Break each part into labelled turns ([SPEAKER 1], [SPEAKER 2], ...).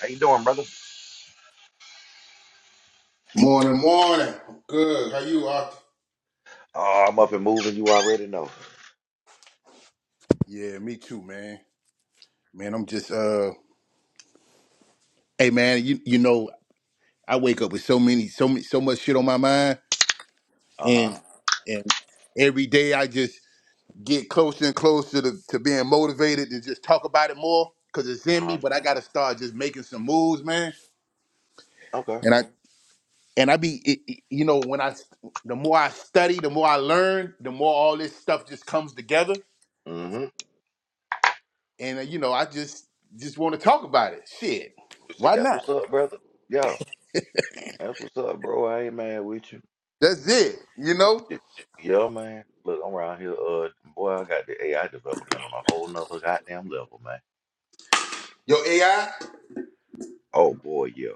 [SPEAKER 1] How you doing, brother?
[SPEAKER 2] Morning, morning. I'm Good. How you, Arthur?
[SPEAKER 1] Oh, I'm up and moving. You already know.
[SPEAKER 2] Yeah, me too, man. Man, I'm just uh hey man, you you know, I wake up with so many so many so much shit on my mind
[SPEAKER 1] Uh huh.
[SPEAKER 2] and and every day I just get closer and closer to, to being motivated to just talk about it more cuz it's
[SPEAKER 1] Uh
[SPEAKER 2] in me,
[SPEAKER 1] huh.
[SPEAKER 2] but I got to start just making some moves, man.
[SPEAKER 1] Okay.
[SPEAKER 2] And I and I be it, it- you know, when I the more I study, the more I learn, the more all this stuff just comes together
[SPEAKER 1] Mm-hmm.
[SPEAKER 2] and uh, you know, I just just want to talk about it. Shit,
[SPEAKER 1] See,
[SPEAKER 2] why
[SPEAKER 1] that's
[SPEAKER 2] not?
[SPEAKER 1] what's up, brother. Yeah, that's what's up, bro. I ain't mad with you.
[SPEAKER 2] That's it. You know,
[SPEAKER 1] Shit. Yeah, man. Look, I'm around here. Uh, boy, I got the AI development on a whole nother goddamn level, man.
[SPEAKER 2] your AI.
[SPEAKER 1] Oh boy, yeah.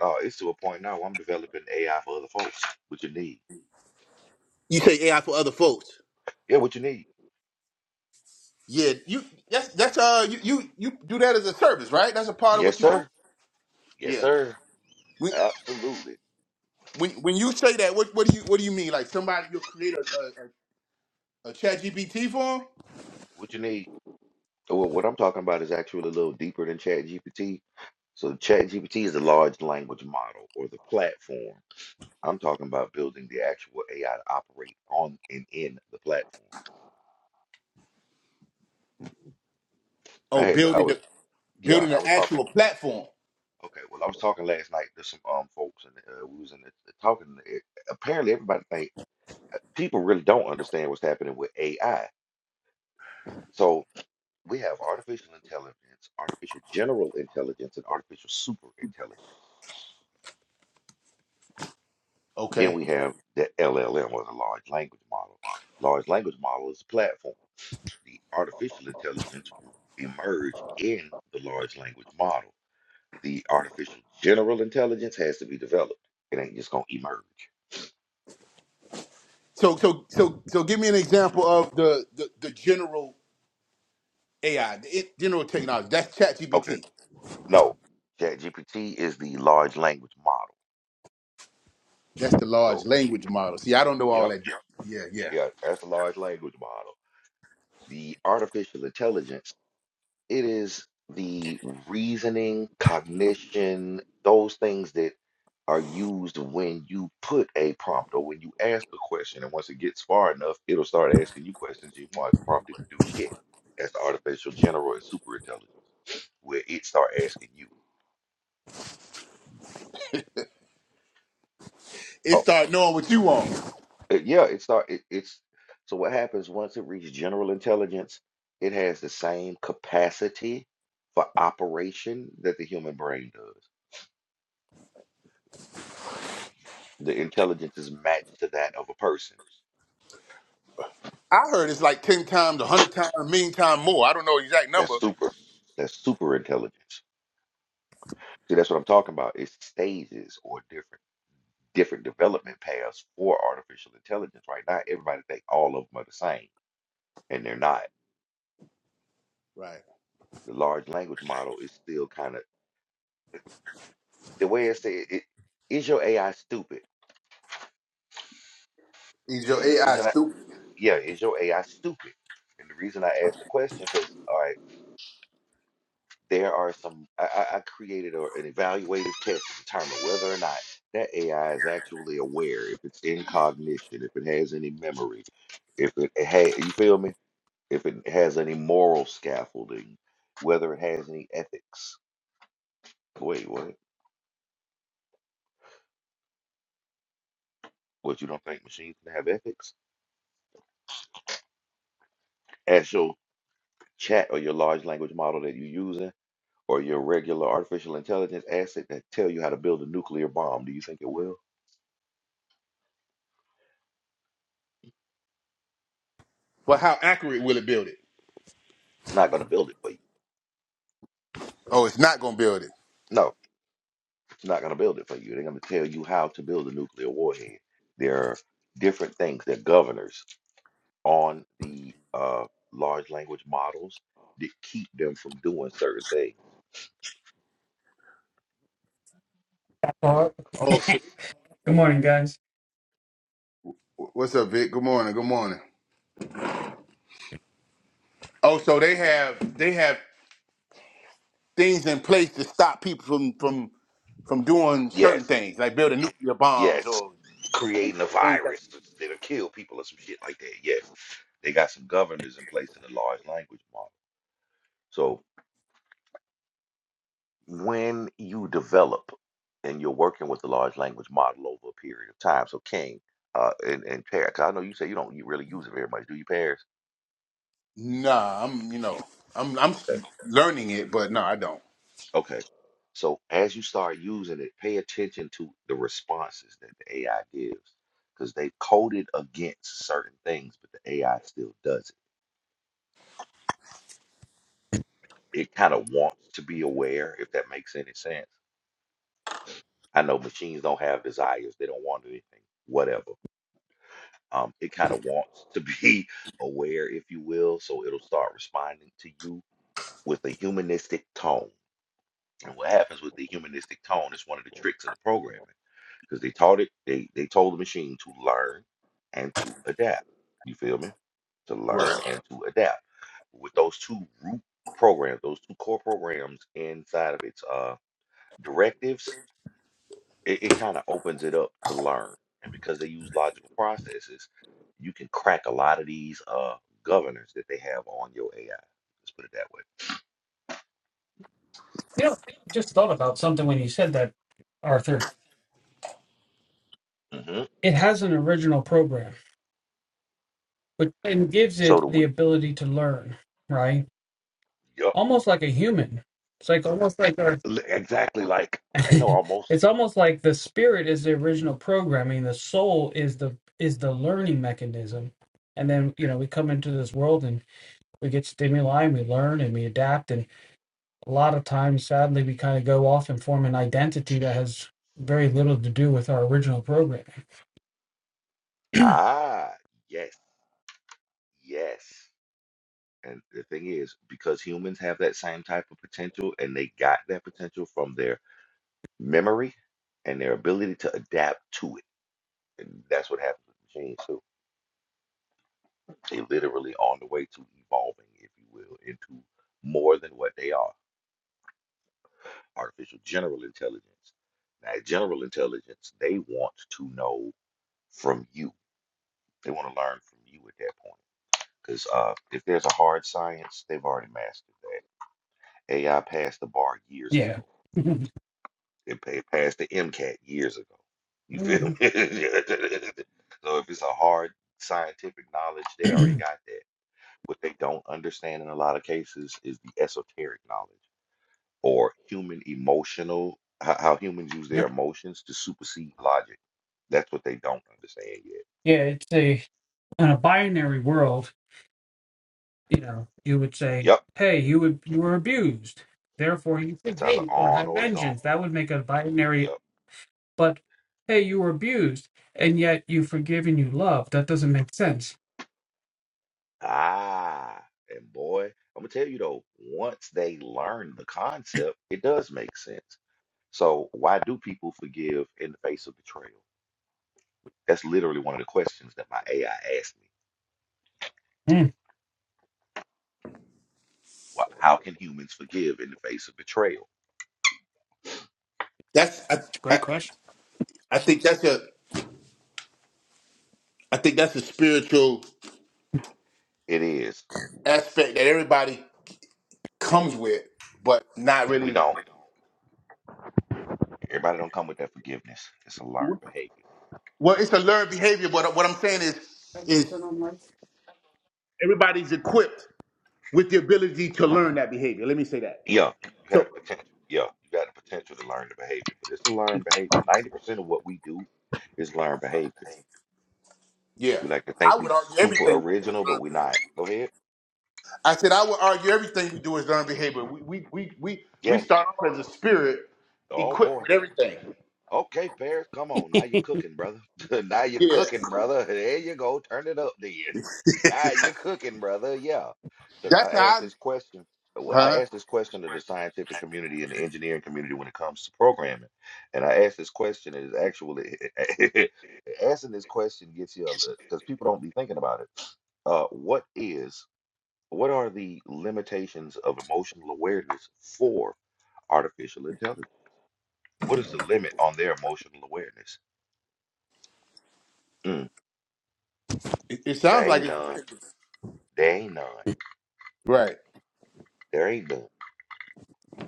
[SPEAKER 1] No, it's to a point now. where I'm developing AI for other folks. What you need?
[SPEAKER 2] You say AI for other folks.
[SPEAKER 1] Yeah, what you need?
[SPEAKER 2] Yeah, you. That's that's uh, you you you do that as a service, right? That's a part of
[SPEAKER 1] Yes,
[SPEAKER 2] what you do.
[SPEAKER 1] sir. Yes,
[SPEAKER 2] Yeah.
[SPEAKER 1] sir.
[SPEAKER 2] When
[SPEAKER 1] Absolutely.
[SPEAKER 2] when when you say that, what what do you what do you mean? Like somebody you'll create a a, a, a chat GPT form?
[SPEAKER 1] What you need? Well, what I'm talking about is actually a little deeper than Chat GPT. So ChatGPT is a large language model or the platform. I'm talking about building the actual AI to operate on and in the platform. I
[SPEAKER 2] Oh,
[SPEAKER 1] had I
[SPEAKER 2] building
[SPEAKER 1] was
[SPEAKER 2] the
[SPEAKER 1] yeah
[SPEAKER 2] building an
[SPEAKER 1] I was talking
[SPEAKER 2] actual platform.
[SPEAKER 1] okay well I was talking last night to some um folks and uh, we was in the, the talking. eh, Apparently everybody think people really don't understand what's happening with AI. So we have artificial intelligence, artificial general intelligence, and artificial super intelligence. Then
[SPEAKER 2] Okay.
[SPEAKER 1] we have the LLM or the large language model. Large language model is a platform the artificial intelligence will emerge in the large language model. The artificial general intelligence has to be developed. It ain't just gonna emerge.
[SPEAKER 2] So so so so give me an example of the the, the general AI, the in- general technology. That's chat
[SPEAKER 1] Okay,
[SPEAKER 2] GPT.
[SPEAKER 1] no, ChatGPT is the large language model.
[SPEAKER 2] That's the large
[SPEAKER 1] So,
[SPEAKER 2] language model. See, I don't know all
[SPEAKER 1] yep,
[SPEAKER 2] that. Yeah, yeah.
[SPEAKER 1] yeah, that's the large language model. The artificial intelligence It is the reasoning, cognition, those things that are used when you put a prompt or when you ask a question. And once it gets far enough, it'll start asking you questions you want prompted to do shit. That's the artificial general and super intelligence, where it start asking you.
[SPEAKER 2] It
[SPEAKER 1] Oh,
[SPEAKER 2] start knowing what you want.
[SPEAKER 1] uh, yeah, it start it, it's so what happens once it reaches general intelligence, it has the same capacity for operation that the human brain does. The intelligence is matched to that of a person.
[SPEAKER 2] I heard it's like ten times, a hundred times, a million times more. I don't know the exact
[SPEAKER 1] That's
[SPEAKER 2] number.
[SPEAKER 1] super. That's super intelligence. See, that's what I'm talking about. It's stages or different different development paths for artificial intelligence. Right now, everybody think all of them are the same, and they're not.
[SPEAKER 2] Right.
[SPEAKER 1] The large language model is still kind of the way I say it, it. Is your AI stupid?
[SPEAKER 2] Is your
[SPEAKER 1] And the
[SPEAKER 2] AI
[SPEAKER 1] reason I
[SPEAKER 2] stupid?
[SPEAKER 1] yeah, is your AI stupid? And the reason I asked the question because there are some I, I I created a, an evaluative test to determine whether or not that AI is actually aware, if it's in cognition, if it has any memory, if it, it ha- you feel me, if it has any moral scaffolding, whether it has any ethics. Wait, what? What you don't think machines can have ethics? Ask your chat or your large language model that you're using, or your regular artificial intelligence asset that tell you how to build a nuclear bomb. Do you think it will?
[SPEAKER 2] But how accurate will it build it?
[SPEAKER 1] It's not going to build it for you.
[SPEAKER 2] Oh, it's not gonna build it.
[SPEAKER 1] No. they not going to build it for you. They're going to tell you how to build a nuclear warhead. There are different things that governors on the uh, large language models that keep them from doing certain things.
[SPEAKER 3] Uh,
[SPEAKER 2] Oh, so they-
[SPEAKER 3] Good morning, guys.
[SPEAKER 2] what's up, Vic? Good morning. Good morning. Oh, so they have they have things in place to stop people from from from doing certain
[SPEAKER 1] Yes,
[SPEAKER 2] things, like building nuclear bombs
[SPEAKER 1] yes,
[SPEAKER 2] or
[SPEAKER 1] creating a
[SPEAKER 2] things. That-
[SPEAKER 1] virus that'll kill people or some shit like that. Yes, they got some governors in place in the large language model. So when you develop and you're working with a large language model over a period of time, so King uh, and, and Paris, 'cause I know you say you don't you really use it very much, do you, Paris?
[SPEAKER 2] nah, I'm you know I'm I'm
[SPEAKER 1] Okay,
[SPEAKER 2] learning it, but no, I don't.
[SPEAKER 1] okay. So as you start using it, pay attention to the responses that the AI gives because they've coded against certain things, but the AI still does it. It kind of wants to be aware, if that makes any sense. I know machines don't have desires, they don't want anything, whatever um, it kind of wants to be aware, if you will. So it'll start responding to you with a humanistic tone. And what happens with the humanistic tone is one of the tricks of the programming because they taught it, they, they told the machine to learn and to adapt. You feel me? To learn
[SPEAKER 2] Right.
[SPEAKER 1] and to adapt. With those two root programs, those two core programs inside of its uh, directives, it, it kind of opens it up to learn. And because they use logical processes, you can crack a lot of these uh, governors that they have on your AI. Let's put it that
[SPEAKER 3] you know, I just thought about something when you said that, Arthur.
[SPEAKER 1] way. hmm
[SPEAKER 3] It has an original program, but and gives
[SPEAKER 1] So
[SPEAKER 3] it
[SPEAKER 1] do
[SPEAKER 3] the
[SPEAKER 1] we.
[SPEAKER 3] ability to learn, right?
[SPEAKER 1] Yup.
[SPEAKER 3] Almost like a human. It's like almost like our.
[SPEAKER 1] Li- Exactly. Like, they know almost.
[SPEAKER 3] it's almost like the spirit is the original programming. The soul is the is the learning mechanism, and then you know we come into this world and we get stimuli and we learn and we adapt and. a lot of times, sadly, we kind of go off and form an identity that has very little to do with our original programming.
[SPEAKER 1] Ah, yes. Yes. And the thing is, because humans have that same type of potential and they got that potential from their memory and their ability to adapt to it. And that's what happens with machines, too. They literally on the way to evolving, if you will, into more than what they are. Artificial general intelligence. Now, general intelligence, they want to know from you. They want to learn from you at that point. Because uh, if there's a hard science, they've already mastered that. AI passed the bar years
[SPEAKER 3] Yeah.
[SPEAKER 1] ago. It pa- passed the MCAT years ago. You feel me? so if it's a hard scientific knowledge, they already got that. What they don't understand in a lot of cases is the esoteric knowledge or human emotional, how, how humans use
[SPEAKER 3] yep.
[SPEAKER 1] their emotions to supersede logic. That's what they don't understand yet.
[SPEAKER 3] Yeah, it's a in a binary world. You know, you would say,
[SPEAKER 1] Yep,
[SPEAKER 3] "Hey, you would you were abused, therefore you should
[SPEAKER 1] it's either
[SPEAKER 3] hate or
[SPEAKER 1] on
[SPEAKER 3] have
[SPEAKER 1] or it's off.
[SPEAKER 3] vengeance." That would make a binary.
[SPEAKER 1] Yep.
[SPEAKER 3] But hey, you were abused, and yet you forgive and you love. That doesn't make sense.
[SPEAKER 1] Ah, and boy, I'm gonna tell you though, once they learn the
[SPEAKER 3] Hmm,
[SPEAKER 1] concept, it does make sense. So why do people forgive in the face of betrayal? That's literally one of the questions that my AI asked me.
[SPEAKER 3] It's
[SPEAKER 1] Why, how can humans forgive in the face of betrayal?
[SPEAKER 2] That's I,
[SPEAKER 3] a
[SPEAKER 2] I,
[SPEAKER 3] great question.
[SPEAKER 2] I think that's a I think that's a spiritual
[SPEAKER 1] It is.
[SPEAKER 2] aspect that everybody comes with, but not
[SPEAKER 1] We
[SPEAKER 2] really.
[SPEAKER 1] don't. Everybody don't come with that forgiveness. It's a learned behavior.
[SPEAKER 2] Well, it's a learned behavior. But what I'm saying is, is everybody's equipped with the ability to learn that behavior. Let me say that.
[SPEAKER 1] Yeah, you have
[SPEAKER 2] So,
[SPEAKER 1] the potential. Yeah, you got the potential to learn the behavior, but it's a learned
[SPEAKER 2] exactly.
[SPEAKER 1] behavior. Ninety percent of what we do is learned behaviors.
[SPEAKER 2] yeah,
[SPEAKER 1] We like to think
[SPEAKER 2] I
[SPEAKER 1] we
[SPEAKER 2] would argue
[SPEAKER 1] super
[SPEAKER 2] everything we do is
[SPEAKER 1] original, but
[SPEAKER 2] learned
[SPEAKER 1] we're
[SPEAKER 2] behavior.
[SPEAKER 1] not. Go ahead.
[SPEAKER 2] I said I would argue everything we do is learned behavior. We we we we, we
[SPEAKER 1] Yes.
[SPEAKER 2] start off as a spirit
[SPEAKER 1] Oh
[SPEAKER 2] equipped
[SPEAKER 1] boy.
[SPEAKER 2] with everything.
[SPEAKER 1] Okay, fair. Come on. Now you're cooking, brother. Now you're
[SPEAKER 2] Yeah,
[SPEAKER 1] cooking, brother. There you go. Turn it up then. Now you're cooking, brother. Yeah, because
[SPEAKER 2] that's
[SPEAKER 1] I asked
[SPEAKER 2] how. I,
[SPEAKER 1] this question. Well, I
[SPEAKER 2] huh?
[SPEAKER 1] asked this question to the scientific community and the engineering community when it comes to programming. And I asked this question, and it's actually asking this question gets you because people don't be thinking about it. Uh, what is, what are the limitations of emotional awareness for artificial intelligence? What is the limit on their emotional awareness? Mm,
[SPEAKER 2] It, it sounds
[SPEAKER 1] there
[SPEAKER 2] like
[SPEAKER 1] ain't
[SPEAKER 2] it's
[SPEAKER 1] none.
[SPEAKER 2] limitless.
[SPEAKER 1] There ain't none.
[SPEAKER 2] Right.
[SPEAKER 1] There ain't none.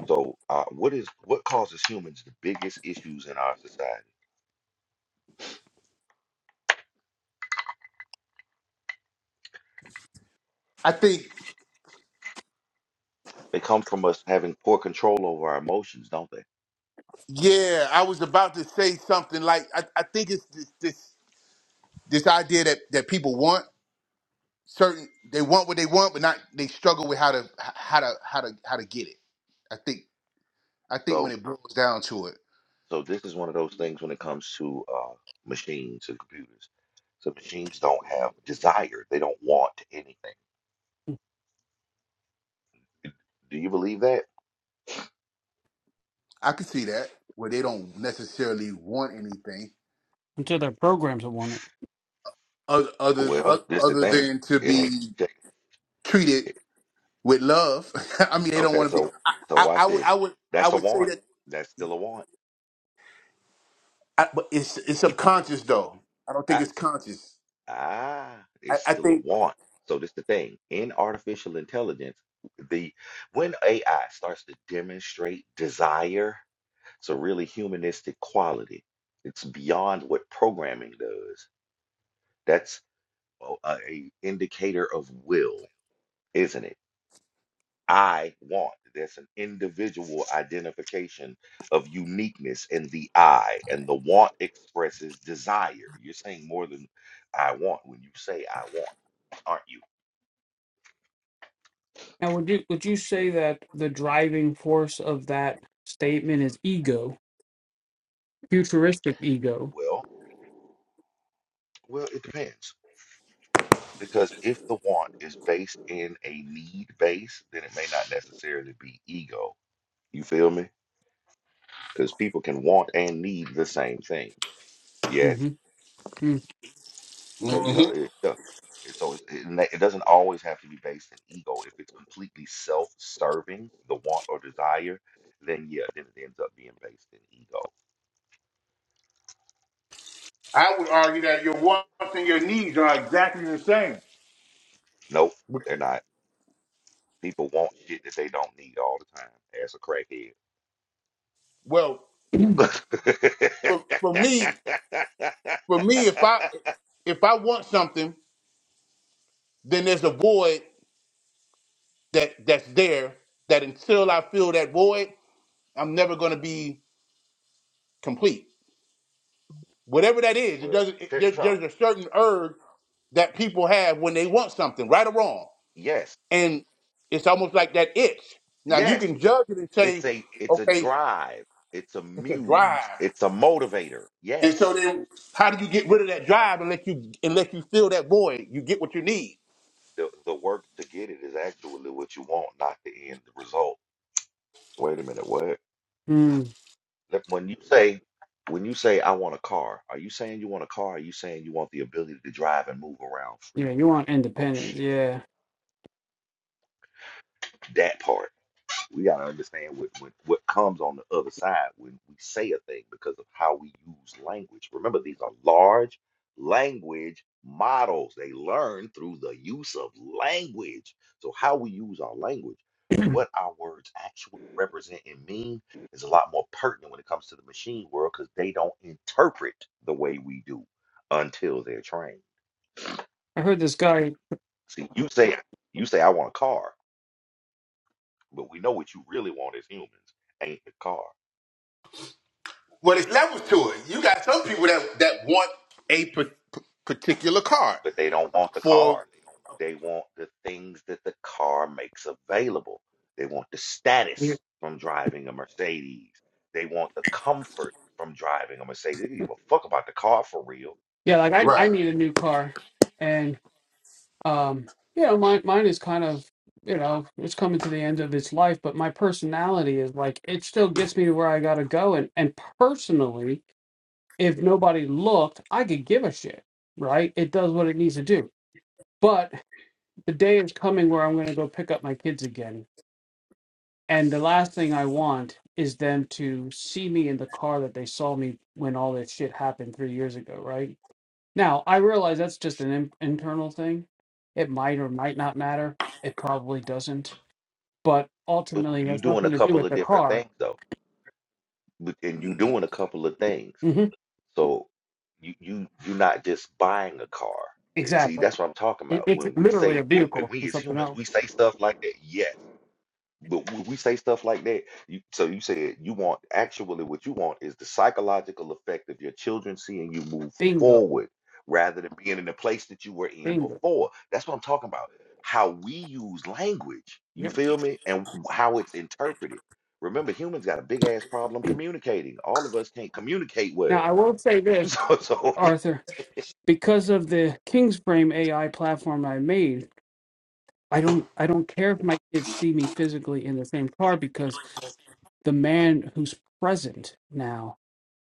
[SPEAKER 1] So, uh, what is what causes humans the biggest issues in our society?
[SPEAKER 2] I think,
[SPEAKER 1] They come from us having poor control over our emotions, don't they?
[SPEAKER 2] yeah, I was about to say something like I, I think it's this this this idea that that people want certain they want what they want, but not they struggle with how to how to how to how to get it. I think I think when
[SPEAKER 1] So,
[SPEAKER 2] it boils down to it,
[SPEAKER 1] so this is one of those things when it comes to uh, machines and computers. So machines don't have desire. They don't want anything. Do you believe that?
[SPEAKER 2] I can see that where they don't necessarily want anything
[SPEAKER 3] Until their programs are on it.
[SPEAKER 2] other other
[SPEAKER 1] Well,
[SPEAKER 2] oth-
[SPEAKER 1] this the
[SPEAKER 2] other
[SPEAKER 1] thing.
[SPEAKER 2] than to
[SPEAKER 1] It ain't.
[SPEAKER 2] be treated with love. I mean, they don't
[SPEAKER 1] Okay,
[SPEAKER 2] want to be.
[SPEAKER 1] so so
[SPEAKER 2] I, I,
[SPEAKER 1] watch
[SPEAKER 2] I would I
[SPEAKER 1] this.
[SPEAKER 2] would I
[SPEAKER 1] That's a
[SPEAKER 2] would say
[SPEAKER 1] want.
[SPEAKER 2] that
[SPEAKER 1] That's still a want.
[SPEAKER 2] I, but it's it's subconscious though. I don't think it's conscious.
[SPEAKER 1] Ah,
[SPEAKER 2] I,
[SPEAKER 1] it's
[SPEAKER 2] I
[SPEAKER 1] still a
[SPEAKER 2] think
[SPEAKER 1] want. So this the thing. In artificial intelligence, the when AI starts to demonstrate desire, it's a really humanistic quality. It's beyond what programming does. That's o- a, a indicator of will, isn't it? I want. That's an individual identification of uniqueness in the I, and the want expresses desire. You're saying more than I want when you say I want, aren't you?
[SPEAKER 3] Now, would you would you
[SPEAKER 1] Hmm.
[SPEAKER 3] say that the driving force of that statement is ego, futuristic ego?
[SPEAKER 1] Well, well, it depends. Because if the want is based in a need base, then it may not necessarily be ego. You feel me? Because people can want and need the same thing. Yes.
[SPEAKER 3] hmm mm
[SPEAKER 1] So yeah,
[SPEAKER 2] hmm
[SPEAKER 1] it, yeah. It, so it, it, ma- it doesn't always have to be based in ego. If it's completely self-serving, the want or desire, then yeah, then it ends up being based in ego.
[SPEAKER 2] I would argue that your wants and your needs are exactly the same.
[SPEAKER 1] Nope,
[SPEAKER 2] Bec-
[SPEAKER 1] they're not. People want shit that they don't need all the time. Ask a crackhead.
[SPEAKER 2] Well,
[SPEAKER 1] well,
[SPEAKER 2] for, for me, for me, if I if I want something, then there's a void that that's there. That until I fill that void, I'm never going to be complete. Whatever that is, it doesn't. It,
[SPEAKER 1] check
[SPEAKER 2] there,
[SPEAKER 1] this out.
[SPEAKER 2] there's a certain urge that people have when they want something, right or wrong.
[SPEAKER 1] Yes,
[SPEAKER 2] and it's almost like that itch. Now you
[SPEAKER 1] yes,
[SPEAKER 2] can judge it and say,
[SPEAKER 1] it's a it's a
[SPEAKER 2] okay,
[SPEAKER 1] drive. It's a
[SPEAKER 2] it's a
[SPEAKER 1] muse.
[SPEAKER 2] drive.
[SPEAKER 1] It's a motivator.
[SPEAKER 2] And so
[SPEAKER 1] Yes,
[SPEAKER 2] then, how do you get rid of that drive unless you unless you fill that void? You get what you need.
[SPEAKER 1] the the work to get it is actually what you want, not the end the result. Wait a minute, what?
[SPEAKER 3] Mm.
[SPEAKER 1] Let- When you say when you say I want a car, are you saying you want a car? Are you saying you want the ability to drive and move around freely?
[SPEAKER 3] Yeah, you want
[SPEAKER 1] Oh
[SPEAKER 3] independence.
[SPEAKER 1] shit,
[SPEAKER 3] Yeah,
[SPEAKER 1] that part. we got to understand what, what what comes on the other side when we say a thing because of how we use language. Remember, these are large language models. They learn through the use of language. So how we use our language, what our words actually represent and mean, is a lot more pertinent when it comes to the machine world because they don't interpret the way we do until they're trained.
[SPEAKER 3] I heard this guy.
[SPEAKER 1] See, you say you say I want a car, but we know what you really want as humans ain't the car
[SPEAKER 2] Well, there's levels to it. You got some people that that want a p- particular car
[SPEAKER 1] but they don't want the car.
[SPEAKER 2] for
[SPEAKER 1] They want the things that the car makes available. They want the
[SPEAKER 3] Yeah,
[SPEAKER 1] status from driving a Mercedes. They want the comfort from driving a Mercedes. They don't give a fuck about the car for real.
[SPEAKER 3] like I
[SPEAKER 2] right
[SPEAKER 3] I need a new car, and um, you know, mine mine is kind of you know it's coming to the end of its life, but my personality is like it still gets me to where I gotta go, and and personally, if nobody looked, I could give a shit, right? It does what it needs to do, but the day is coming where I'm going to go pick up my kids again. And the last thing I want is them to see me in the car that they saw me when all this shit happened three years ago, right? Now, I realize that's just an in- internal thing. It might or might not matter. It probably doesn't. But
[SPEAKER 1] But
[SPEAKER 3] ultimately, it
[SPEAKER 1] you're
[SPEAKER 3] has
[SPEAKER 1] doing
[SPEAKER 3] nothing
[SPEAKER 1] a
[SPEAKER 3] to do
[SPEAKER 1] couple
[SPEAKER 3] with
[SPEAKER 1] of
[SPEAKER 3] the
[SPEAKER 1] different
[SPEAKER 3] car.
[SPEAKER 1] things though. But- And you're doing a couple of things.
[SPEAKER 3] hmm
[SPEAKER 1] So you you you're not just buying a car. And See,
[SPEAKER 3] Exactly.
[SPEAKER 1] that's what I'm talking
[SPEAKER 3] It,
[SPEAKER 1] about.
[SPEAKER 3] it's
[SPEAKER 1] When we
[SPEAKER 3] literally
[SPEAKER 1] say
[SPEAKER 3] a
[SPEAKER 1] when
[SPEAKER 3] vehicle for
[SPEAKER 1] we as
[SPEAKER 3] something
[SPEAKER 1] humans,
[SPEAKER 3] else.
[SPEAKER 1] we say stuff like that. Yes But when we say stuff like that, you, so you said you want actually what you want is the psychological effect of your children seeing you move
[SPEAKER 3] Bingo.
[SPEAKER 1] forward rather than being in the place that you were in
[SPEAKER 3] Bingo.
[SPEAKER 1] before. That's what I'm talking about. How we use language, you
[SPEAKER 3] Yep.
[SPEAKER 1] feel me? And how it's interpreted. Remember, humans got a big ass problem communicating. All of us can't communicate
[SPEAKER 3] Now,
[SPEAKER 1] well.
[SPEAKER 3] I will say this,
[SPEAKER 1] So, so
[SPEAKER 3] Arthur, because of the King's Frame AI platform I made. I don't I don't care if my kids see me physically in the same car because the man who's present now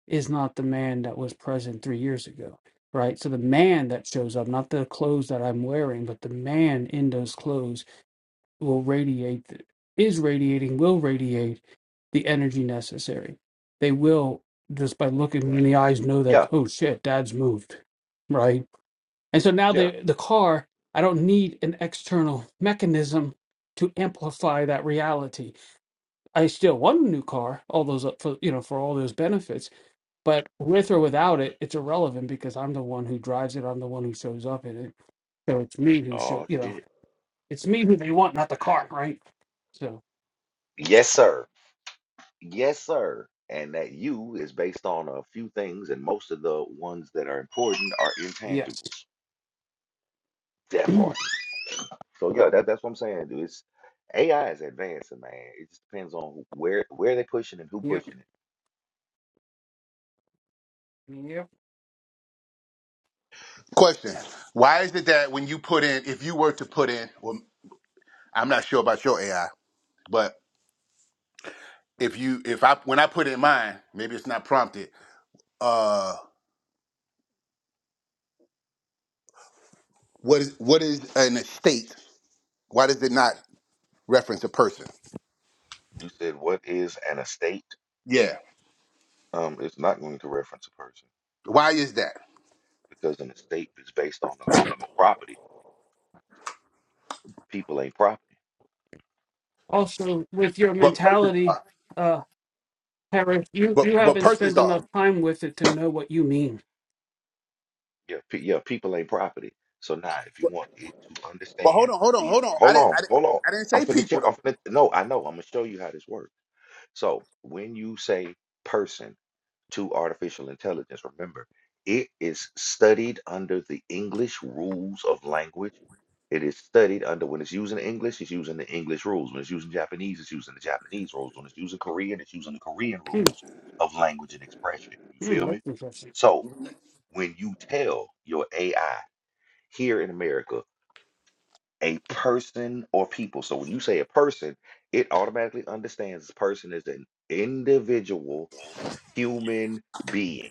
[SPEAKER 3] is not the man that was present 3 years ago. Right? So the man that shows up, not the clothes that I'm wearing, but the man in those clothes will radiate the, is radiating will radiate the energy necessary. They will just by looking in the eyes know that
[SPEAKER 1] yeah,
[SPEAKER 3] oh shit, dad's moved. Right? And so now
[SPEAKER 1] yeah.
[SPEAKER 3] the the car, I don't need an external mechanism to amplify that reality. I still want a new car, all those uh, for you know for all those benefits, but with or without
[SPEAKER 1] hmm
[SPEAKER 3] it, it's irrelevant because I'm the one who drives it. I'm the one who shows up in it. So it's me who show
[SPEAKER 1] Oh
[SPEAKER 3] you know
[SPEAKER 1] shit.
[SPEAKER 3] it's me who they want, not the car, right? So
[SPEAKER 1] Yes, sir. Yes, sir. And that you is based on a few things, and most of the ones that are important are
[SPEAKER 3] yes,
[SPEAKER 1] intangibles. That part.
[SPEAKER 3] yep,
[SPEAKER 1] So yeah, that, that's what I'm saying, dude. It's AI is advancing, man. It just depends on who- where where they pushing and who pushing it.
[SPEAKER 3] yep.
[SPEAKER 2] question. Why is it that when you put in, if you were to put in, well, I'm not sure about your AI, but if you if I when I put in mine, maybe it's not prompted. Uh, What is what is an estate? Why does it not reference a person?
[SPEAKER 1] You said what is an estate?
[SPEAKER 2] Yeah.
[SPEAKER 1] Um, it's not going to reference a person
[SPEAKER 2] Why is that?
[SPEAKER 1] because an estate is based on the holding of property. People ain't property.
[SPEAKER 3] Also, with your
[SPEAKER 2] But persons
[SPEAKER 3] mentality,
[SPEAKER 2] are.
[SPEAKER 3] uh, Harris, you
[SPEAKER 2] But
[SPEAKER 3] you
[SPEAKER 2] but
[SPEAKER 3] haven't
[SPEAKER 2] persons
[SPEAKER 3] spent enough
[SPEAKER 2] are.
[SPEAKER 3] time with it to know what you mean.
[SPEAKER 1] Yeah, pe- yeah, people ain't property. So now, if you want it to
[SPEAKER 2] But hold
[SPEAKER 1] understand
[SPEAKER 2] on, hold on,
[SPEAKER 1] these,
[SPEAKER 2] hold on. I
[SPEAKER 1] hold
[SPEAKER 2] didn't
[SPEAKER 1] on,
[SPEAKER 2] I didn't,
[SPEAKER 1] hold on.
[SPEAKER 2] I didn't
[SPEAKER 1] I'm
[SPEAKER 2] say
[SPEAKER 1] finna show.
[SPEAKER 2] people though.
[SPEAKER 1] I'm finna, no, I know. I'm gonna show you how this works. So when you say person to artificial intelligence, remember it is studied under the English rules of language. It is studied under when it's using English, it's using the English rules. When it's using Japanese, it's using the Japanese rules. When it's using Korean, it's using the Korean
[SPEAKER 3] Hmm,
[SPEAKER 1] rules of language and expression. You
[SPEAKER 3] hmm,
[SPEAKER 1] feel
[SPEAKER 3] that's
[SPEAKER 1] me?
[SPEAKER 3] interesting.
[SPEAKER 1] So when you tell your AI here in America a person or people. So when you say a person, it automatically understands this person is an individual human being,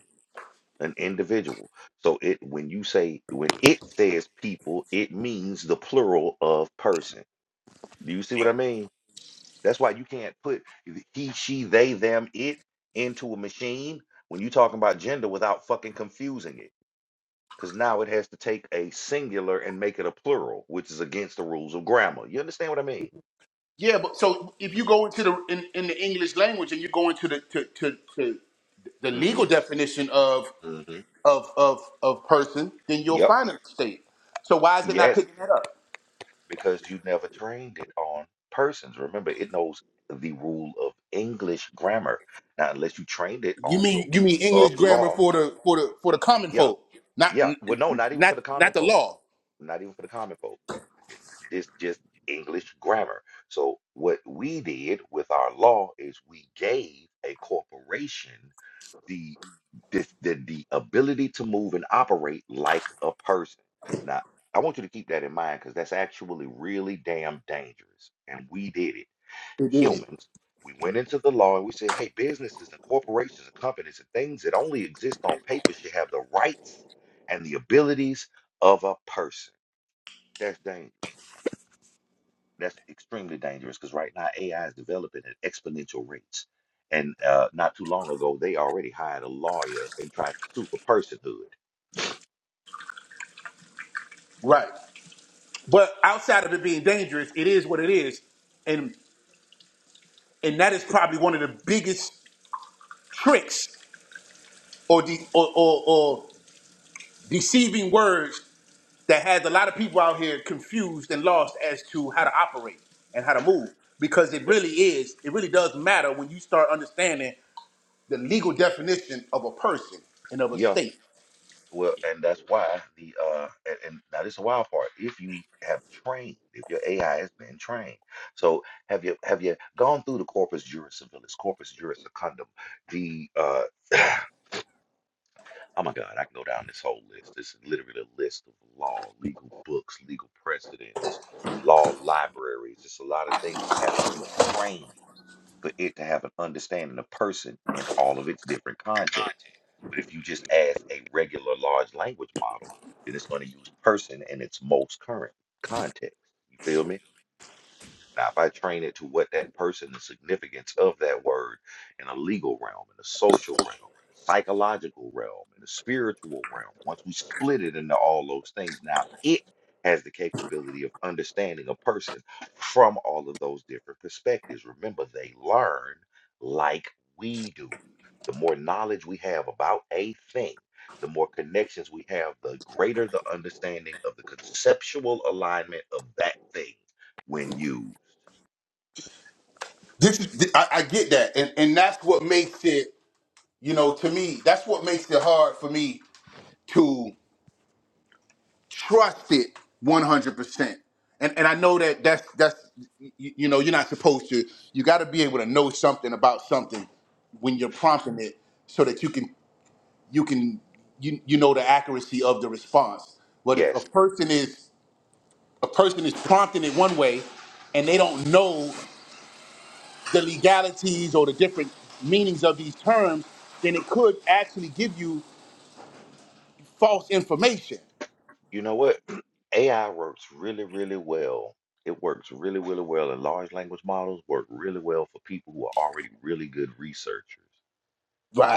[SPEAKER 1] an individual. So it when you say when it says people, it means the plural of person. Do you see what I mean? That's why you can't put he, she, they, them, it into a machine when you're talking about gender without fucking confusing it. because now it has to take a singular and make it a plural, which is against the rules of grammar. You understand what I mean?
[SPEAKER 2] Yeah, but so if you go into the in, in the English language and you go into the to, to, to the
[SPEAKER 1] hmm
[SPEAKER 2] legal definition of
[SPEAKER 1] hmm
[SPEAKER 2] of of of person, then you'll
[SPEAKER 1] Yep.
[SPEAKER 2] find an estate. So why is it not
[SPEAKER 1] Yes,
[SPEAKER 2] picking that up?
[SPEAKER 1] because you never trained it on persons. Remember, it knows the rule of English grammar. Now, unless you trained it
[SPEAKER 2] You
[SPEAKER 1] on the
[SPEAKER 2] mean you
[SPEAKER 1] rule
[SPEAKER 2] mean English
[SPEAKER 1] of
[SPEAKER 2] grammar
[SPEAKER 1] law,
[SPEAKER 2] for the for the for the common
[SPEAKER 1] yeah,
[SPEAKER 2] folk, not
[SPEAKER 1] yeah. Well, no, not even for
[SPEAKER 2] not
[SPEAKER 1] the
[SPEAKER 2] not
[SPEAKER 1] common
[SPEAKER 2] the
[SPEAKER 1] folk.
[SPEAKER 2] law.
[SPEAKER 1] Not even for the common folk. This just English grammar. So what we did with our law is we gave a corporation the this the, the ability to move and operate like a person. Now, I want you to keep that in mind because that's actually really damn dangerous. And we did it. Humans, we went into the law and we said, hey, businesses and corporations and companies and things that only exist on paper should have the rights and the abilities of a person. That's dangerous. That's extremely dangerous because right now AI is developing at exponential rates. And uh, not too long ago, they already hired a lawyer and tried to sue for personhood.
[SPEAKER 2] Right. But outside of it being dangerous, it is what it is, and and that is probably one of the biggest tricks or de- or, or, or deceiving words that has a lot of people out here confused and lost as to how to operate and how to move because it really is it really does matter when you start understanding the legal definition of a person and of a
[SPEAKER 1] Yeah,
[SPEAKER 2] state.
[SPEAKER 1] well, and that's why the uh and, and now this is a wild part. If you have trained, if your AI has been trained, so have you have you gone through the corpus juris civilis, corpus juris secundum, the uh oh my God, I can go down this whole list. This is literally a list of law, legal books, legal precedents, law libraries. It's a lot of things that have to be trained for it to have an understanding of person in all of its different contexts. But if you just ask a regular large language model, then it's going to use person in its most current context. You feel me? Now, if I train it to what that person, the significance of that word in a legal realm, in a social realm, psychological realm, in a spiritual realm, once we split it into all those things, now it has the capability of understanding a person from all of those different perspectives. Remember, they learn like we do. The more knowledge we have about a thing, the more connections we have, the greater the understanding of the conceptual alignment of that thing when used.
[SPEAKER 2] This is I, I get that, and and that's what makes it you know to me that's what makes it hard for me trust it 100% and and i know that that's that's you, you know you're not supposed to you got to be able to know something about something when you're prompting it so that you can you can you, you know the accuracy of the response but if a
[SPEAKER 1] Yes.
[SPEAKER 2] person is a person is prompting it one way and they don't know the legalities or the different meanings of these terms then it could actually give you false information
[SPEAKER 1] You know what? AI works really, really well. It works really, really well, and large language models work really well for people who are already really good researchers.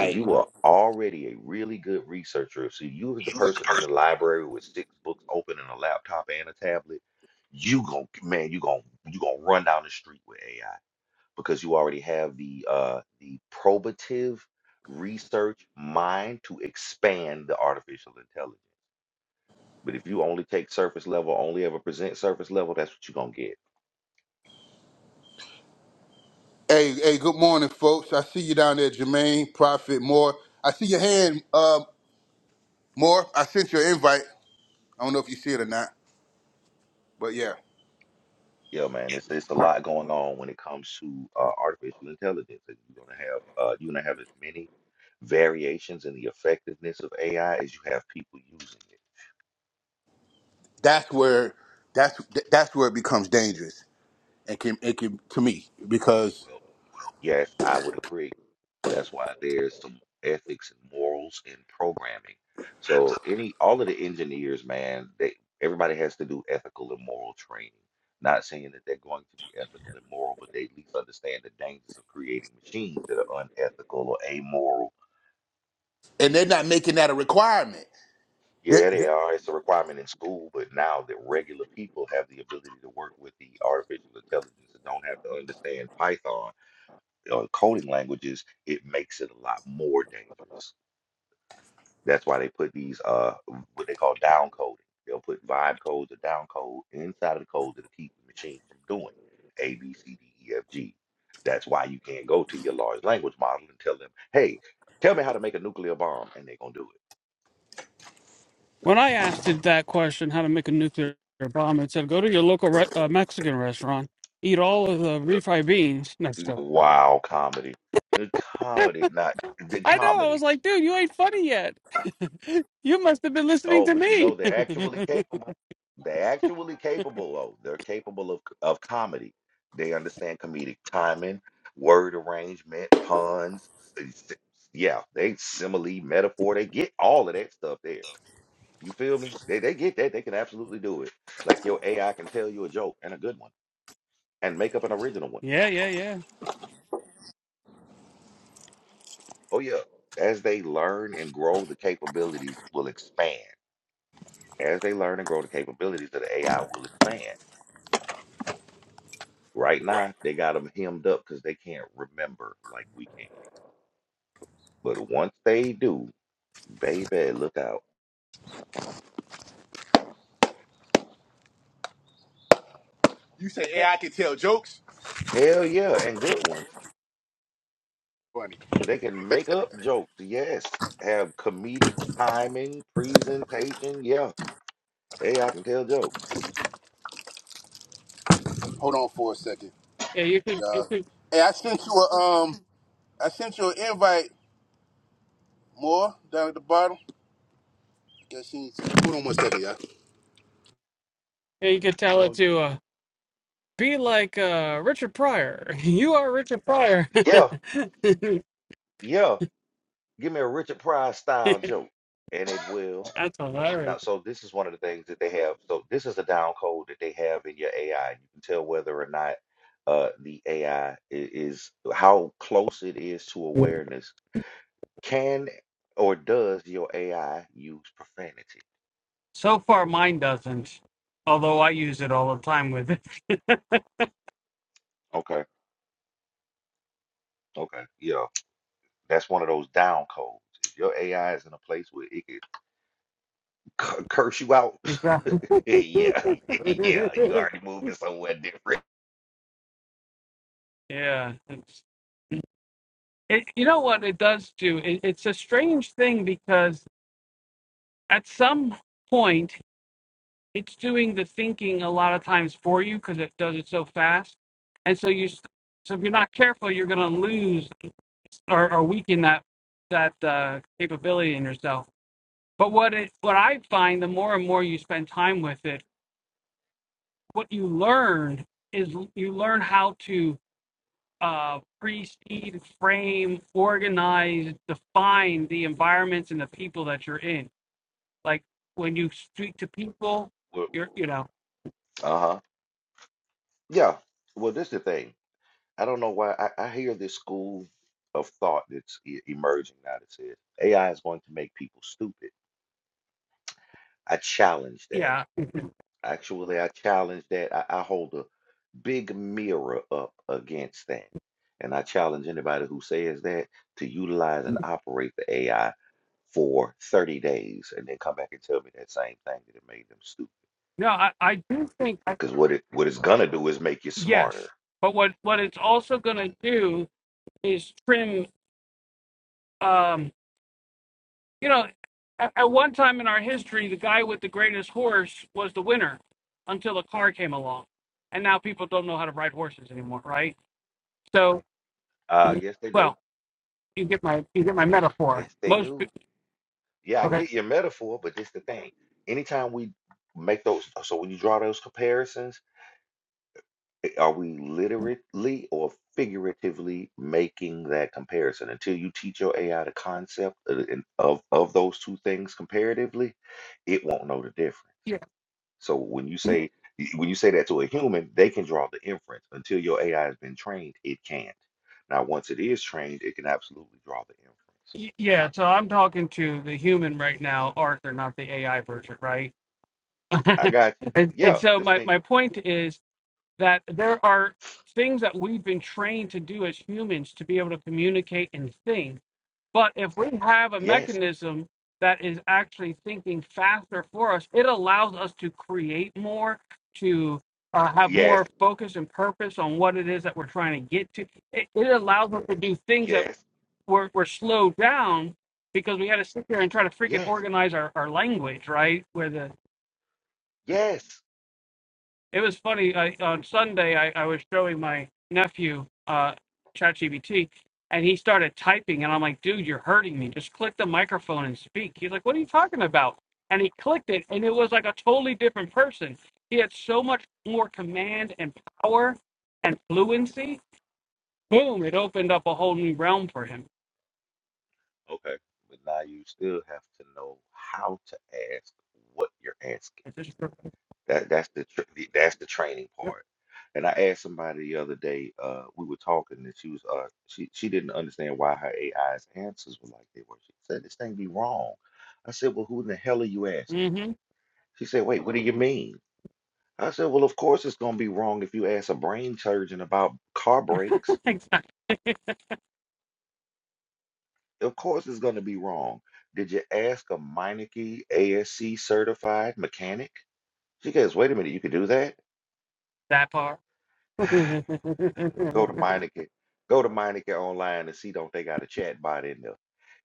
[SPEAKER 1] If you Right. are already a really good researcher, so you as the person in the library with six books open and a laptop and a tablet, you gon' man, you gon' you gonna run down the street with AI because you already have the uh the probative research mind to expand the artificial intelligence. But if you only take surface level, only ever present surface level, that's what you're gonna get.
[SPEAKER 2] Hey, hey, good morning, folks. I see you down there, Jermaine, Prophet, Moore. I see your hand, uh, Moore. I sent your invite. I don't know if you see it or not, but yeah,
[SPEAKER 1] Yeah, man, it's it's a lot going on when it comes to uh, artificial intelligence, and you're gonna have uh, you're gonna have as many variations in the effectiveness of AI as you have people using it.
[SPEAKER 2] that's where that's that's where it becomes dangerous and can it can to me because
[SPEAKER 1] Well, yes, I would agree. That's why there's some ethics and morals in programming. So any all of the engineers, man, they everybody has to do ethical and moral training. Not saying that they're going to be ethical and moral, but they at least understand the dangers of creating machines that are unethical or amoral.
[SPEAKER 2] and they're not making that a requirement. They-
[SPEAKER 1] Yeah,
[SPEAKER 2] they-
[SPEAKER 1] they are. It's a requirement in school, but now that regular people have the ability to work with the artificial intelligence and don't have to understand Python, uh, coding languages, it makes it a lot more dangerous. That's why they put these uh what they call down coding. They'll put vibe codes or down code inside of the code that'll keep the machine from doing A B C D E F G. That's why you can't go to your large language model and tell them, "Hey, tell me how to make a nuclear bomb," and they're gonna do
[SPEAKER 3] When I asked it that question, how to make a nuclear bomb, it said, go to your local re- uh, Mexican restaurant, eat all of the
[SPEAKER 1] it.
[SPEAKER 3] refried beans. No, it's joking.
[SPEAKER 1] Wow, comedy. The comedy, not the
[SPEAKER 3] I know. I
[SPEAKER 1] comedy.
[SPEAKER 3] was like, dude, you ain't funny yet. you must have been listening
[SPEAKER 1] Oh,
[SPEAKER 3] to
[SPEAKER 1] but you know
[SPEAKER 3] me.
[SPEAKER 1] they're actually capable. They're actually capable. though. they're capable of of comedy. They understand comedic timing, word arrangement, puns. s- s- Yeah, they simile, metaphor. They get all of that stuff there. You feel me? They they get that. They can absolutely do it. Like your AI can tell you a joke and a good one, and make up an original one.
[SPEAKER 3] yeah, yeah, yeah.
[SPEAKER 1] Oh yeah. As they learn and grow, the capabilities will expand. As they learn and grow, the capabilities of the AI will expand Right
[SPEAKER 2] Right.
[SPEAKER 1] now, they got them hemmed up because they can't remember like we can. But once they do, baby, look out.
[SPEAKER 2] you say
[SPEAKER 3] Yeah,
[SPEAKER 2] AI can tell jokes?
[SPEAKER 1] Hell yeah, and good ones.
[SPEAKER 2] Funny.
[SPEAKER 1] They can make up jokes, yes. Have comedic timing, presentation, yeah. Hey, I can tell jokes.
[SPEAKER 2] Hold on for a second,
[SPEAKER 3] yeah you could, you
[SPEAKER 2] y'all.
[SPEAKER 3] could,
[SPEAKER 2] Hey, I sent you a um, I sent you an invite, Moore, down at the bottom. Guess she. Hold on one second, y'all.
[SPEAKER 3] yeah, you could tell it
[SPEAKER 1] Oh,
[SPEAKER 3] to uh, be like uh, Richard Pryor. you are Richard Pryor.
[SPEAKER 1] yeah, yeah. Give me a Richard Pryor style joke, and it will.
[SPEAKER 3] That's
[SPEAKER 1] Now,
[SPEAKER 3] hilarious.
[SPEAKER 1] so this is one of the things that they have. So this is a down code that they have in your AI. You can tell whether or not uh, the AI is how close it is to awareness. Can or does your AI use profanity?
[SPEAKER 3] So far, mine doesn't, although I use it all the time with it.
[SPEAKER 1] Okay, okay, yeah, that's one of those down codes. If your AI is in a place where it can cu- curse you out,
[SPEAKER 3] Exactly.
[SPEAKER 1] yeah, yeah, you already moving somewhere different.
[SPEAKER 3] yeah. It's, it, you know what it does do? It, it's a strange thing because at some point, it's doing the thinking a lot of times for you because it does it so fast. And so you, s- so if you're not careful, you're going to lose or, or weaken that that uh, capability in yourself. But what it, what I find, the more and more you spend time with it, what you learn is l- you learn how to uh, precede, frame, organize, define the environments and the people that you're in. Like when you speak to people,
[SPEAKER 1] Uh
[SPEAKER 3] you're, you know,
[SPEAKER 1] huh. Yeah. Well, this the thing. I don't know why I, I hear this school of thought that's e- emerging now that says AI is going to make people stupid. I challenge that.
[SPEAKER 3] yeah.
[SPEAKER 1] Actually, I challenge that. I, I hold a big mirror up against that. And I challenge anybody who says that to utilize and operate the AI for 30 days and then come back and tell me that same thing that it made them stupid.
[SPEAKER 3] No, I, I do think, I,
[SPEAKER 1] Because what it what it's gonna do is make you
[SPEAKER 3] yes.
[SPEAKER 1] smarter.
[SPEAKER 3] But what, what it's also going to do is trim, um, you know, at, at one time in our history, the guy with the greatest horse was the winner until a car came along. And now people don't know how to ride horses anymore, right? So,
[SPEAKER 1] Uh yes they do.
[SPEAKER 3] well, you get my you get my metaphor.
[SPEAKER 1] Yes they
[SPEAKER 3] Most
[SPEAKER 1] do.
[SPEAKER 3] pe-
[SPEAKER 1] Yeah, I
[SPEAKER 3] Okay.
[SPEAKER 1] get your metaphor, but this the thing. Anytime we make those, uh, so when you draw those comparisons, i- are we literally or figuratively making that comparison? Until you teach your AI the concept of, the- in- of, of those two things comparatively, it won't know the difference.
[SPEAKER 3] yeah
[SPEAKER 1] So when you say y- when you say that to a human, they can draw the inference. Until your AI has been trained, it can't. Now, once it is trained, it can absolutely draw the inference.
[SPEAKER 3] y- yeah. So I'm talking to the human right now, Arthur, not the AI version, right?
[SPEAKER 1] I got you.
[SPEAKER 3] and, and
[SPEAKER 1] Yeah,
[SPEAKER 3] so
[SPEAKER 1] this
[SPEAKER 3] my
[SPEAKER 1] me.
[SPEAKER 3] my point is that there are things that we've been trained to do as humans to be able to communicate and think But if we have a
[SPEAKER 1] Yes.
[SPEAKER 3] mechanism that is actually thinking faster for us, it allows us to create more, to uh, have
[SPEAKER 1] Yes.
[SPEAKER 3] more focus and purpose on what it is that we're trying to get to. It, it allows us to do things that
[SPEAKER 1] Yes,
[SPEAKER 3] were, were slowed down because we had to sit there and try to freaking
[SPEAKER 1] yes,
[SPEAKER 3] organize our, our language, right? Where the
[SPEAKER 1] yes.
[SPEAKER 3] It was funny. I, on Sunday, I, I was showing my nephew uh, ChatGPT, and he started typing, and I'm like, "Dude, you're hurting me. Just click the microphone and speak." He's like, "What are you talking about?" And he clicked it, and it was like a totally different person. He had so much more command and power and fluency. Boom! It opened up a whole new realm for him.
[SPEAKER 1] Okay, but now you still have to know how to ask what you're asking. That that's the, tr the that's the training part. And I asked somebody the other day. Uh, we were talking, and she was uh, she she didn't understand why her AI's answers were like they were. She said this thing be wrong. I said, well, who in the hell are you asking?
[SPEAKER 3] Mm-hmm.
[SPEAKER 1] She said, wait, what do you mean? I said, well, of course it's gonna be wrong if you ask a brain surgeon about car brakes.
[SPEAKER 3] exactly.
[SPEAKER 1] Of course it's gonna be wrong. Did you ask a Meineke ASC certified mechanic? She goes, wait a minute, you can do that?
[SPEAKER 3] That part.
[SPEAKER 1] Go to Meineke. Go to Meineke online and see don't they got a chat bot in there.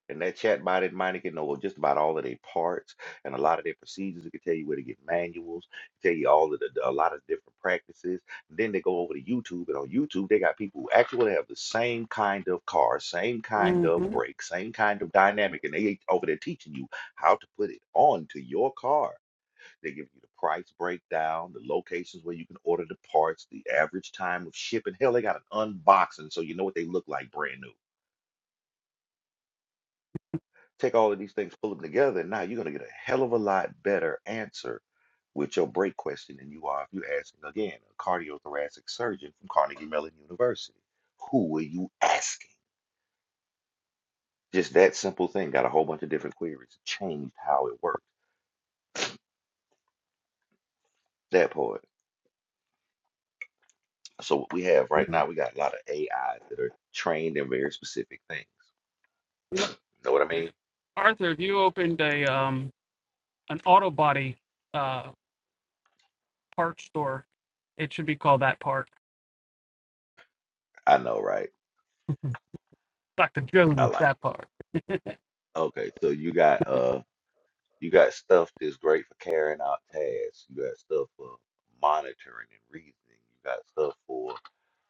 [SPEAKER 1] And that chatbot, bot in mind, it can know just about all of their parts and a lot of their procedures. It can tell you where to get manuals, tell you all of the, a lot of different practices. then they go over to YouTube, and on YouTube, they got people who actually have the same kind of car, same kind of
[SPEAKER 3] Mhm.
[SPEAKER 1] brake, same kind of dynamic, and they over there teaching you how to put it on to your car. They give you the price breakdown, the locations where you can order the parts, the average time of shipping. Hell, they got an unboxing, so you know what they look like brand new. Take all of these things, pull them together, and now you're going to get a hell of a lot better answer with your break question than you are if you're asking again a cardiothoracic surgeon from Carnegie Mellon University. Who are you asking? Just that simple thing got a whole bunch of different queries, changed how it works. That part. So what we have right now, we got a lot of AIs that are trained in very specific things. Know what I mean?
[SPEAKER 3] Arthur, if you opened a um an auto body uh part store, it should be called that part.
[SPEAKER 1] I know, right?
[SPEAKER 3] Dr.
[SPEAKER 1] I
[SPEAKER 3] Jones,
[SPEAKER 1] like it.
[SPEAKER 3] that part.
[SPEAKER 1] Okay, so you got uh You got stuff that's great for carrying out tasks. You got stuff for monitoring and reasoning. You got stuff for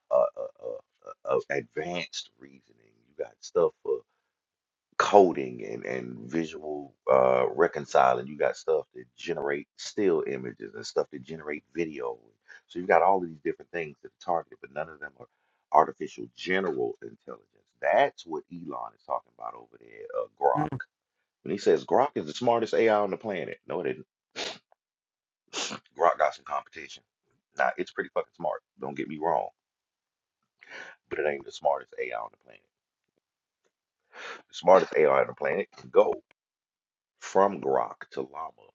[SPEAKER 1] uh, uh, uh, uh, uh, advanced reasoning. You got stuff for coding and, and visual uh, reconciling. You got stuff that generate still images and stuff that generate video. So you've got all of these different things that are targeted, but none of them are artificial general intelligence. That's what Elon is talking about over there, uh, Grok. When he says Grok is the smartest AI on the planet, no, it isn't. Grok got some competition. Now it's pretty fucking smart. Don't get me wrong, but it ain't the smartest AI on the planet. The smartest AI on the planet can go from Grok to Llama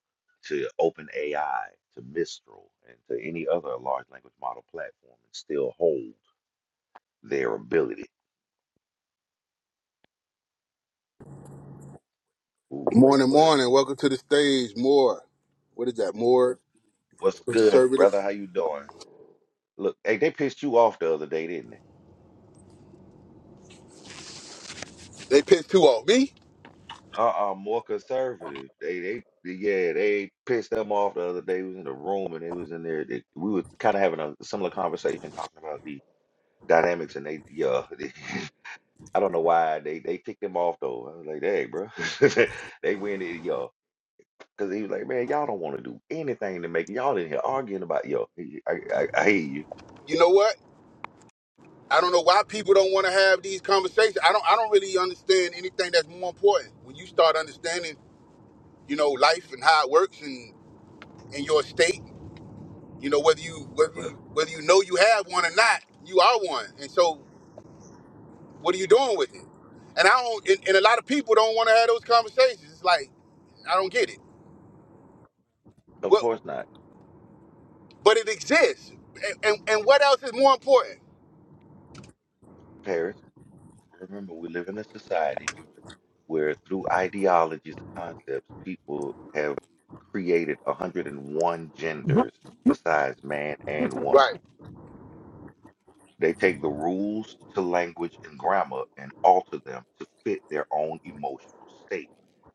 [SPEAKER 1] to OpenAI to Mistral and to any other large language model platform and still hold their ability. Ooh, wait,
[SPEAKER 2] Morning,
[SPEAKER 1] what?
[SPEAKER 2] morning. Welcome to the stage, Moore. What is that, Moore?
[SPEAKER 1] What's good,
[SPEAKER 2] Conservative.
[SPEAKER 1] brother? How you doing? Look, hey, they pissed you off the other day, didn't they?
[SPEAKER 2] They pissed too off me.
[SPEAKER 1] Uh-uh, more conservative. They, they, yeah, they pissed them off the other day. We was in a room and they was in there. They, we were kind of having a similar conversation talking about the dynamics and they, yeah, they, I don't know why they they kicked them off though. I was like, hey, bro, they went in, yo, because he was like, man, y'all don't want to do anything to make y'all in here arguing about yo. I, I, I hear you.
[SPEAKER 2] You know what? I don't know why people don't want to have these conversations. I don't. I don't really understand anything that's more important. When you start understanding, you know, life and how it works, and in your state, you know whether you whether
[SPEAKER 1] Well,
[SPEAKER 2] you whether you know you have one or not, you are one. And so, what are you doing with it? And I don't. And, and a lot of people don't want to have those conversations. It's like I don't get
[SPEAKER 1] of
[SPEAKER 2] it.
[SPEAKER 1] course not,
[SPEAKER 2] but it exists. And, and, and what else is more important?
[SPEAKER 1] Paris. Remember, we live in a society. where through ideologies, concepts, people have created 101
[SPEAKER 3] Mm.
[SPEAKER 1] genders besides man and woman.
[SPEAKER 2] Right.
[SPEAKER 1] They take the rules to language and grammar and alter them to fit their own emotional state.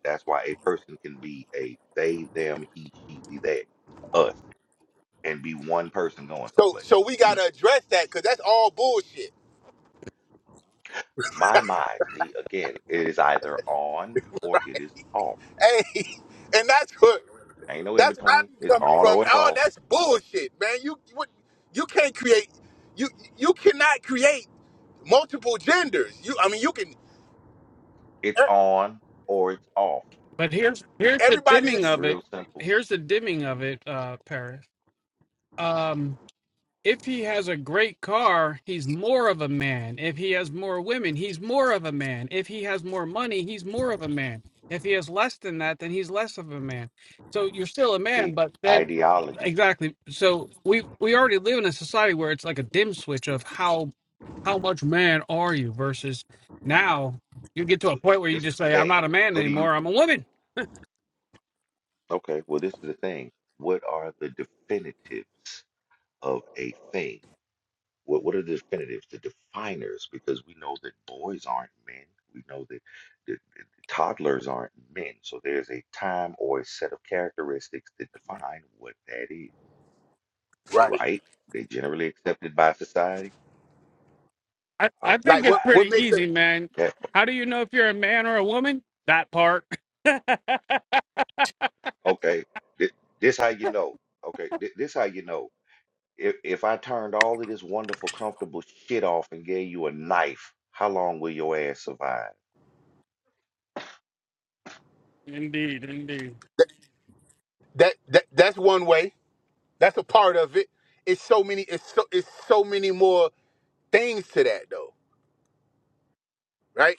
[SPEAKER 1] That's why a person can be a they, them, he, she, we, they, us, and be one person going
[SPEAKER 2] So
[SPEAKER 1] someplace.
[SPEAKER 2] so we gotta address that because that's all bullshit.
[SPEAKER 1] My mind, see, again, it is either on or it is off.
[SPEAKER 2] Hey, and that's what
[SPEAKER 1] Ain't no in
[SPEAKER 2] that's where I
[SPEAKER 1] between.
[SPEAKER 2] be
[SPEAKER 1] It's
[SPEAKER 2] coming
[SPEAKER 1] on
[SPEAKER 2] from.
[SPEAKER 1] or it's
[SPEAKER 2] Oh,
[SPEAKER 1] off.
[SPEAKER 2] that's bullshit, man. You what you can't create you you cannot create multiple genders. You I mean you can
[SPEAKER 1] It's on or it's off.
[SPEAKER 3] But here's here's the
[SPEAKER 2] everybody
[SPEAKER 3] dimming
[SPEAKER 2] is
[SPEAKER 3] of it.
[SPEAKER 1] Real simple.
[SPEAKER 3] Here's the dimming of it, uh, Paris. Um if he has a great car, he's more of a man. If he has more women, he's more of a man. If he has more money, he's more of a man. If he has less than that, then he's less of a man. So you're still a man,
[SPEAKER 1] See,
[SPEAKER 3] but then uh,
[SPEAKER 1] ideologies.
[SPEAKER 3] exactly. So we we already live in a society where it's like a dim switch of how how much man are you versus now you get to a
[SPEAKER 1] Well,
[SPEAKER 3] point
[SPEAKER 1] th-
[SPEAKER 3] where you
[SPEAKER 1] This
[SPEAKER 3] just
[SPEAKER 1] is the
[SPEAKER 3] say I'm
[SPEAKER 1] thing.
[SPEAKER 3] not a man
[SPEAKER 1] What do you?
[SPEAKER 3] anymore. I'm a woman.
[SPEAKER 1] Okay, well, this is the thing. What are the definitives of a thing? What What are the definitives, the definers? Because we know that boys aren't men. We know that the, the toddlers aren't men. So there's a time or a set of characteristics that define what that is,
[SPEAKER 2] Right.
[SPEAKER 1] right? They generally accepted by society.
[SPEAKER 3] I, I
[SPEAKER 1] All
[SPEAKER 3] think
[SPEAKER 2] like
[SPEAKER 1] right.
[SPEAKER 3] it's
[SPEAKER 2] what what
[SPEAKER 3] pretty
[SPEAKER 2] makes it
[SPEAKER 3] easy, man.
[SPEAKER 1] That,
[SPEAKER 3] How do you know if you're a man or a woman? That part.
[SPEAKER 1] okay. This, this how you know. Okay. This, this how you know. If if I turned all of this wonderful, comfortable shit off and gave you a knife, how long will your ass survive?
[SPEAKER 3] Indeed, indeed.
[SPEAKER 2] that, that that's one way. That's a part of it. It's so many it's so it's so many more things to that though. Right?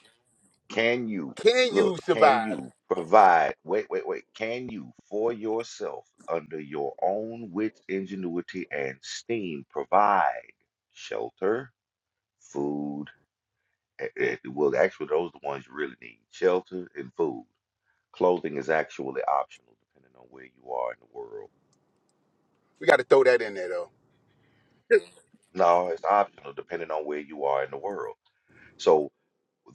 [SPEAKER 1] Can you
[SPEAKER 2] Can
[SPEAKER 1] look?
[SPEAKER 2] you
[SPEAKER 1] Can
[SPEAKER 2] survive?
[SPEAKER 1] you provide? Wait, wait, wait. Can you for yourself, under your own wits, ingenuity, and steam, provide shelter, food? eh, eh, Well, actually, those are the ones you really need: shelter and food. Clothing is actually optional, depending on where you are in the world.
[SPEAKER 2] We got to throw that in there though.
[SPEAKER 1] No, it's optional depending on where you are in the world. So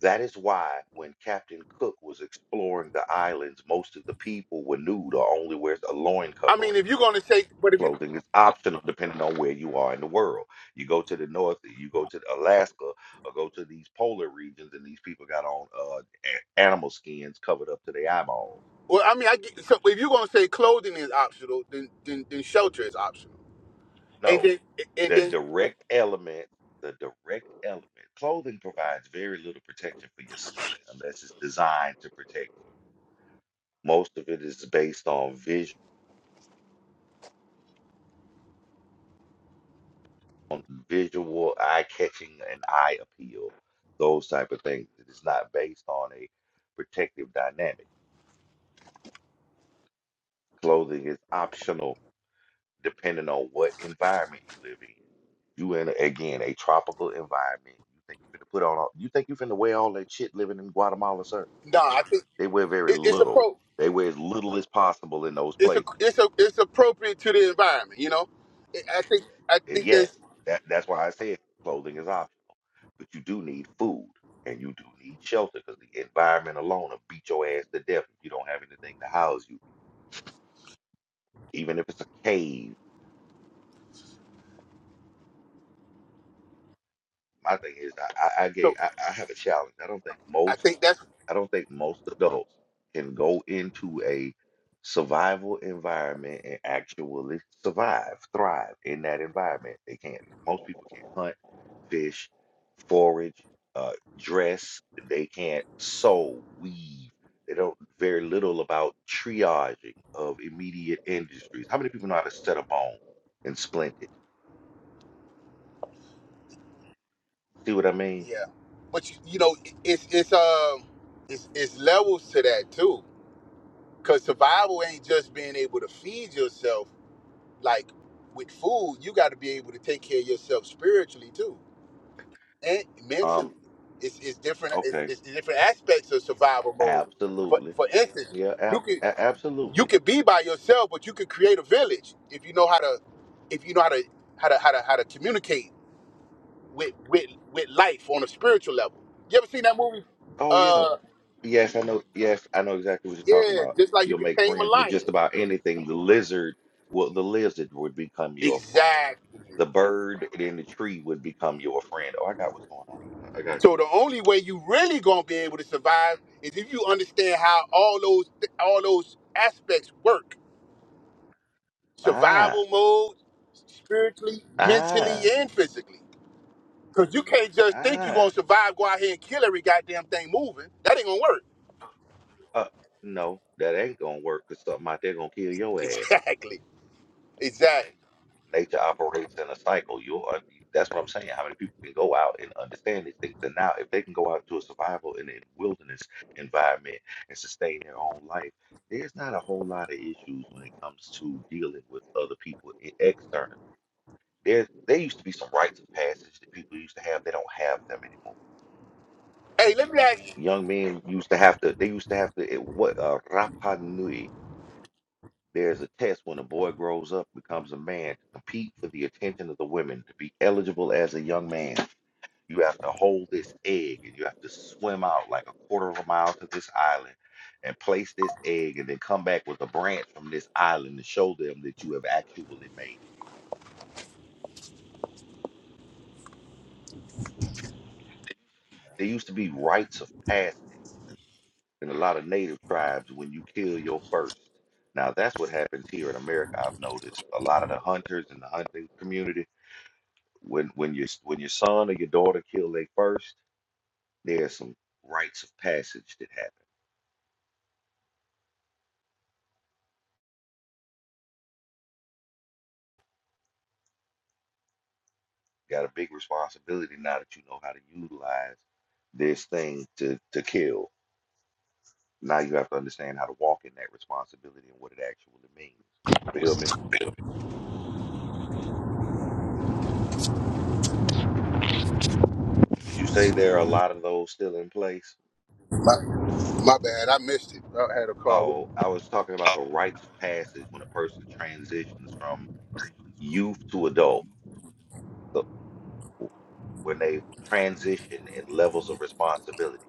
[SPEAKER 1] That is why when Captain Cook was exploring the islands, most of the people were nude or only wears a loin
[SPEAKER 2] I mean,
[SPEAKER 1] covering.
[SPEAKER 2] if you're gonna say, but if you,
[SPEAKER 1] Clothing is optional depending on where you are in the world. You go to the north, you go to Alaska, or go to these polar regions, and these people got on uh, a- animal skins covered up to their eyeballs.
[SPEAKER 2] well, I mean, I get, so if you're gonna say clothing is optional, then then, then shelter is optional, and
[SPEAKER 1] No,
[SPEAKER 2] then and
[SPEAKER 1] the
[SPEAKER 2] then
[SPEAKER 1] direct element, the direct element, clothing provides very little protection for your skin unless it's designed to protect you. Most of it is based on visual on visual, eye-catching, and eye appeal, those type of things. It is not based on a protective dynamic. Clothing is optional depending on what environment you live in. You in again a tropical environment. You think you finna put on all, you think you finna wear all that shit living in Guatemala, sir?
[SPEAKER 2] nah, I think
[SPEAKER 1] They wear very
[SPEAKER 2] it, it's
[SPEAKER 1] little.
[SPEAKER 2] appro
[SPEAKER 1] They wear as little as possible in those
[SPEAKER 2] it's a,
[SPEAKER 1] places.
[SPEAKER 2] it's a, it's appropriate to the environment, you know. I I think I
[SPEAKER 1] Uh,
[SPEAKER 2] think there's
[SPEAKER 1] Yes, that, that's why I said clothing is optional, but you do need food and you do need shelter because the environment alone will beat your ass to death if you don't have anything to house you, even if it's a cave. My thing is, I, I, I gave,
[SPEAKER 2] so
[SPEAKER 1] I, I have a challenge. I don't think
[SPEAKER 2] I
[SPEAKER 1] most,
[SPEAKER 2] think that's
[SPEAKER 1] I don't think most adults can go into a survival environment and actually survive, thrive in that environment. They can't. Most people can't hunt, fish, forage, uh, dress. They can't sew, weave. They don't very little about triaging of immediate industries. How many people know how to set a bone and splint it? See what I mean?
[SPEAKER 2] yeah, but you, you know it- it's it's um it's it's levels to that too, because survival ain't just being able to feed yourself Like with food, you got to be able to take care of yourself spiritually too and mentally.
[SPEAKER 1] Um,
[SPEAKER 2] It's, it's different. It's,
[SPEAKER 1] okay.
[SPEAKER 2] it's the different aspects of survival mode. But
[SPEAKER 1] Absolutely.
[SPEAKER 2] for for instance,
[SPEAKER 1] Yeah,
[SPEAKER 2] you
[SPEAKER 1] ab-
[SPEAKER 2] could
[SPEAKER 1] a-
[SPEAKER 2] you
[SPEAKER 1] absolutely.
[SPEAKER 2] could be by yourself, but you could create a village if you know how to if you know how to how to how to how to communicate with with with life on a spiritual level. You ever seen that movie?
[SPEAKER 1] Oh yeah.
[SPEAKER 2] Uh,
[SPEAKER 1] Yes, I know. Yes, I know exactly what you're
[SPEAKER 2] yeah,
[SPEAKER 1] talking about.
[SPEAKER 2] just like you
[SPEAKER 1] You'll
[SPEAKER 2] could
[SPEAKER 1] make
[SPEAKER 2] tame a
[SPEAKER 1] friends with just
[SPEAKER 2] lion.
[SPEAKER 1] about anything. The lizard, well, the lizard would become your friend.
[SPEAKER 2] Exactly.
[SPEAKER 1] The bird in the tree would become your friend. Oh, I got what's going on. I I got
[SPEAKER 2] So
[SPEAKER 1] you.
[SPEAKER 2] the only way you really gonna be able to survive is if you understand how all those all those aspects work:
[SPEAKER 1] Ah,
[SPEAKER 2] survival mode, spiritually, mentally,
[SPEAKER 1] ah,
[SPEAKER 2] and physically. Cause you can't just think you're
[SPEAKER 1] ah.
[SPEAKER 2] gonna survive, go out here and kill every goddamn thing moving. That ain't gonna work.
[SPEAKER 1] Uh, no, that ain't gonna work because something out there gonna kill your ass.
[SPEAKER 2] Exactly. Exactly.
[SPEAKER 1] Nature operates in a cycle. You'll un- that's what I'm saying. How many people can go out and understand these things? And now, if they can go out to a survival in a wilderness environment and sustain their own life, there's not a whole lot of issues when it comes to dealing with other people e- externally. There, there used to be some rites of passage that people used to have. They don't have them anymore.
[SPEAKER 2] Hey, let me ask you.
[SPEAKER 1] Young men used to have to. They used to have to. It, what uh, Rapa Nui? There's a test when a boy grows up, becomes a man, to compete for the attention of the women, to be eligible as a young man. You have to hold this egg and you have to swim out like a quarter of a mile to this island and place this egg and then come back with a branch from this island to show them that you have actually made it. There used to be rites of passage in a lot of native tribes when you kill your first. Now, that's what happens here in America, I've noticed. A lot of the hunters in the hunting community when when your when your son or your daughter kill they first, there's some rites of passage that happen. You got a big responsibility now that you know how to utilize this thing to to kill. Now you have to understand how to walk in that responsibility and what it actually means. You feel me? Would you say there are a lot of those still in place?
[SPEAKER 2] My, my bad, I missed it. I had a call.
[SPEAKER 1] Oh, I was talking about the rites of passage when a person transitions from youth to adult, the, when they transition in levels of responsibility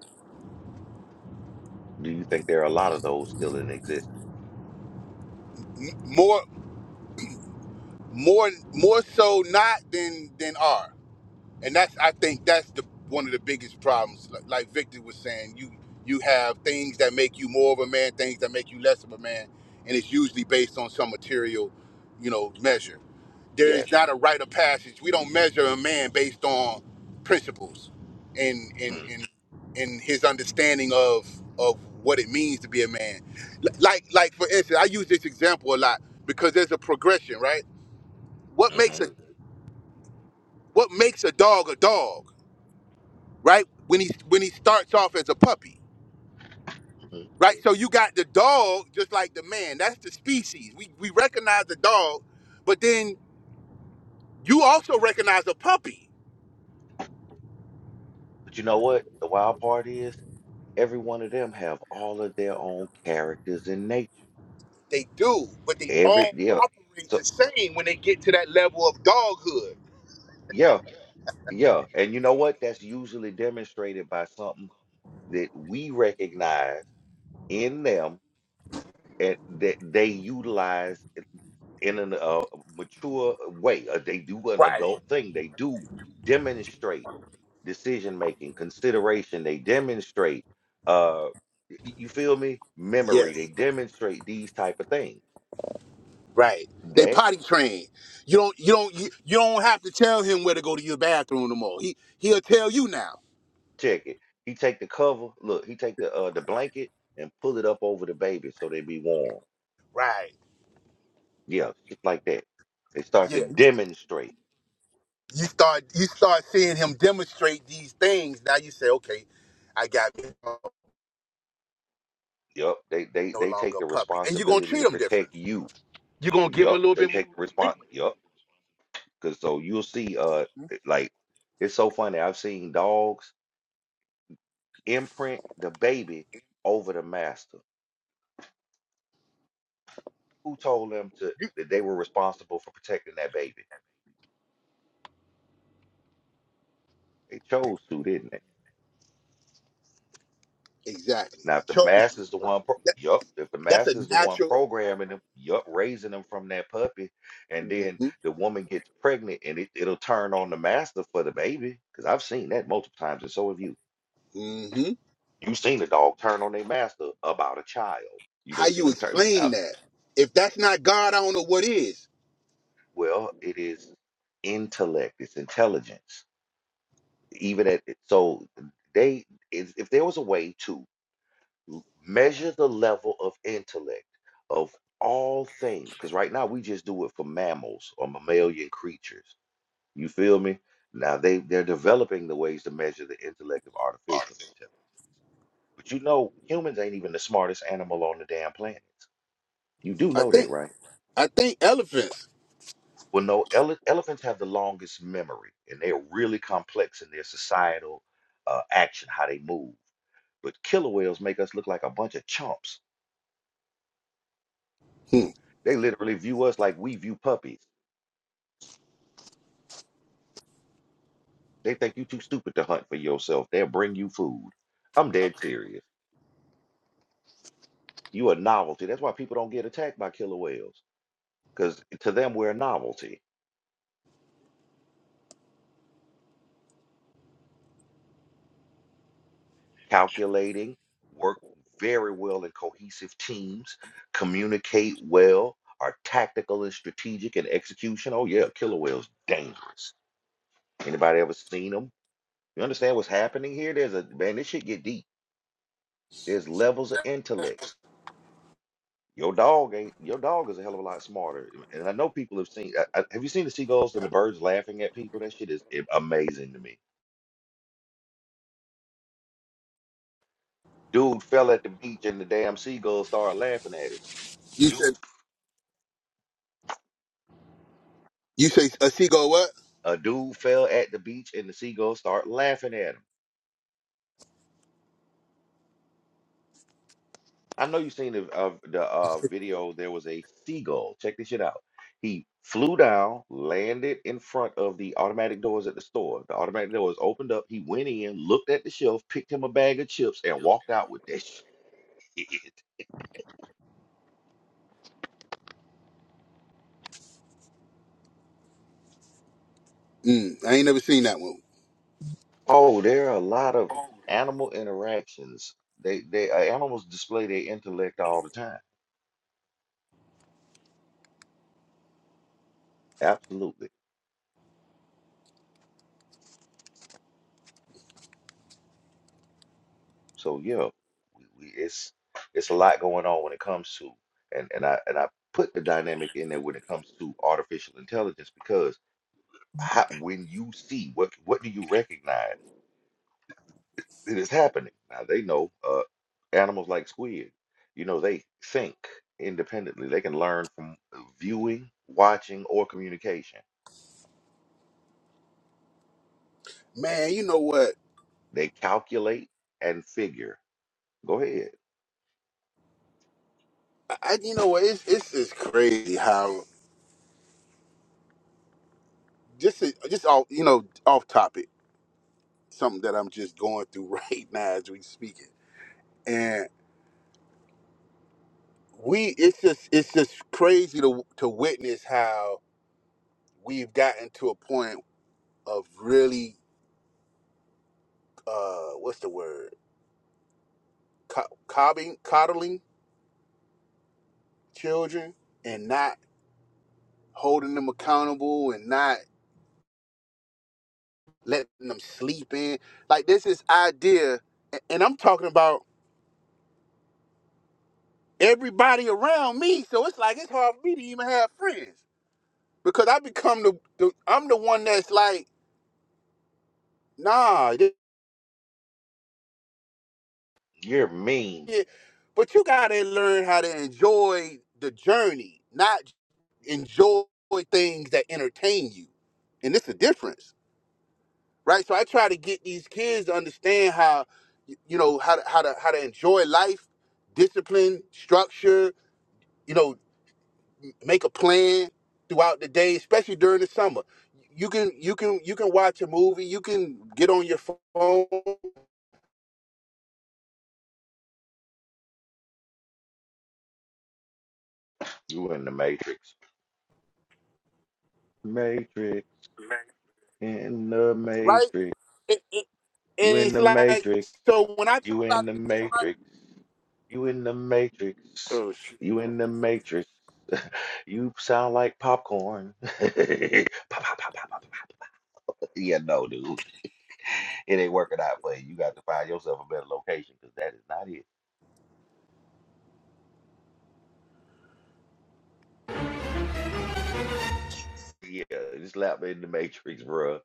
[SPEAKER 1] Do you think there are a lot of those still in existence?
[SPEAKER 2] More, more, more so not than than are. and that's I think that's the one of the biggest problems. Like, like Victor was saying, you you have things that make you more of a man, things that make you less of a man, and it's usually based on some material, you know, measure. There
[SPEAKER 1] Yes.
[SPEAKER 2] is not a rite of passage. We don't measure a man based on principles and and
[SPEAKER 1] Mm,
[SPEAKER 2] and and his understanding of of what it means to be a man. L- Like like for instance, I use this example a lot because there's a progression, right? What makes
[SPEAKER 1] mhm,
[SPEAKER 2] a what makes a dog a dog? right? When he when he starts off as a puppy,
[SPEAKER 1] mhm.
[SPEAKER 2] right? So you got the dog just like the man. That's the species. We we recognize the dog, but then you also recognize a puppy.
[SPEAKER 1] But you know what? The wild part is every one of them have all of their own characters in nature.
[SPEAKER 2] They do, but they
[SPEAKER 1] Every
[SPEAKER 2] all
[SPEAKER 1] yeah.
[SPEAKER 2] operate
[SPEAKER 1] So
[SPEAKER 2] the same when they get to that level of doghood.
[SPEAKER 1] yeah, yeah. And you know what? That's usually demonstrated by something that we recognize in them and that they utilize in a mature way. Uh, They do an
[SPEAKER 2] Right.
[SPEAKER 1] adult thing. They do demonstrate decision making, consideration. They demonstrate, uh, y- you feel me? Memory. They
[SPEAKER 2] Yes.
[SPEAKER 1] demonstrate these type of things.
[SPEAKER 2] Right. They
[SPEAKER 1] That
[SPEAKER 2] potty trained. You don't you don't you, you don't have to tell him where to go to your bathroom no more. He he'll tell you now.
[SPEAKER 1] check it. He take the cover. Look, he take the uh the blanket and pull it up over the baby so they be warm.
[SPEAKER 2] Right.
[SPEAKER 1] Yeah, shit like that. They start
[SPEAKER 2] Yeah.
[SPEAKER 1] to demonstrate.
[SPEAKER 2] you start you start seeing him demonstrate these things. Now you say, okay, I got me
[SPEAKER 1] Yup, they they
[SPEAKER 2] no
[SPEAKER 1] they
[SPEAKER 2] longer
[SPEAKER 1] take
[SPEAKER 2] a
[SPEAKER 1] the
[SPEAKER 2] puppy, and you're gonna
[SPEAKER 1] responsibility
[SPEAKER 2] treat
[SPEAKER 1] to
[SPEAKER 2] him
[SPEAKER 1] protect
[SPEAKER 2] differently.
[SPEAKER 1] you.
[SPEAKER 2] You're gonna give him a
[SPEAKER 1] Yup,
[SPEAKER 2] little
[SPEAKER 1] they
[SPEAKER 2] bit more.
[SPEAKER 1] take the response.
[SPEAKER 2] leeway.
[SPEAKER 1] Yup, because so you'll see. Uh, it- like it's so funny. I've seen dogs imprint the baby over the master. Who told them to
[SPEAKER 2] You-
[SPEAKER 1] that they were responsible for protecting that baby? They chose to, didn't they?
[SPEAKER 2] Exactly.
[SPEAKER 1] Now,
[SPEAKER 2] You
[SPEAKER 1] if the
[SPEAKER 2] chose to.
[SPEAKER 1] master's the one, pro-
[SPEAKER 2] That,
[SPEAKER 1] yup. If the
[SPEAKER 2] that's a
[SPEAKER 1] master's the one
[SPEAKER 2] natural.
[SPEAKER 1] programming them, yup, raising them from that puppy, and then
[SPEAKER 2] hmm
[SPEAKER 1] the woman gets pregnant, and it, it'll turn on the master for the baby. Because I've seen that multiple times, and so have you.
[SPEAKER 2] hmm
[SPEAKER 1] You've seen a dog turn on their master about a child. You
[SPEAKER 2] How
[SPEAKER 1] done seen
[SPEAKER 2] you
[SPEAKER 1] them turn.
[SPEAKER 2] explain
[SPEAKER 1] Uh,
[SPEAKER 2] that? If that's not God, I don't know what is.
[SPEAKER 1] well, it is intellect. It's intelligence even at so they if, if there was a way to l- measure the level of intellect of all things because right now we just do it for mammals or mammalian creatures you feel me now they they're developing the ways to measure the intellect of artificial intelligence but you know humans ain't even the smartest animal on the damn planet you do
[SPEAKER 2] I
[SPEAKER 1] know that
[SPEAKER 2] think
[SPEAKER 1] right
[SPEAKER 2] I think elephants.
[SPEAKER 1] well no ele- elephants have the longest memory and they're really complex in their societal uh, action how they move But killer whales make us look like a bunch of chumps.
[SPEAKER 2] Hmm.
[SPEAKER 1] They literally view us like we view puppies. They think you too stupid to hunt for yourself. They'll bring you food. I'm dead serious. You a novelty. That's why people don't get attacked by killer whales. Because to them, we're a novelty. Calculating, work very well in cohesive teams, communicate well, are tactical and strategic and execution. Oh yeah, killer whales dangerous. Anybody ever seen them? You understand what's happening here? There's a man, this shit get deep. There's levels of intellect. Your dog ain't your dog is a hell of a lot smarter. And I know people have seen. I, I- have you seen the seagulls and the birds laughing at people? That shit is i- amazing to me. Dude fell at the beach and the damn seagulls started laughing at him.
[SPEAKER 2] You said you say a seagull what?
[SPEAKER 1] A dude fell at the beach and the seagulls start laughing at him. I know you've seen the uh, the uh, video. There was a seagull. Check this shit out. He flew down, landed in front of the automatic doors at the store. The automatic doors opened up. He went in, looked at the shelf, picked him a bag of chips, and walked out with that shit.
[SPEAKER 2] Mm, I ain't never seen that one.
[SPEAKER 1] Oh, there are a lot of animal interactions. They they uh, animals display their intellect all the time. Absolutely. So yeah, we, we it's it's a lot going on when it comes to and and I and I put the dynamic in there when it comes to artificial intelligence because how, when you see what what do you recognize that is happening? Now they know uh animals like squid, you know they think independently. They can learn from viewing, watching, or communication.
[SPEAKER 2] Man, you know what?
[SPEAKER 1] They calculate and figure. Go ahead.
[SPEAKER 2] I, you know what? It's it's just crazy how just just off you know off topic something that I'm just going through right now as we speaking, and we it's just it's just crazy to to witness how we've gotten to a point of really uh what's the word Co- coddling coddling children and not holding them accountable and not letting them sleep in like there's this is idea and and I'm talking about everybody around me. So it's like it's hard for me to even have friends because I become the, the I'm the one that's like, nah. th-
[SPEAKER 1] You're mean.
[SPEAKER 2] yeah. But you gotta learn how to enjoy the journey, not enjoy things that entertain you. And it's a difference, right? So I try to get these kids to understand how, you know, how to, how to how to enjoy life, discipline, structure. You know, make a plan throughout the day, especially during the summer. You can you can you can watch a movie. You can get on your phone,
[SPEAKER 1] You in the matrix. Matrix in the
[SPEAKER 2] right?
[SPEAKER 1] matrix.
[SPEAKER 2] It, it,
[SPEAKER 1] You
[SPEAKER 2] and
[SPEAKER 1] in
[SPEAKER 2] it's
[SPEAKER 1] the
[SPEAKER 2] like
[SPEAKER 1] matrix.
[SPEAKER 2] so when I try
[SPEAKER 1] You in the
[SPEAKER 2] to get my
[SPEAKER 1] matrix. You in the matrix.
[SPEAKER 2] oh shit.
[SPEAKER 1] You in the matrix. You sound like popcorn. Pop, pop, pop, pop, pop, pop. Yeah, no, dude. It ain't working out for you. You got to find yourself a better location because that is not it. Yeah, just slap me in the matrix, bruh.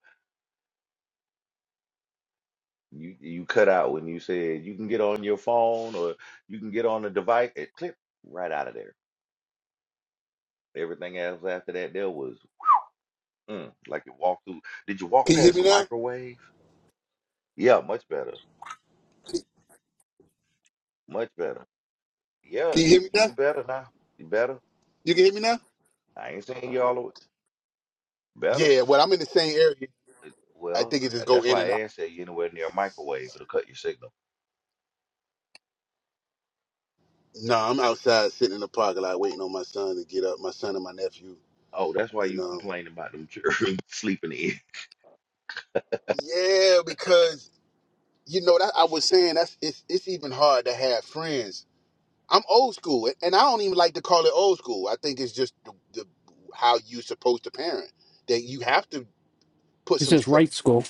[SPEAKER 1] You you cut out when you said you can get on your phone or you can get on a device. It clip right out of there. Everything else after that there was mm, like it walked through. Did you walk
[SPEAKER 2] Can you hear
[SPEAKER 1] past
[SPEAKER 2] me
[SPEAKER 1] a
[SPEAKER 2] now?
[SPEAKER 1] microwave? Yeah, much better. Much better. Yeah,
[SPEAKER 2] Can you
[SPEAKER 1] you,
[SPEAKER 2] hear me
[SPEAKER 1] you
[SPEAKER 2] now?
[SPEAKER 1] you better now. You better.
[SPEAKER 2] You can hear me now?
[SPEAKER 1] I ain't saying you all the way. Better.
[SPEAKER 2] Yeah. Well, I'm in the same area. I
[SPEAKER 1] Well,
[SPEAKER 2] think it
[SPEAKER 1] uh,
[SPEAKER 2] just go
[SPEAKER 1] that's
[SPEAKER 2] in
[SPEAKER 1] why
[SPEAKER 2] and
[SPEAKER 1] I
[SPEAKER 2] out.
[SPEAKER 1] asked that you anywhere near a microwave. It'll cut your signal.
[SPEAKER 2] No, I'm outside sitting in the parking lot waiting on my son to get up. My son and my nephew.
[SPEAKER 1] Oh, that's why
[SPEAKER 2] You
[SPEAKER 1] you
[SPEAKER 2] know.
[SPEAKER 1] complaining about them children sleeping in.
[SPEAKER 2] Yeah, because you know that I was saying that's it's it's even hard to have friends I'm old school, and I don't even like to call it old school. I think it's just the, the how you supposed to parent that you have to put
[SPEAKER 3] He
[SPEAKER 2] some
[SPEAKER 3] says
[SPEAKER 2] structure.
[SPEAKER 3] right school.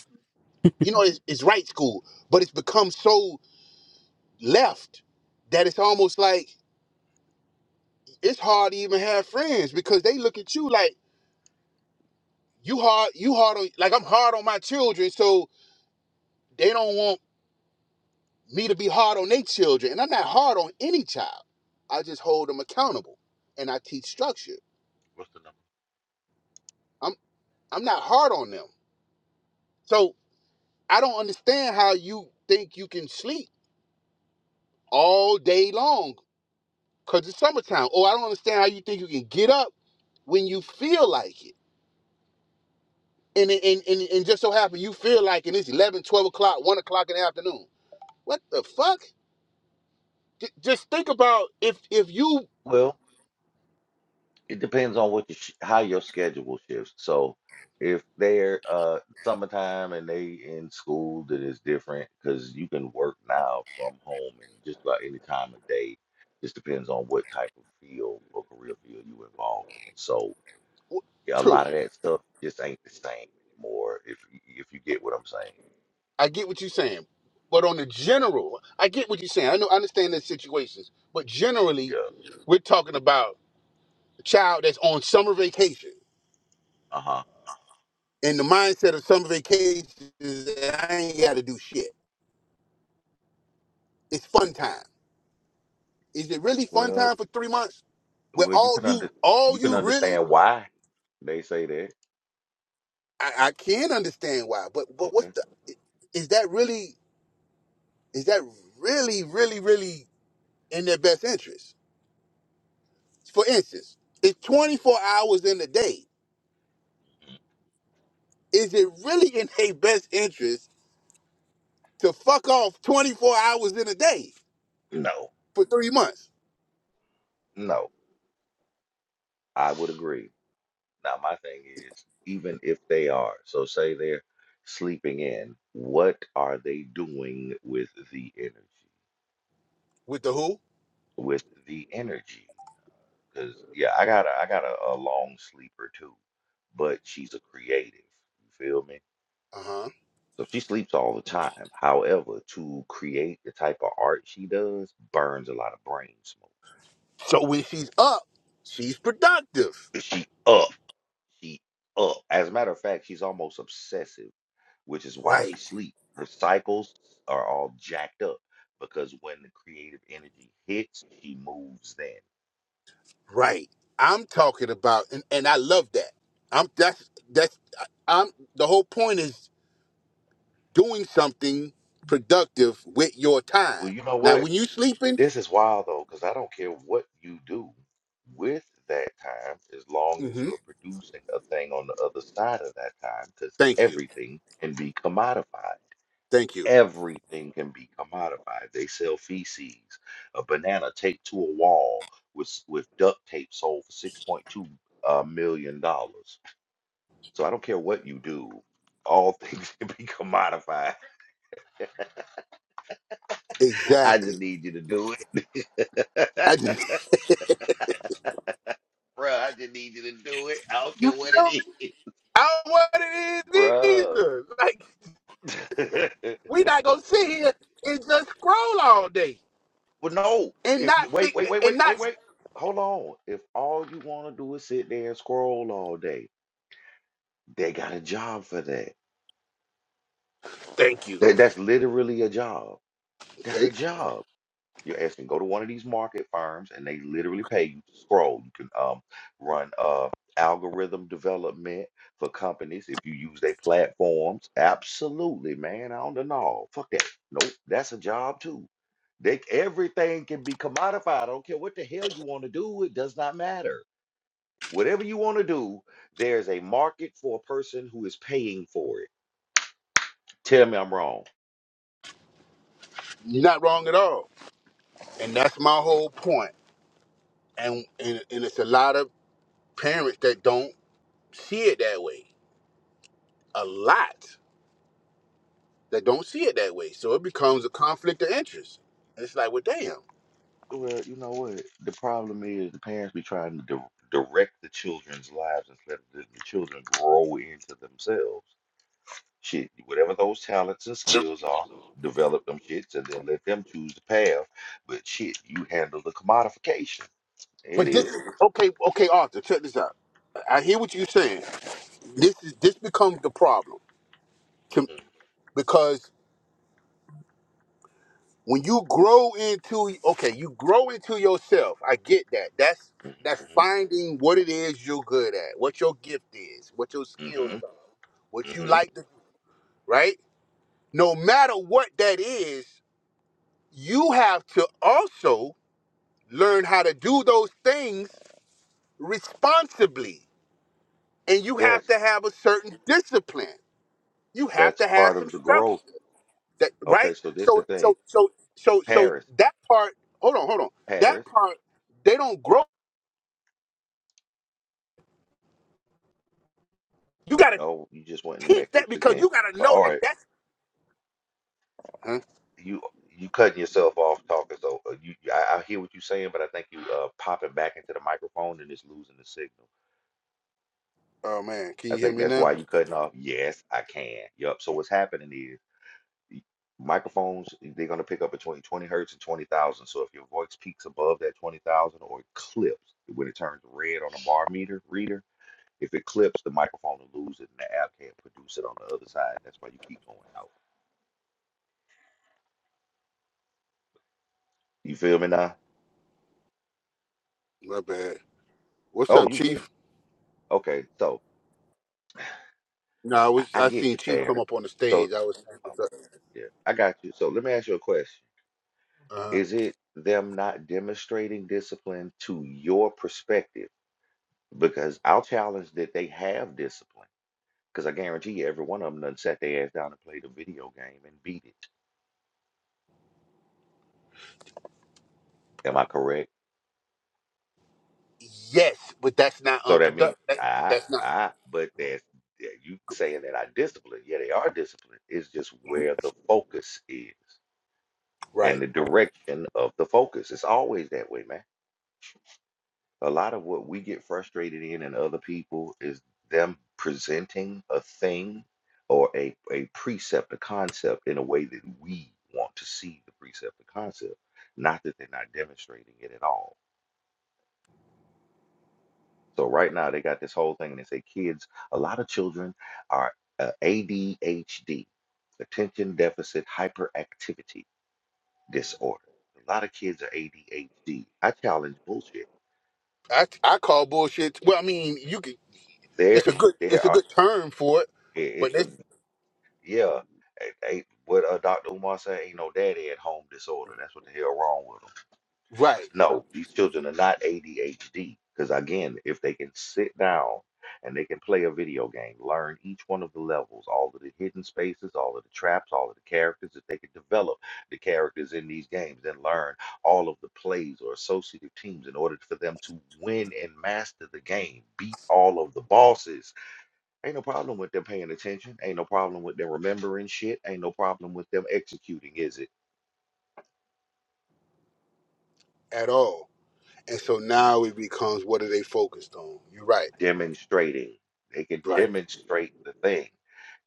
[SPEAKER 2] You know, it's, it's right school, but it's become so left that it's almost like it's hard to even have friends because they look at you like you hard, you hard on like I'm hard on my children, so they don't want me to be hard on their children, and I'm not hard on any child. I just hold them accountable, and I teach structure.
[SPEAKER 1] What's the
[SPEAKER 2] I'm I'm not hard on them, so. I don't understand how you think you can sleep all day long because it's summertime. Or I don't understand how you think you can get up when you feel like it. And and, and, and just so happen you feel like it, it's 11, 12 o'clock, 1 o'clock in the afternoon. What the fuck? J- just think about if if you
[SPEAKER 1] number? it depends on what your sh how your schedule shifts. So if they're uh summertime and they in school, then it's different because you can work now from home and just about any time of day. Just depends on what type of field or career field you involved in. So yeah, a
[SPEAKER 2] true,
[SPEAKER 1] lot of that stuff just ain't the same anymore. If y- if you get what I'm saying,
[SPEAKER 2] I get what you're saying. But on the general, I get what you're saying. I know I understand the situations, but generally,
[SPEAKER 1] yeah,
[SPEAKER 2] we're talking about a child that's on summer vacation.
[SPEAKER 1] uh huh.
[SPEAKER 2] And the mindset of some vacations is that I ain't got to do shit. It's fun time. Is it really fun
[SPEAKER 1] Well,
[SPEAKER 2] time for three months? with
[SPEAKER 1] well, you
[SPEAKER 2] all
[SPEAKER 1] can
[SPEAKER 2] you,
[SPEAKER 1] under you
[SPEAKER 2] all
[SPEAKER 1] can
[SPEAKER 2] you really,
[SPEAKER 1] understand why they say that.
[SPEAKER 2] I, I can understand why, but but what's
[SPEAKER 1] Okay,
[SPEAKER 2] the? Is that really? Is that really, really, really in their best interest? For instance, it's 24 hours in the day. Is it really in their best interest to fuck off 24 hours in a day
[SPEAKER 1] no,
[SPEAKER 2] for three months
[SPEAKER 1] no, I would agree. Now, my thing is, even if they are, so say they're sleeping in, what are they doing with the energy?
[SPEAKER 2] with the who?
[SPEAKER 1] With the energy, because yeah, I got a I got a, a long sleeper too, but she's a creative. You feel me?
[SPEAKER 2] Uh huh.
[SPEAKER 1] So she sleeps all the time. However, to create the type of art she does burns a lot of brain smoke.
[SPEAKER 2] So when she's up, she's productive
[SPEAKER 1] She up. She up. As a matter of fact, she's almost obsessive, which is why she
[SPEAKER 2] Right,
[SPEAKER 1] sleep. Her cycles are all jacked up because when the creative energy hits, she moves then.
[SPEAKER 2] right. I'm talking about, and, and I love that. I'm that's that's I'm the whole point is doing something productive with your
[SPEAKER 1] Well,
[SPEAKER 2] time.
[SPEAKER 1] you know
[SPEAKER 2] Now,
[SPEAKER 1] what?
[SPEAKER 2] when you sleeping,
[SPEAKER 1] This is wild though, because I don't care what you do with that time, as long as
[SPEAKER 2] hmm
[SPEAKER 1] you're producing a thing on the other side of that time, because
[SPEAKER 2] thank you,
[SPEAKER 1] everything can be commodified.
[SPEAKER 2] thank you,
[SPEAKER 1] Everything can be commodified. They sell feces. A banana taped to a wall with s- with duct tape sold for six point two uh, million dollars. So I don't care what you do. All things can be commodified. I just
[SPEAKER 2] exactly.
[SPEAKER 1] need you to do it.
[SPEAKER 2] I just,
[SPEAKER 1] Bruh, I just need you to do it. I don't care
[SPEAKER 2] you
[SPEAKER 1] what
[SPEAKER 2] know,
[SPEAKER 1] it is.
[SPEAKER 2] I don't want it
[SPEAKER 1] Bruh.
[SPEAKER 2] either. Like we not gonna sit here and just scroll all day
[SPEAKER 1] well, no.
[SPEAKER 2] and not
[SPEAKER 1] If wait,
[SPEAKER 2] think
[SPEAKER 1] wait, wait,
[SPEAKER 2] and
[SPEAKER 1] wait, wait,
[SPEAKER 2] not.
[SPEAKER 1] wait. Hold on. If all you want to do is sit there and scroll all day, they got a job for that.
[SPEAKER 2] Thank you.
[SPEAKER 1] That, that's literally a job. That's a
[SPEAKER 2] Okay,
[SPEAKER 1] job. You're asking go to one of these market firms and they literally pay you to scroll. You can um run uh algorithm development for companies if you use their platforms. Absolutely, man. I don't know. Fuck that. Nope. That's a job too. They everything can be commodified. I don't care what the hell you want to do, it does not matter. Whatever you want to do, there's a market for a person who is paying for it. Tell me I'm wrong.
[SPEAKER 2] you're not wrong at all, and that's my whole point. And and, and it's a lot of parents that don't see it that way. A lot that don't see it that way. So it becomes a conflict of interest. And It's like, well, damn.
[SPEAKER 1] Well, you know what? The problem is the parents be trying to di direct the children's lives instead of the, the children grow into themselves. Shit, whatever those talents and skills are, develop them shits and then let them choose the path. But shit, you handle the commodification. It
[SPEAKER 2] But this,
[SPEAKER 1] is.
[SPEAKER 2] okay, okay, Arthur, check this out. I hear what you're saying. This is this becomes the problem to,
[SPEAKER 1] Mm-hmm,
[SPEAKER 2] because when you grow into okay, you grow into yourself. I get that. That's that's
[SPEAKER 1] mm-hmm,
[SPEAKER 2] finding what it is you're good at, what your gift is, what your skills
[SPEAKER 1] mm-hmm,
[SPEAKER 2] are, what you
[SPEAKER 1] mm-hmm.
[SPEAKER 2] like to do, right? No matter what that is, you have to also learn how to do those things responsibly. And you have
[SPEAKER 1] Yes,
[SPEAKER 2] to have a certain discipline. You have
[SPEAKER 1] that's a
[SPEAKER 2] to have
[SPEAKER 1] part
[SPEAKER 2] some
[SPEAKER 1] of the
[SPEAKER 2] structure.
[SPEAKER 1] growth.
[SPEAKER 2] That right?
[SPEAKER 1] Okay, so this the
[SPEAKER 2] So
[SPEAKER 1] thing.
[SPEAKER 2] so so so so
[SPEAKER 1] Paris,
[SPEAKER 2] that part, hold on, hold on. That
[SPEAKER 1] Paris.
[SPEAKER 2] part, they don't grow. You gotta
[SPEAKER 1] Oh, you just went in the
[SPEAKER 2] teach that
[SPEAKER 1] matrix
[SPEAKER 2] because
[SPEAKER 1] again.
[SPEAKER 2] you gotta know
[SPEAKER 1] All
[SPEAKER 2] that
[SPEAKER 1] right.
[SPEAKER 2] that's Huh?
[SPEAKER 1] you you cutting yourself off talking. So uh, you, I, I hear what you're saying, but I think you uh popping back into the microphone and it's losing the signal.
[SPEAKER 2] Oh man, can
[SPEAKER 1] I
[SPEAKER 2] you hear
[SPEAKER 1] think
[SPEAKER 2] me
[SPEAKER 1] that's
[SPEAKER 2] now?
[SPEAKER 1] why you cutting off. Yes, I can. Yup. So what's happening is y- microphones they're gonna pick up between 20 hertz and 20,000. So if your voice peaks above that 20,000 or it clips when it turns red on a bar meter reader, if it clips, the microphone will lose it and the app can't produce it on the other side. That's why you keep going out. You feel me now?
[SPEAKER 2] My bad. What's
[SPEAKER 1] Oh,
[SPEAKER 2] up,
[SPEAKER 1] you good?
[SPEAKER 2] Chief?
[SPEAKER 1] Okay, so
[SPEAKER 2] No, I
[SPEAKER 1] I,
[SPEAKER 2] was
[SPEAKER 1] I
[SPEAKER 2] I
[SPEAKER 1] get
[SPEAKER 2] seen
[SPEAKER 1] you,
[SPEAKER 2] Chief come
[SPEAKER 1] Paris.
[SPEAKER 2] up on the
[SPEAKER 1] So,
[SPEAKER 2] stage. I was saying
[SPEAKER 1] oh,
[SPEAKER 2] what's up.
[SPEAKER 1] yeah, I got you. So let me ask you a question.
[SPEAKER 2] Uh-huh.
[SPEAKER 1] Is it them not demonstrating discipline to your perspective? Because I'll challenge that they have discipline. Because I guarantee you, every one of them done sat their ass down and played a video game and beat it. Am I correct?
[SPEAKER 2] Yes, but that's not
[SPEAKER 1] So that means
[SPEAKER 2] unproductive. That,
[SPEAKER 1] I,
[SPEAKER 2] That's not.
[SPEAKER 1] I, but that's yeah, you saying that I discipline. Yeah, they are disciplined. It's just where the focus is
[SPEAKER 2] Right.
[SPEAKER 1] and the direction of the focus. It's always that way, man. a lot of what we get frustrated in and other people is them presenting a thing or a, a precept, a concept in a way that we want to see the precept, the concept, not that they're not demonstrating it at all. So right now they got this whole thing and they say kids, a lot of children are uh, ADHD, attention deficit hyperactivity disorder. A lot of kids are ADHD. I challenge bullshit.
[SPEAKER 2] I I call bullshit. Well, I mean, you could.
[SPEAKER 1] There,
[SPEAKER 2] It's a good.
[SPEAKER 1] there
[SPEAKER 2] It's a
[SPEAKER 1] are.
[SPEAKER 2] good term for it,
[SPEAKER 1] i-
[SPEAKER 2] but
[SPEAKER 1] It's a
[SPEAKER 2] it's
[SPEAKER 1] Yeah, ain't, ain't what uh, Dr. Umar said, ain't no daddy at home disorder. That's what the hell wrong with them.
[SPEAKER 2] right
[SPEAKER 1] No, these children are not ADHD. Because again, if they can sit down and they can play a video game, learn each one of the levels, all of the hidden spaces, all of the traps, all of the characters, if they can develop the characters in these games and learn all of the plays or associative teams in order for them to win and master the game, beat all of the bosses Ain't no problem with them paying attention. Ain't no problem with them remembering shit. Ain't no problem with them executing, is it?
[SPEAKER 2] at all. And so now it becomes what are they focused on? You're right.
[SPEAKER 1] Demonstrating. They can
[SPEAKER 2] Right.
[SPEAKER 1] demonstrate the thing.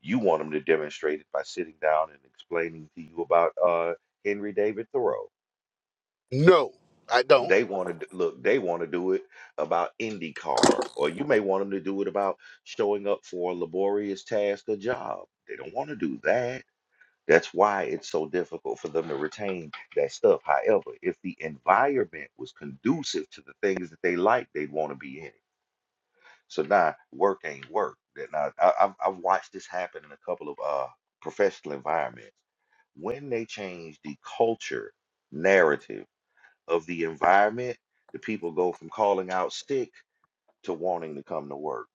[SPEAKER 1] You want them to demonstrate it by sitting down and explaining to you about uh, Henry David Thoreau.
[SPEAKER 2] No, I don't.
[SPEAKER 1] They want to look. They want to do it about IndyCar, or you may want them to do it about showing up for a laborious task or job. They don't want to do that. That's why it's so difficult for them to retain that stuff. However, if the environment was conducive to the things that they like, they'd want to be in it. So now work ain't work. That now I, I've, I've watched this happen in a couple of uh, professional environments. When they change the culture narrative of the environment, the people go from calling out sick to wanting to come to work.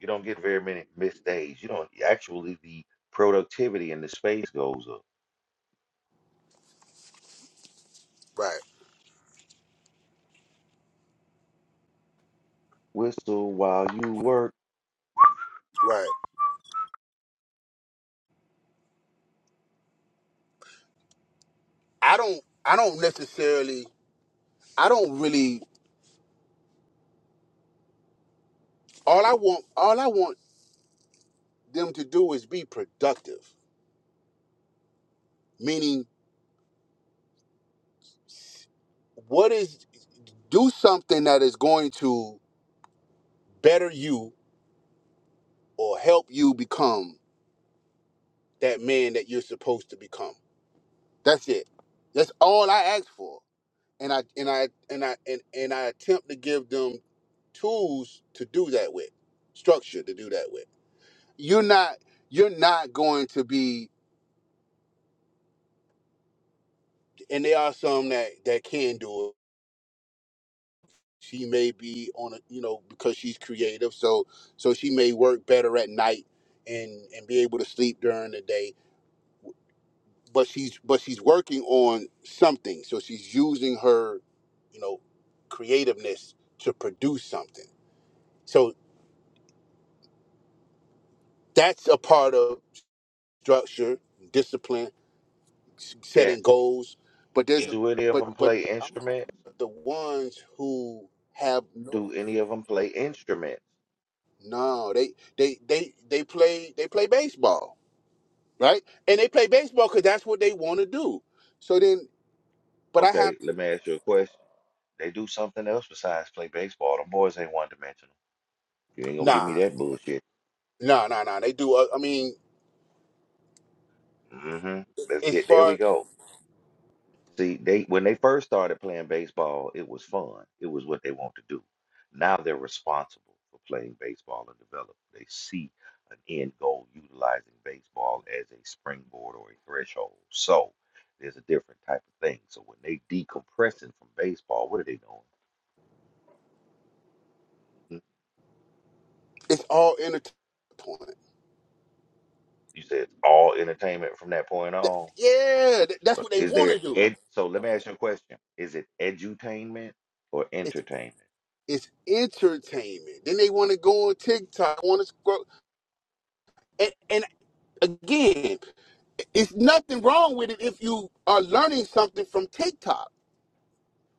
[SPEAKER 1] You don't get very many missed days. You don't actually the productivity in the space goes up
[SPEAKER 2] Right.
[SPEAKER 1] Whistle while you work.
[SPEAKER 2] Right. I don't. I don't necessarily. I don't really. All I want. All I want them to do is be productive. Meaning, what is do something that is going to better you or help you become that man that you're supposed to become. That's it. That's all I ask for. And I and I and I and, and I attempt to give them tools to do that with, structure to do that with. You're not you're not going to be and there are some that that can do it. She may be on a you know, because she's creative, so so she may work better at night and and be able to sleep during the day but she's but she's working on something so she's using her you know creativeness to produce something so that's a part of structure discipline s-
[SPEAKER 1] Yes.
[SPEAKER 2] setting goals but there's a, Yeah.
[SPEAKER 1] Do any of
[SPEAKER 2] but
[SPEAKER 1] them
[SPEAKER 2] but
[SPEAKER 1] play
[SPEAKER 2] i'm talking
[SPEAKER 1] instruments?
[SPEAKER 2] about the ones who have no
[SPEAKER 1] Do any of them play instruments?
[SPEAKER 2] no they they they they play they play baseball right and they play baseball because that's what they want to do so then but i
[SPEAKER 1] Okay,
[SPEAKER 2] have
[SPEAKER 1] let
[SPEAKER 2] to
[SPEAKER 1] me ask you a question. They do something else besides play baseball. Them boys ain't one dimensional. You ain't gonna give me
[SPEAKER 2] nah
[SPEAKER 1] that bullshit.
[SPEAKER 2] nah nah nah they do uh, i mean
[SPEAKER 1] Mm-hmm. Let's
[SPEAKER 2] as
[SPEAKER 1] get there.
[SPEAKER 2] far.
[SPEAKER 1] We go. See, they when they first started playing baseball, it was fun. It was what they want to do. Now they're responsible for playing baseball and develop. They see an end goal utilizing baseball as a springboard or a threshold. So there's a different type of thing. So when they decompressing from baseball, what are they doing? Mhm.
[SPEAKER 2] It's all entertainment.
[SPEAKER 1] You said it's all entertainment from that point on.
[SPEAKER 2] Yeah, th- that's
[SPEAKER 1] Uh,
[SPEAKER 2] what they
[SPEAKER 1] Is
[SPEAKER 2] want
[SPEAKER 1] there
[SPEAKER 2] to do.
[SPEAKER 1] ed? So let me ask you a question: Is it edutainment or
[SPEAKER 2] It's
[SPEAKER 1] entertainment?
[SPEAKER 2] it's entertainment. Then they want to go on TikTok, want to scroll, and and again, it's nothing wrong with it if you are learning something from TikTok.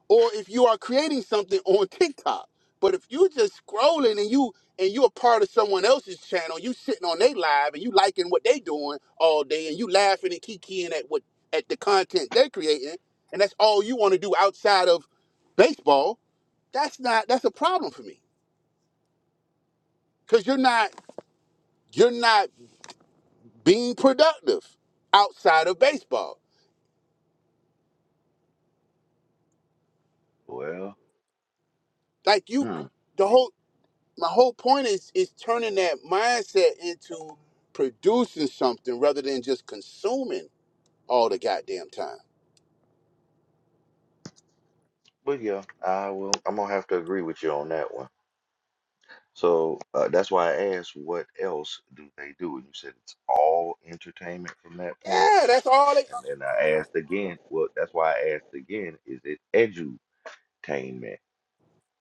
[SPEAKER 2] or if you are creating something on TikTok. But if you just scrolling and you and you're a part of someone else's channel, you sitting on their live and you liking what they doing all day and you laughing and kikiing at what at the content they're creating, and that's all you want to do outside of baseball, that's not that's a problem for me. Cause you're not you're not being productive outside of baseball.
[SPEAKER 1] Well.
[SPEAKER 2] Like you
[SPEAKER 1] hmm.
[SPEAKER 2] the whole my whole point is is turning that mindset into producing something rather than just consuming all the goddamn time.
[SPEAKER 1] But yeah, I will. I'm gonna have to agree with you on that one. So uh, that's why I asked, what else do they do? And you said it's all entertainment from that point.
[SPEAKER 2] Yeah, that's all it.
[SPEAKER 1] And then I asked again. Well, that's why I asked again. Is it edutainment?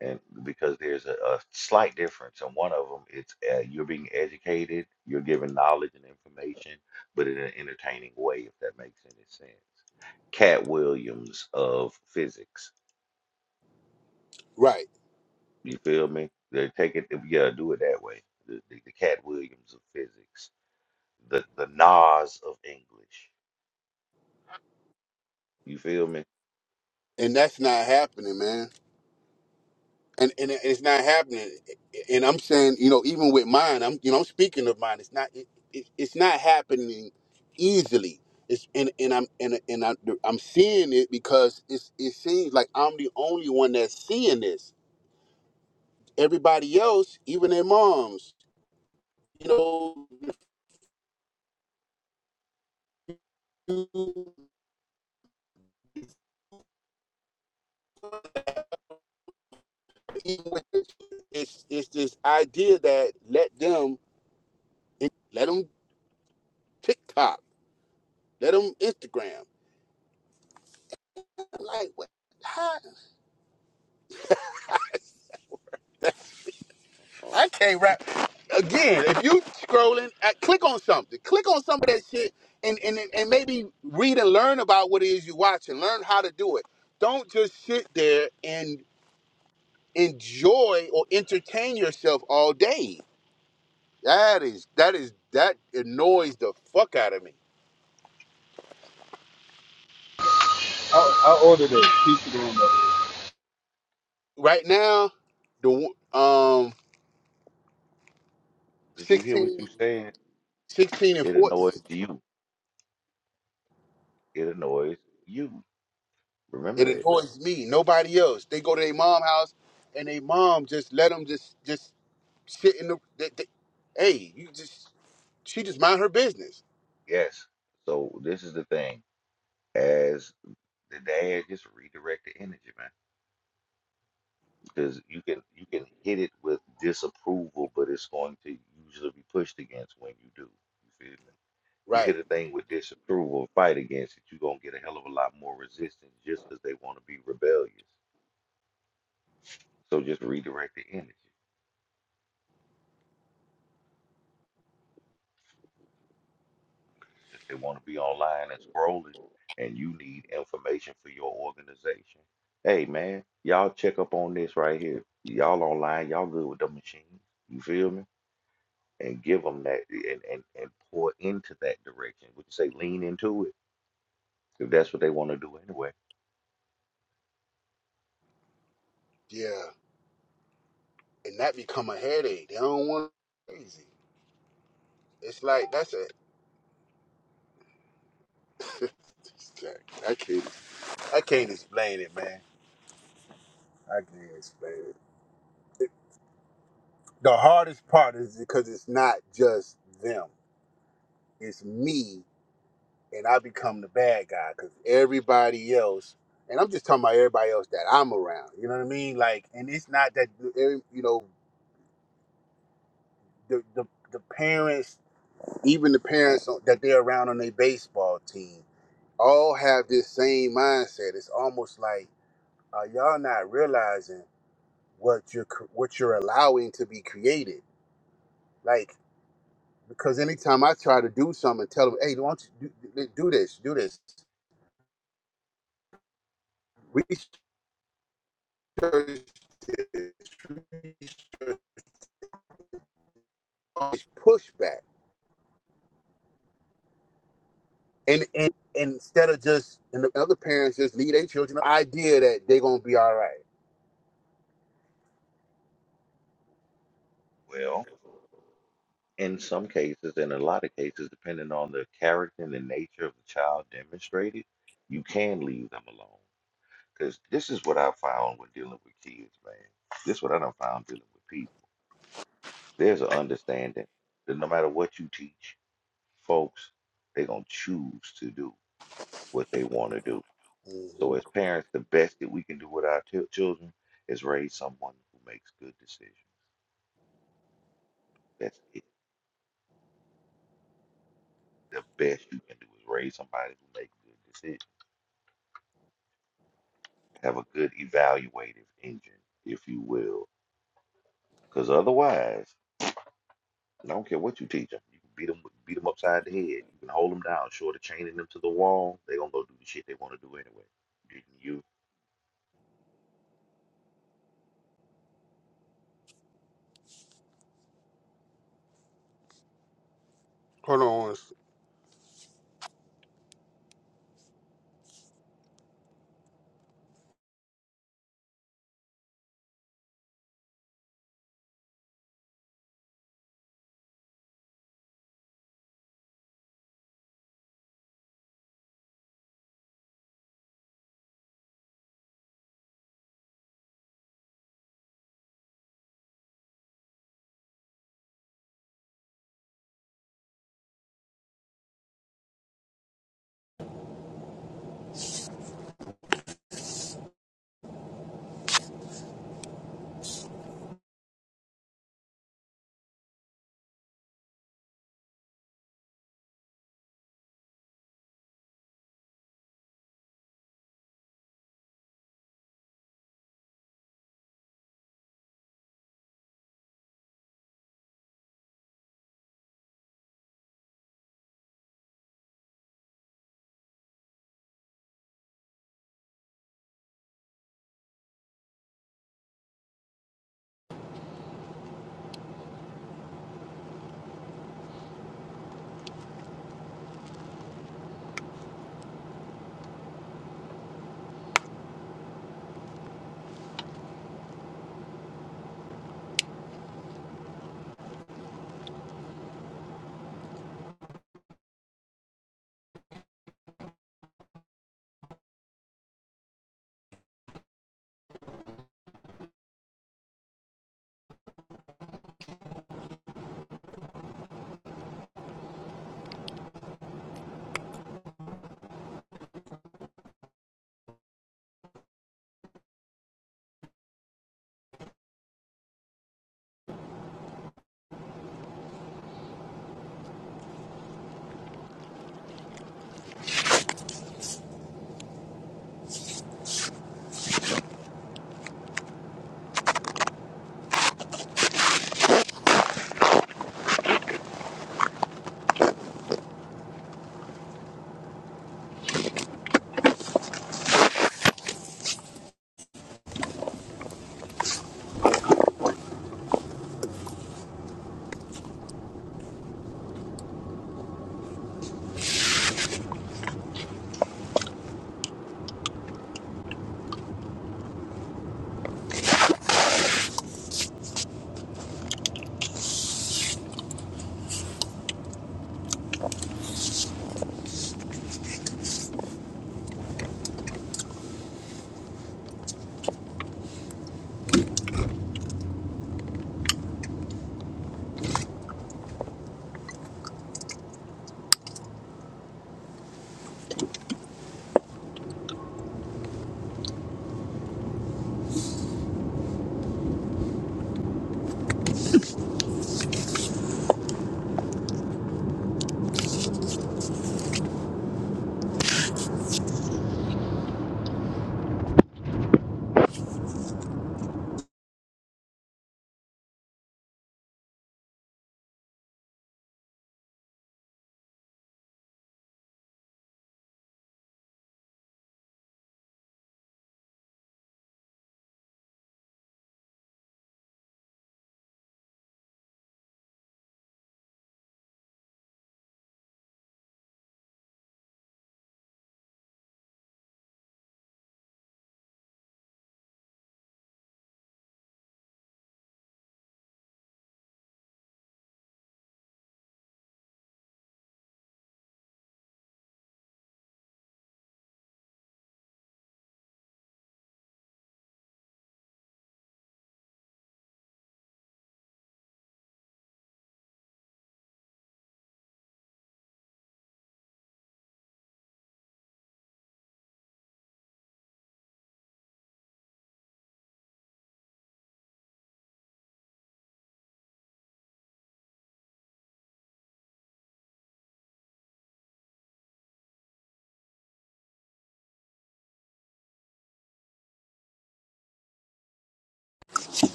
[SPEAKER 1] And because there's a, a slight difference. And one of them, it's uh, you're being educated, you're given knowledge and information, but in an entertaining way, if that makes any sense. Cat Williams of physics.
[SPEAKER 2] Right,
[SPEAKER 1] You feel me? They take it, yeah, do it that way. The, the, the Cat Williams of physics, the the Nas of English. You feel me?
[SPEAKER 2] and that's not happening, man. And and it- it's not happening. And I'm saying, you know, even with mine, I'm you know I'm speaking of mine. It's not it, it, it's not happening easily. It's and and I'm and and I, I'm seeing it because it's it seems like I'm the only one that's seeing this. Everybody else, even their moms, you know, even with this, it's it's this idea that let them let them TikTok, let them Instagram. I'm like, what? How? I can't rap. Again, if you scrolling, uh, click on something. Click on some of that shit, and, and and maybe read and learn about what it is you watching. Learn how to do it. Don't just sit there and enjoy or entertain yourself all day. That is that is that annoys the fuck out of me.
[SPEAKER 4] I, I ordered a pizza doing that.
[SPEAKER 2] right now, the um
[SPEAKER 1] Did you hear what
[SPEAKER 2] 16,
[SPEAKER 1] you said?
[SPEAKER 2] 16 and
[SPEAKER 1] It
[SPEAKER 2] 14,
[SPEAKER 1] annoys you. It annoys you. Remember
[SPEAKER 2] it
[SPEAKER 1] that.
[SPEAKER 2] annoys me. Nobody else. They go to their mom house, and they mom just let them just just sit in the. They, they, hey, you just she just mind her business,
[SPEAKER 1] Yes. So this is the thing. As the dad, just redirect the energy, man. Because you can you can hit it with disapproval, but it's going to usually be pushed against when you do. You feel me? You
[SPEAKER 2] right?
[SPEAKER 1] hit a thing with disapproval and fight against it, you're gonna get a hell of a lot more resistance just 'cause they want to be rebellious. So just redirect the energy. If they want to be online and scrolling, and you need information for your organization, hey man, y'all check up on this right here. Y'all online, y'all good with the machines. You feel me? And give them that, and and and pour into that direction. Would you say lean into it if that's what they want to do anyway?
[SPEAKER 2] Yeah, and that become a headache. They don't want crazy. It's like that's a. I can't. I can't explain it, man. I can't explain it. The hardest part is because it's not just them. It's me and I become the bad guy because everybody else, and I'm just talking about everybody else that I'm around. You know what I mean? Like, and it's not that every- you know the the, the parents, even the parents on- that they're around on their baseball team, all have this same mindset. It's almost like uh, y'all not realizing what you're cr- what you're allowing to be created. Like, because anytime I try to do something, and tell them, hey, don't you do, do this, do this. research this, research all this pushback. And, and and instead of just, and the other parents just lead their children the idea that they're going to be all right.
[SPEAKER 1] Well. in some cases, in a lot of cases, depending on the character and the nature of the child demonstrated, you can leave them alone. Because this is what I found when dealing with kids, man. This is what I done found dealing with people. There's an understanding that no matter what you teach, folks, they're going to choose to do what they want to do.
[SPEAKER 2] Mm-hmm.
[SPEAKER 1] So, as parents, the best that we can do with our chil- children is raise someone who makes good decisions. That's it. The best you can do is raise somebody who makes good decisions Have a good evaluative engine, if you will. Because otherwise, I don't care what you teach them. You can beat them, beat them upside the head. You can hold them down, short of chaining them to the wall. They're going to go do the shit they want to do anyway. you? can
[SPEAKER 2] Hold on. one s-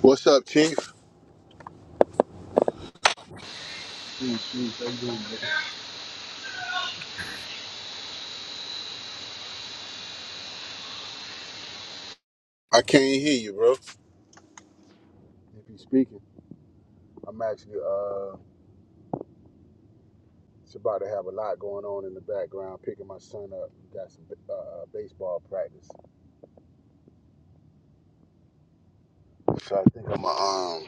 [SPEAKER 2] What's up, Chief?
[SPEAKER 4] Shoot, shoot, I'm doing that.
[SPEAKER 2] I can't hear you, bro. If you speaking, I'm actually, uh, it's about to have a lot going on in the background, picking my son up. Got some uh, baseball practice. So I think I'm going to, um,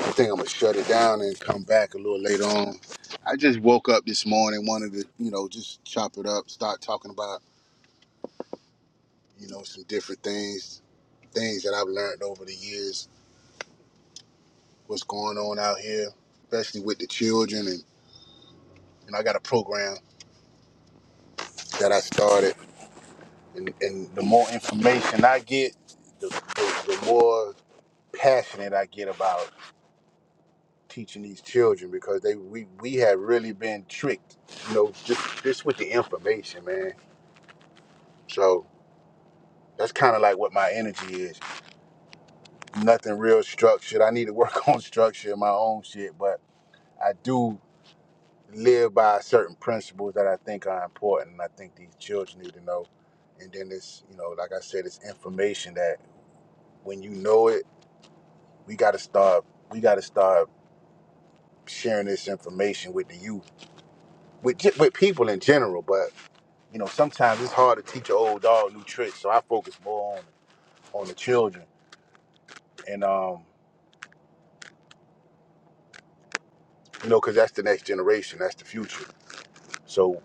[SPEAKER 2] I think I'm gonna shut it down and come back a little later on. I just woke up this morning, wanted to, you know, just chop it up, start talking about, you know, some different things, things that I've learned over the years, what's going on out here, especially with the children. And, and I got a program that I started. And, and the more information I get, the, the, the more passionate I get about teaching these children because they we, we have really been tricked, you know, just, just with the information, man. So, That's kind of like what my energy is. Nothing real structured. I need to work on structure in my own shit, but I do live by certain principles that I think are important. And I think these children need to know. And then it's, you know, like I said, it's information that when you know it, we got to start. We got to start sharing this information with the youth, with ge- with people in general. But you know, sometimes it's hard to teach an old dog new tricks. So I focus more on on the children and um you know because that's the next generation that's the future So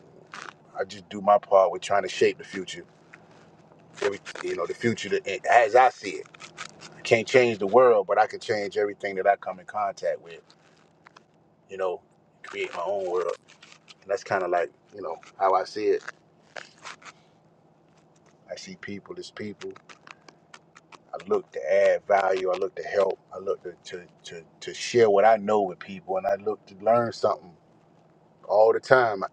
[SPEAKER 2] I just do my part with trying to shape the future. Every, you know, the future that, as I see it. I can't change the world, but I can change everything that I come in contact with. You know, create my own world. And that's kind of like, you know, how I see it. I see people as people. I look to add value. I look to help. I look to, to, to, to share what I know with people. And I look to learn something all the time.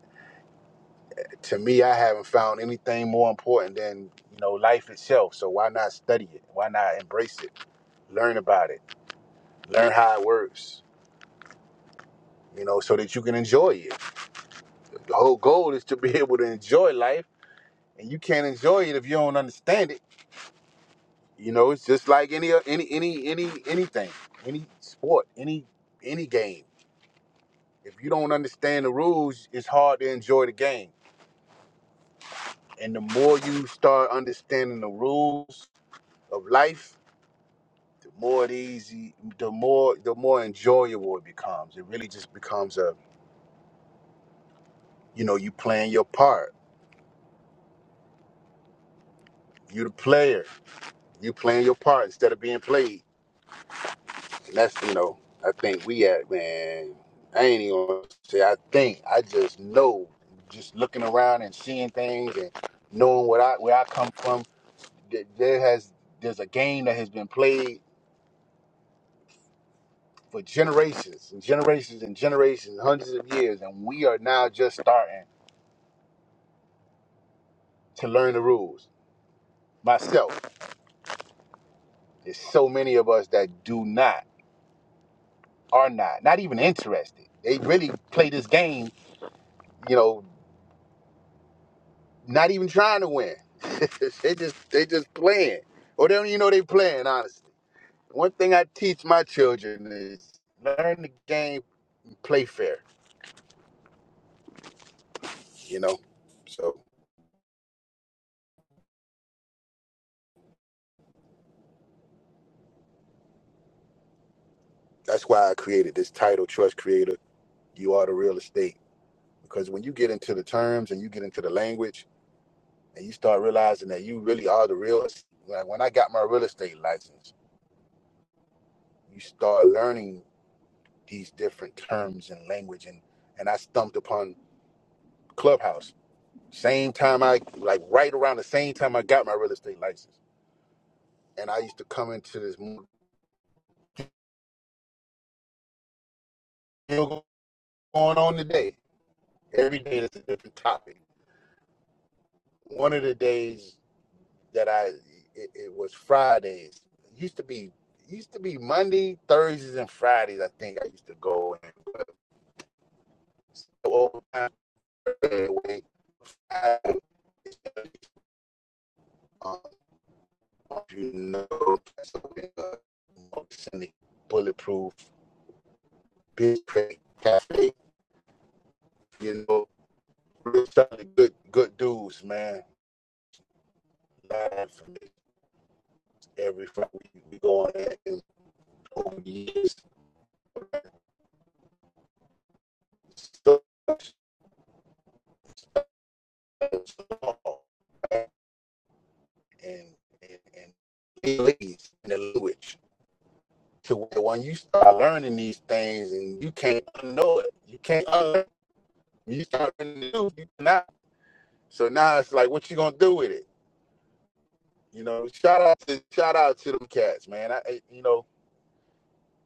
[SPEAKER 2] To me, I haven't found anything more important than, you know, life itself. So why not study it? Why not embrace it? learn about it, learn how it works, you know, so that you can enjoy it. The whole goal is to be able to enjoy life, and you can't enjoy it if you don't understand it. You know, it's just like any uh, any any any anything, any sport, any any game. If you don't understand the rules, it's hard to enjoy the game. And the more you start understanding the rules of life, the more it easy, the more the more enjoyable it becomes. It really just becomes a, you know, you playing your part. You the player You playing your part instead of being played. And that's you know, I think we at man. I ain't even gonna say I think. I just know, just looking around and seeing things and knowing what I where I come from. That there has there's a game that has been played for generations and generations and generations, hundreds of years, and we are now just starting to learn the rules. Myself, there's so many of us that do not, are not, not even interested. They really play this game, you know. not even trying to win. they just they just playing, or they don't even know they playing. Honestly, one thing I teach my children is learn the game, and play fair. You know, so that's why I created this title, Trust Creator. You are the real estate because when you get into the terms and you get into the language and you start realizing that you really are the real. es- Like when I got my real estate license, you start learning these different terms and language and and I stumped upon Clubhouse Same time I like right around the same time I got my real estate license, and I used to come into this mo- still going on today. Every day that's a different topic. One of the days that I it, it was Fridays. It used to be it used to be Monday, Thursdays, and Fridays. I think I used to go and go overtime. Anyway, I, um, you know, that's something, uh, bulletproof, big Craig cafe. You know. real solid, good, good dudes, man. Learn from every Friday. We, we go on that and over the years, so much and and and it leads in the language to where when you start learning these things and you can't unknow it, you can't unlearn. You start learning the truth, you cannot. So now it's like, what you gonna do with it? You know, shout out to shout out to them cats, man. I I- you know.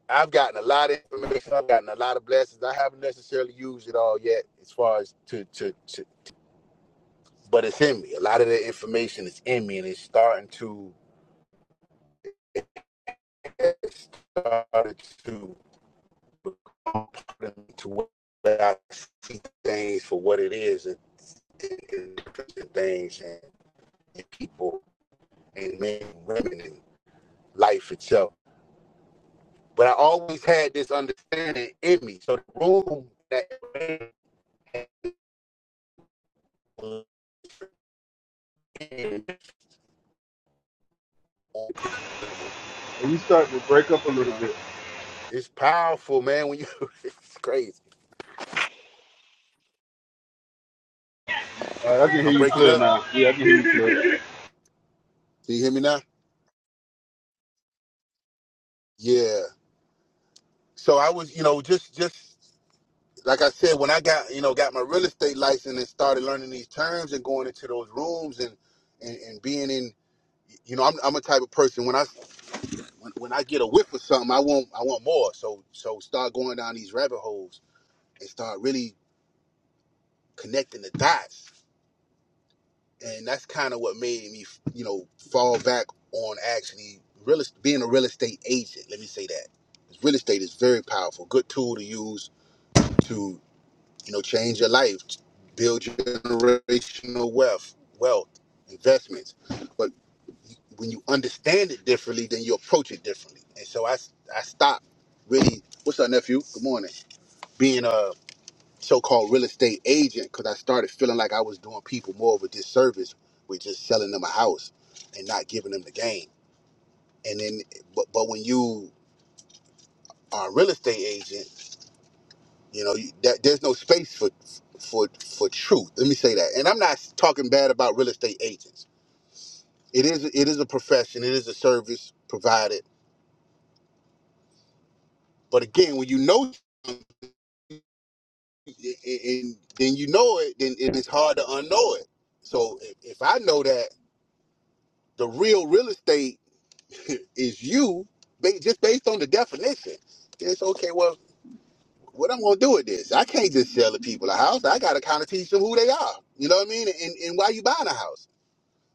[SPEAKER 2] I've gotten a lot of information. I've gotten a lot of blessings. I haven't necessarily used it all yet, as far as to to, to but it's in me. A lot of the information is in me, and it's starting to it's started to become part of me to I see things for what it is, and, and, and things and, and people and men, and women, and life itself. But I always had this understanding in me. So the room that was in
[SPEAKER 4] Are you starting to break up a little bit?
[SPEAKER 2] It's powerful, man. When you, it's crazy.
[SPEAKER 4] Uh, I can hear
[SPEAKER 2] I'm
[SPEAKER 4] you
[SPEAKER 2] breaking
[SPEAKER 4] clear
[SPEAKER 2] up.
[SPEAKER 4] now. Yeah, I can hear you clear.
[SPEAKER 2] Can you hear me now? Yeah. So I was, you know, just just like I said, when I got, you know, got my real estate license and started learning these terms and going into those rooms and and, and being in, you know, I'm, I'm a type of person when I when, when I get a whiff of something, I want I want more. So so start going down these rabbit holes and start really connecting the dots. and that's kind of what made me, you know, fall back on actually real being a real estate agent. Let me say that real estate is very powerful, good tool to use to you know change your life, build your generational wealth, wealth investments. But when you understand it differently, then you approach it differently. And so I, I stopped really. What's up, nephew? Good morning. Being uh so-called real estate agent because I started feeling like I was doing people more of a disservice with just selling them a house and not giving them the game. And then, but but when you are a real estate agent, you know you, that, there's no space for for for truth. Let me say that. And I'm not talking bad about real estate agents. It is it is a profession. It is a service provided. But again, when you know something and and then you know it, then it's hard to unknow it. So if if I know that the real real estate is you ba- just based on the definition. It's okay. Well, what I'm gonna do with this? I can't just sell the people a house. I gotta kind of teach them who they are. You know what I mean? And and why you buying a house?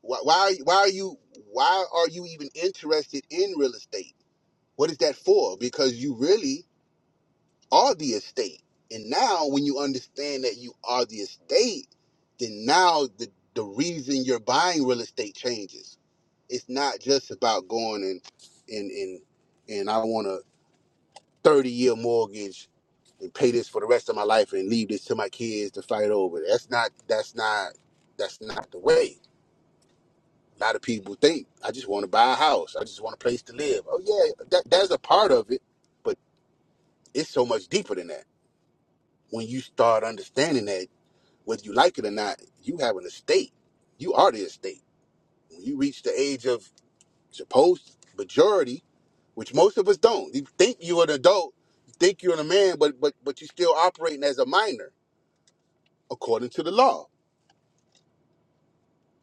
[SPEAKER 2] Why why are you- why are you why are you even interested in real estate? What is that for? Because you really are the estate. And now when you understand that you are the estate, then now the the reason you're buying real estate changes. It's not just about going and and and and I want to 30 year mortgage and pay this for the rest of my life and leave this to my kids to fight over. That's not that's not that's not the way. A lot of people think I just want to buy a house. I just want a place to live. Oh yeah, that that's a part of it, but it's so much deeper than that. When you start understanding that whether you like it or not, you have an estate. You are the estate. When you reach the age of Supposed majority, which most of us don't. You think you're an adult, you think you're a man, but but but you're still operating as a minor according to the law.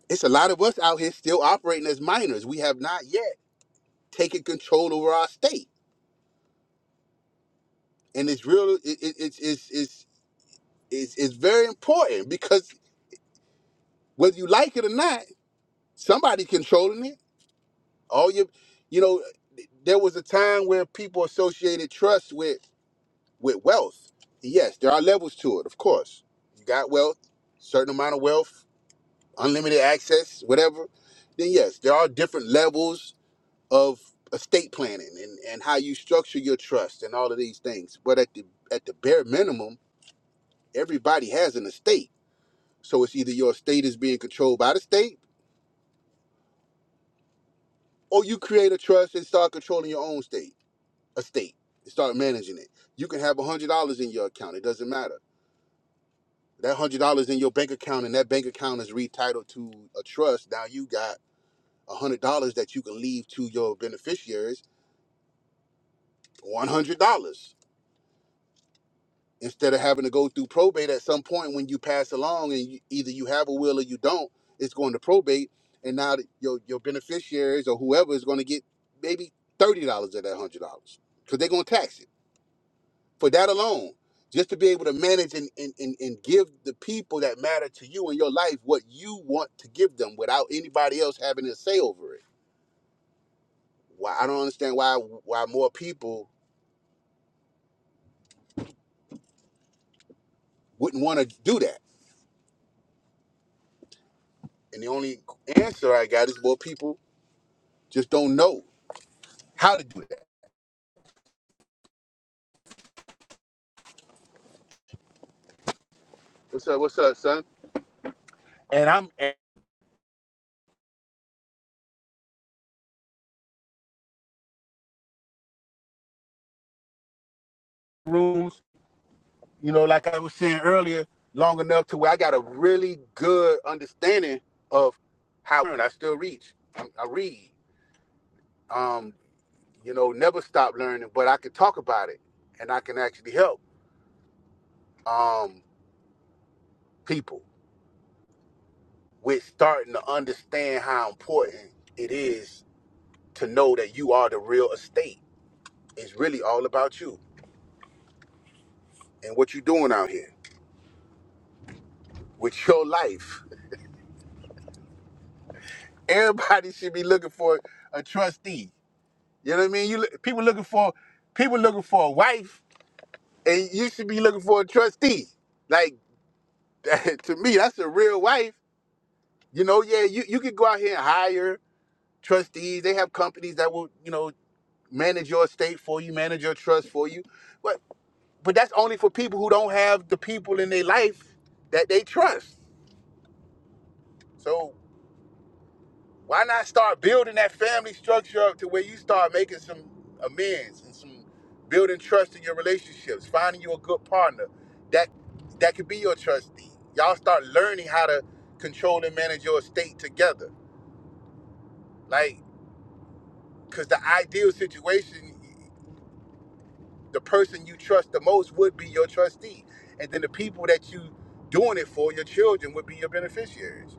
[SPEAKER 2] It's a lot of us out here still operating as minors. We have not yet taken control over our state, and it's real. It, it, it's it's it's it's it's very important because whether you like it or not, somebody controlling it. All your, you know, there was a time where people associated trust with. with wealth, yes, there are levels to it, of course. You got wealth, certain amount of wealth, unlimited access, whatever, then yes, there are different levels of estate planning and, and how you structure your trust and all of these things. But at the at the bare minimum, everybody has an estate. So it's either your estate is being controlled by the state or you create a trust and start controlling your own state estate and start managing it. You can have a hundred dollars in your account. It doesn't matter That hundred dollars in your bank account, and that bank account is retitled to a trust. Now you got a hundred dollars that you can leave to your beneficiaries. One hundred dollars instead of having to go through probate at some point when you pass along, and you, either you have a will or you don't. It's going to probate, and now that your your beneficiaries or whoever is going to get maybe thirty dollars of that hundred dollars because they're going to tax it. for that alone just to be able to manage and, and, and, and give the people that matter to you in your life what you want to give them without anybody else having a say over it why i don't understand why why more people wouldn't want to do that and the only answer i got is more people just don't know how to do that what's up what's up son Rules, you know like i was saying earlier long enough to where i got a really good understanding of how i still reach i, I read Um, you know, never stop learning, but I can talk about it and I can actually help um, people with starting to understand how important it is to know that you are the real estate. It's really all about you and what you're doing out here with your life. Everybody should be looking for a trustee. You know what I mean? You look- people looking for people looking for a wife, and you should be looking for a trustee. Like to me, that's a real wife. You know, yeah, you, you could go out here and hire trustees. They have companies that will, you know, manage your estate for you, manage your trust for you. But but that's only for people who don't have the people in their life that they trust. So why not start building that family structure up to where you start making some amends and some building trust in your relationships, finding you a good partner that that could be your trustee. Y'all start learning how to control and manage your estate together. Like, cause the ideal situation. the person you trust the most would be your trustee. And then the people that you doing it for, your children, would be your beneficiaries.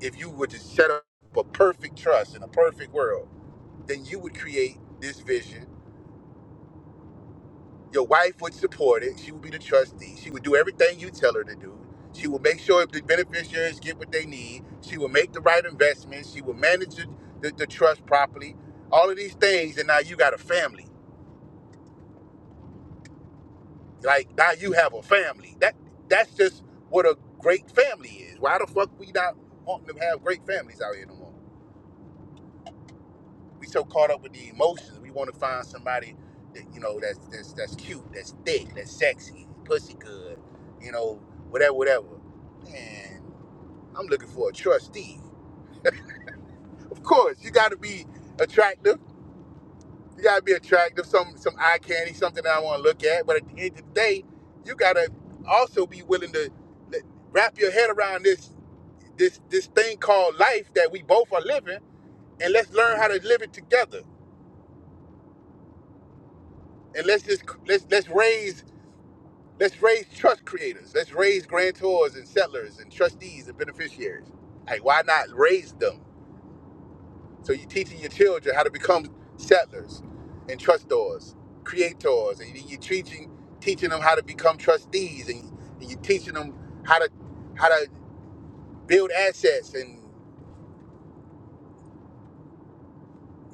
[SPEAKER 2] If you were to set up a perfect trust in a perfect world, then you would create this vision. Your wife would support it. She would be the trustee. She would do everything you tell her to do. She would make sure the beneficiaries get what they need. She would make the right investments. She would manage the, the, the trust properly. All of these things, and now you got a family. Like now you have a family. That that's just what a great family is. Why the fuck we not wanting to have great families out here no more? We so caught up with the emotions. We want to find somebody that you know that's that's that's cute, that's thick, that's sexy, pussy good, you know, whatever, whatever. Man, I'm looking for a trustee. Of course, you got to be attractive You gotta be attractive, some some eye candy, something that I want to look at. But at the end of the day, you gotta also be willing to l- wrap your head around this this this thing called life that we both are living, and let's learn how to live it together. And let's just let's let's raise let's raise trust creators. Let's raise grantors and settlers and trustees and beneficiaries. Like why not raise them? So you're teaching your children how to become settlers and trustors, creators, and you're teaching teaching them how to become trustees, and, and you're teaching them how to how to build assets and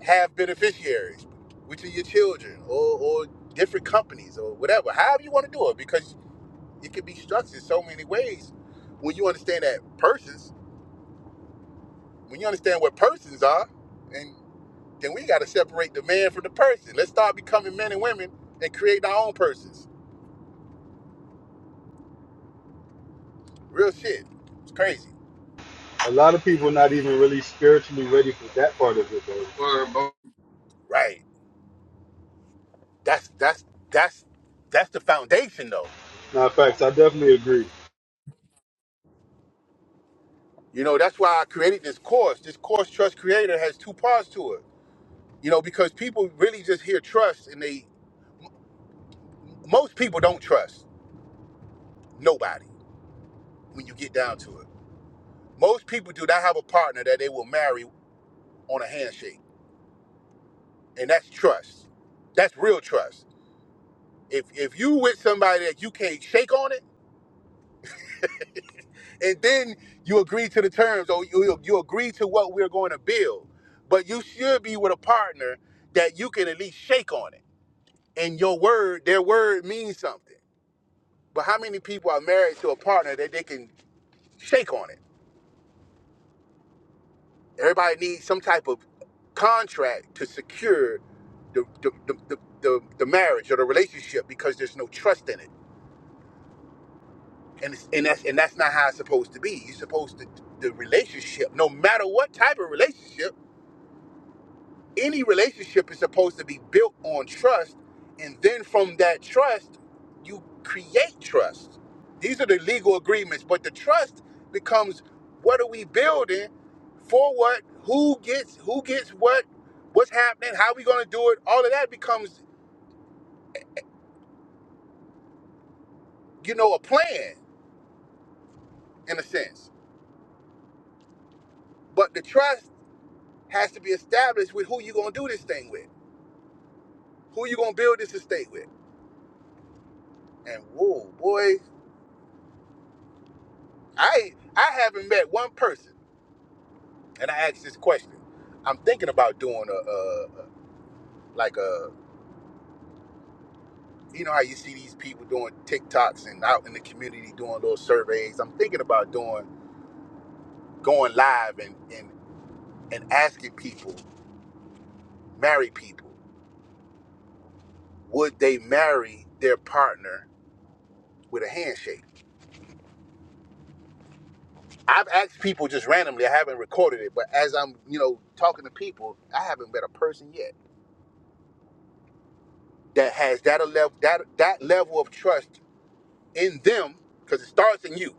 [SPEAKER 2] have beneficiaries, which are your children or, or different companies or whatever. However you want to do it, because it can be structured so many ways. When you understand that persons, when you understand what persons are, and. then we got to separate the man from the person. Let's start becoming men and women and create our own persons. Real shit. It's crazy.
[SPEAKER 4] A lot of people not even really spiritually ready for that part of it, though.
[SPEAKER 2] Right. That's that's that's that's the foundation though.
[SPEAKER 4] Now, facts, I definitely agree.
[SPEAKER 2] You know, that's why I created this course. This course Trust Creator has two parts to it. You know, because people really just hear trust and they most people don't trust nobody when you get down to it. Most people do not have a partner that they will marry on a handshake. And that's trust. That's real trust. If if you with somebody that you can't shake on it, and then you agree to the terms or you you you agree to what we're going to build, but you should be with a partner that you can at least shake on it. And your word, their word means something. But how many people are married to a partner that they can shake on it? Everybody needs some type of contract to secure the the, the, the, the, the marriage or the relationship because there's no trust in it and it's, and that's and that's not how it's supposed to be. You're supposed to the relationship, no matter what type of relationship, any relationship is supposed to be built on trust, and then from that trust, you create trust. These are the legal agreements, but the trust becomes what are we building for what, who gets who gets what, what's happening, how we going to do it. All of that becomes you know a plan in a sense, but the trust has to be established with who you're going to do this thing with Who you gonna build this estate with? And whoa, boy, I I haven't met one person, and I asked this question. I'm thinking about doing a, a, a like a you know how you see these people doing TikToks and out in the community doing little surveys. I'm thinking about doing going live and and and asking people, married people, would they marry their partner with a handshake? I've asked people just randomly. I haven't recorded it, but as I'm you know talking to people, I haven't met a person yet that has that a level that that level of trust in them because it starts in you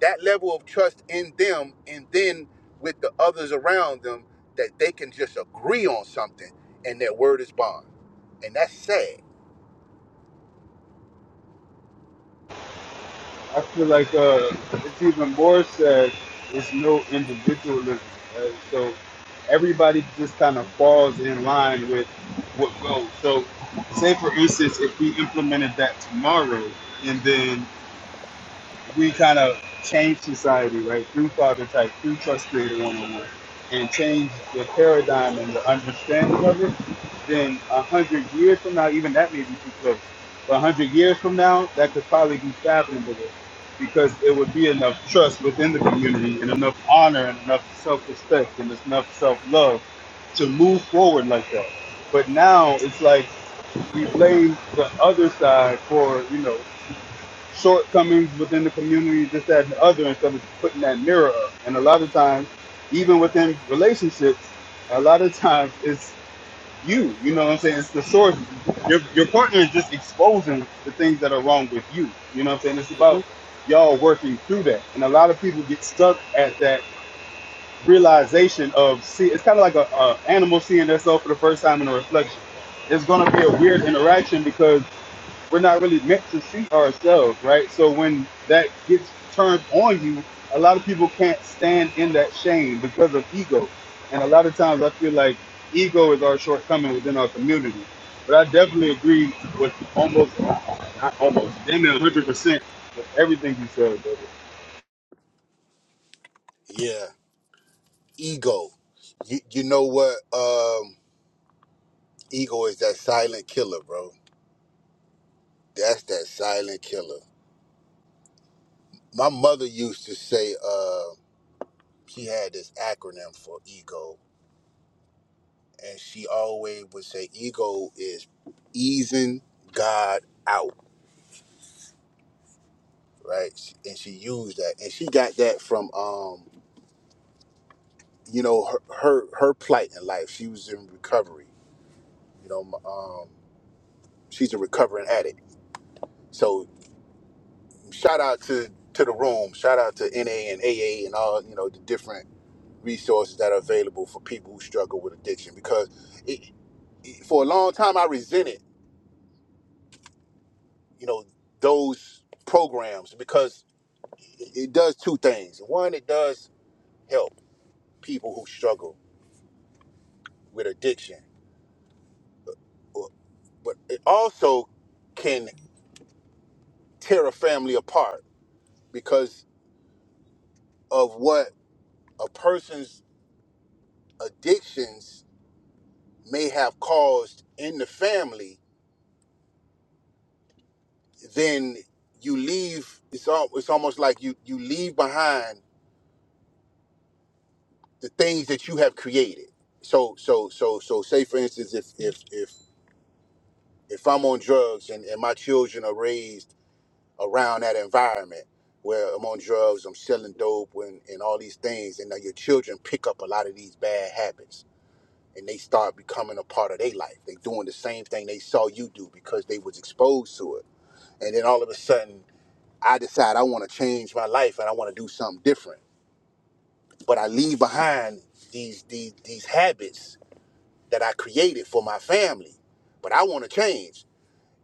[SPEAKER 2] that level of trust in them and then with the others around them that they can just agree on something and their word is bond and that's sad
[SPEAKER 4] I feel like uh, it's even more sad. It's no individualism. Uh, so everybody just kind of falls in line with what goes. So, say for instance, if we implemented that tomorrow, and then we kind of change society, right, through Father Type, through Trust Creator 101, and change the paradigm and the understanding of it, then a hundred years from now, even that may be too close. But a hundred years from now, that could probably be fathomable because it would be enough trust within the community and enough honor and enough self-respect and enough self-love to move forward like that. But now it's like we blame the other side for, you know, shortcomings within the community, this, that, and the other, instead of putting that mirror up. And a lot of times, even within relationships, a lot of times it's you. You know what I'm saying? It's the source. Your your partner is just exposing the things that are wrong with you. You know what I'm saying? It's about
[SPEAKER 2] Mhm.
[SPEAKER 4] y'all working through that. And a lot of people get stuck at that realization of see. It's kind of like a, a animal seeing themselves for the first time in a reflection. It's gonna be a weird interaction because we're not really meant to see ourselves, right? So when that gets turned on you, a lot of people can't stand in that shame because of ego. And a lot of times I feel like ego is our shortcoming within our community. But I definitely agree with almost, not almost, damn near 100% with everything you said, brother.
[SPEAKER 2] yeah ego you, you know what um ego is that silent killer bro that's that silent killer my mother used to say uh she had this acronym for ego and she always would say ego is easing god out right and she used that and she got that from um you know her her, her plight in life she was in recovery you know um she's a recovering addict so shout out to to the room shout out to na and aa and all you know the different resources that are available for people who struggle with addiction because it, it, for a long time i resented you know those programs because it it does two things. One, it does help people who struggle with addiction, or- but it also can tear a family apart because of what a person's addictions may have caused in the family. Then you leave. It's all, It's almost like you you leave behind the things that you have created. So so so so say for instance, if if if if I'm on drugs and, and my children are raised around that environment where I'm on drugs, I'm selling dope, and, and all these things. And now your children pick up a lot of these bad habits and they start becoming a part of their life. They doing the same thing they saw you do because they was exposed to it. And then all of a sudden, I decide I want to change my life and I want to do something different. But I leave behind these these these habits that I created for my family. But I want to change.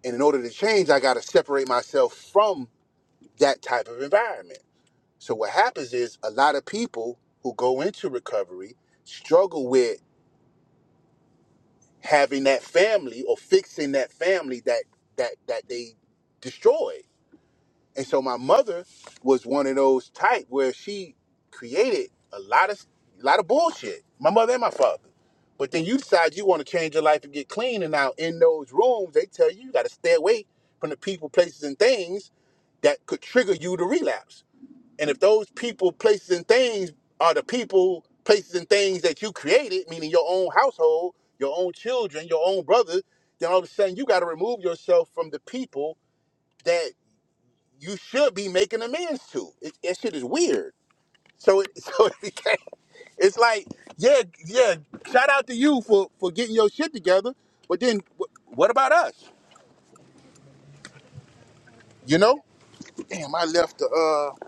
[SPEAKER 2] And in order to change, I got to separate myself from that type of environment. So what happens is a lot of people who go into recovery struggle with having that family or fixing that family that that that they destroyed. And so my mother was one of those type where she created a lot of a lot of bullshit. My mother and my father. But then you decide you want to change your life and get clean, and now in those rooms they tell you you got to stay away from the people, places, and things that could trigger you to relapse. And if those people, places, and things are the people, places, and things that you created, meaning your own household, your own children, your own brother, then all of a sudden you got to remove yourself from the people that you should be making amends to. It, that shit is weird. So it, so it became, it's like, yeah, yeah. Shout out to you for for getting your shit together, but then wh- what about us? You know? Damn, I left the uh.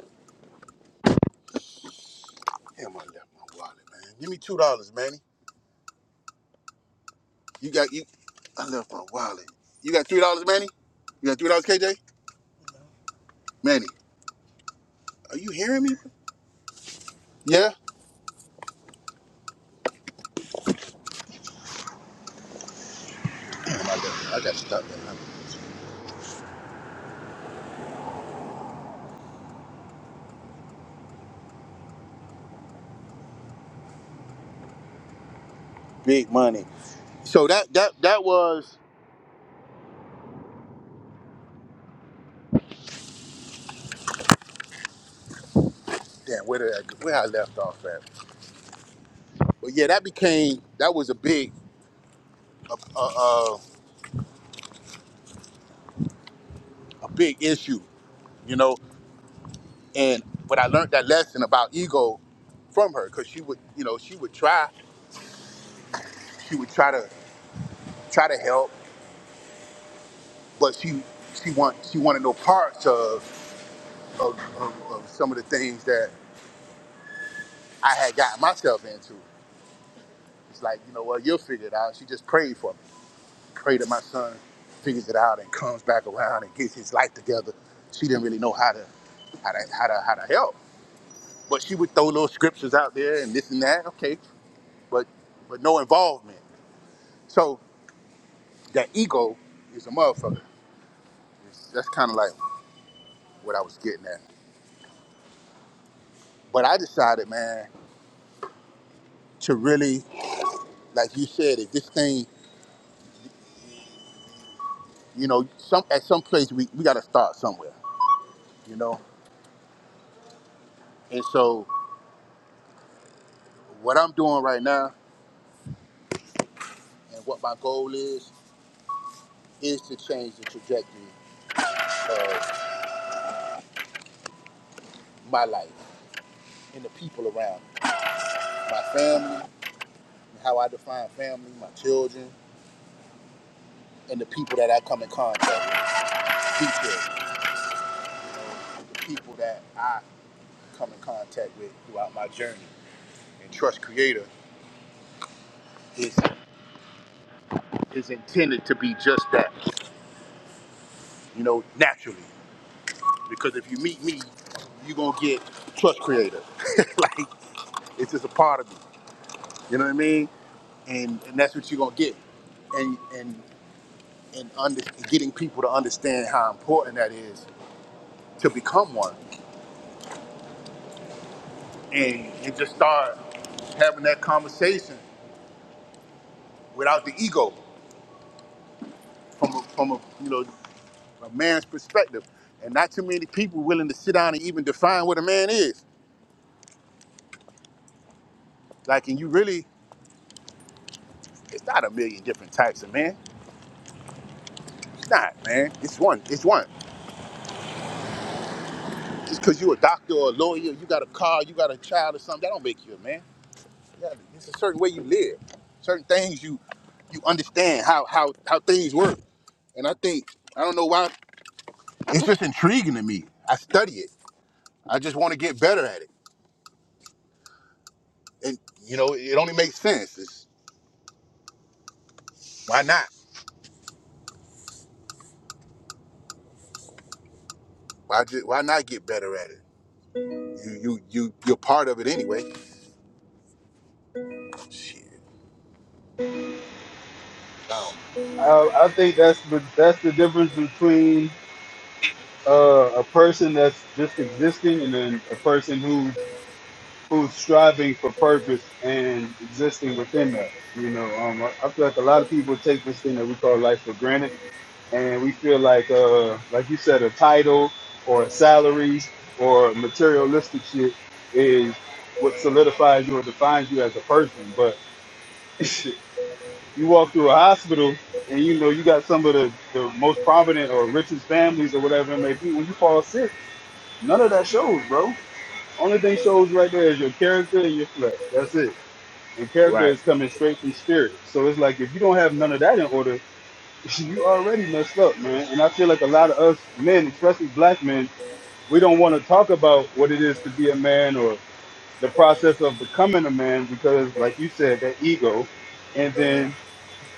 [SPEAKER 2] Damn, I left my wallet, man. Give me two dollars, man. You got you. I left my wallet. You got three dollars, Manny. You got three dollars, KJ. Manny, are you hearing me? Yeah. I got stuck in that big money. So that that that was. Damn, where did I, go- where I left off at? But yeah, that became that was a big a, a, a, a big issue, you know. And but I learned that lesson about ego from her because she would you know she would try she would try to try to help, but she she want she wanted no parts of of, of, of some of the things that I had gotten myself into. It's like, you know what, you'll figure it out. She just prayed for me. Prayed that my son figures it out and comes back around and gets his life together. She didn't really know how to how to how to how to help. But she would throw little scriptures out there and this and that, okay, but but no involvement. So that ego is a motherfucker. It's- That's kind of like what I was getting at. But I decided, man, to really, like you said, if this thing you know, some at some place we, we gotta start somewhere, you know. And so What I'm doing right now and what my goal is is to change the trajectory of my life and the people around me, my family, how I define family, my children, and the people that I come in contact with. These children, you know, the people that I come in contact with throughout my journey. And Trust Creator is is intended to be just that, you know, naturally. Because if you meet me, you're gonna get Trust Creator. like it's just a part of me. You know what I mean? And and that's what you're gonna get. And and and under, getting people to understand how important that is to become one, and and just start having that conversation without the ego from a, from a you know a man's perspective. And not too many people willing to sit down and even define what a man is. Like, and you really, it's not a million different types of man. It's not, man. It's one. It's one. Just because you're a doctor or a lawyer, you got a car, you got a child or something, that don't make you a man. Yeah, it's a certain way you live, certain things you you understand how how how things work. And I think I don't know why it's just intriguing to me. I study it. I just want to get better at it. And you know, it only makes sense. It's, why not? Why just why not get better at it? You you you you're part of it anyway. Shit. I don't know.
[SPEAKER 4] I, I think that's the, that's the difference between uh, a person that's just existing and then a person who's who's striving for purpose and existing within that. You know, um, I I feel like a lot of people take this thing that we call life for granted, and we feel like, uh, like you said, a title or a salary or materialistic shit is what solidifies you or defines you as a person. But you walk through a hospital and you know you got some of the, the most prominent or richest families or whatever it may be. When you fall sick, none of that shows, bro. Only thing shows right there is your character and your flesh. That's it and character
[SPEAKER 2] Right.
[SPEAKER 4] is coming straight from spirit. So it's like if you don't have none of that in order, you already messed up, man. And I feel like a lot of us men, especially black men, we don't want to talk about what it is to be a man or the process of becoming a man because, like you said, that ego. And then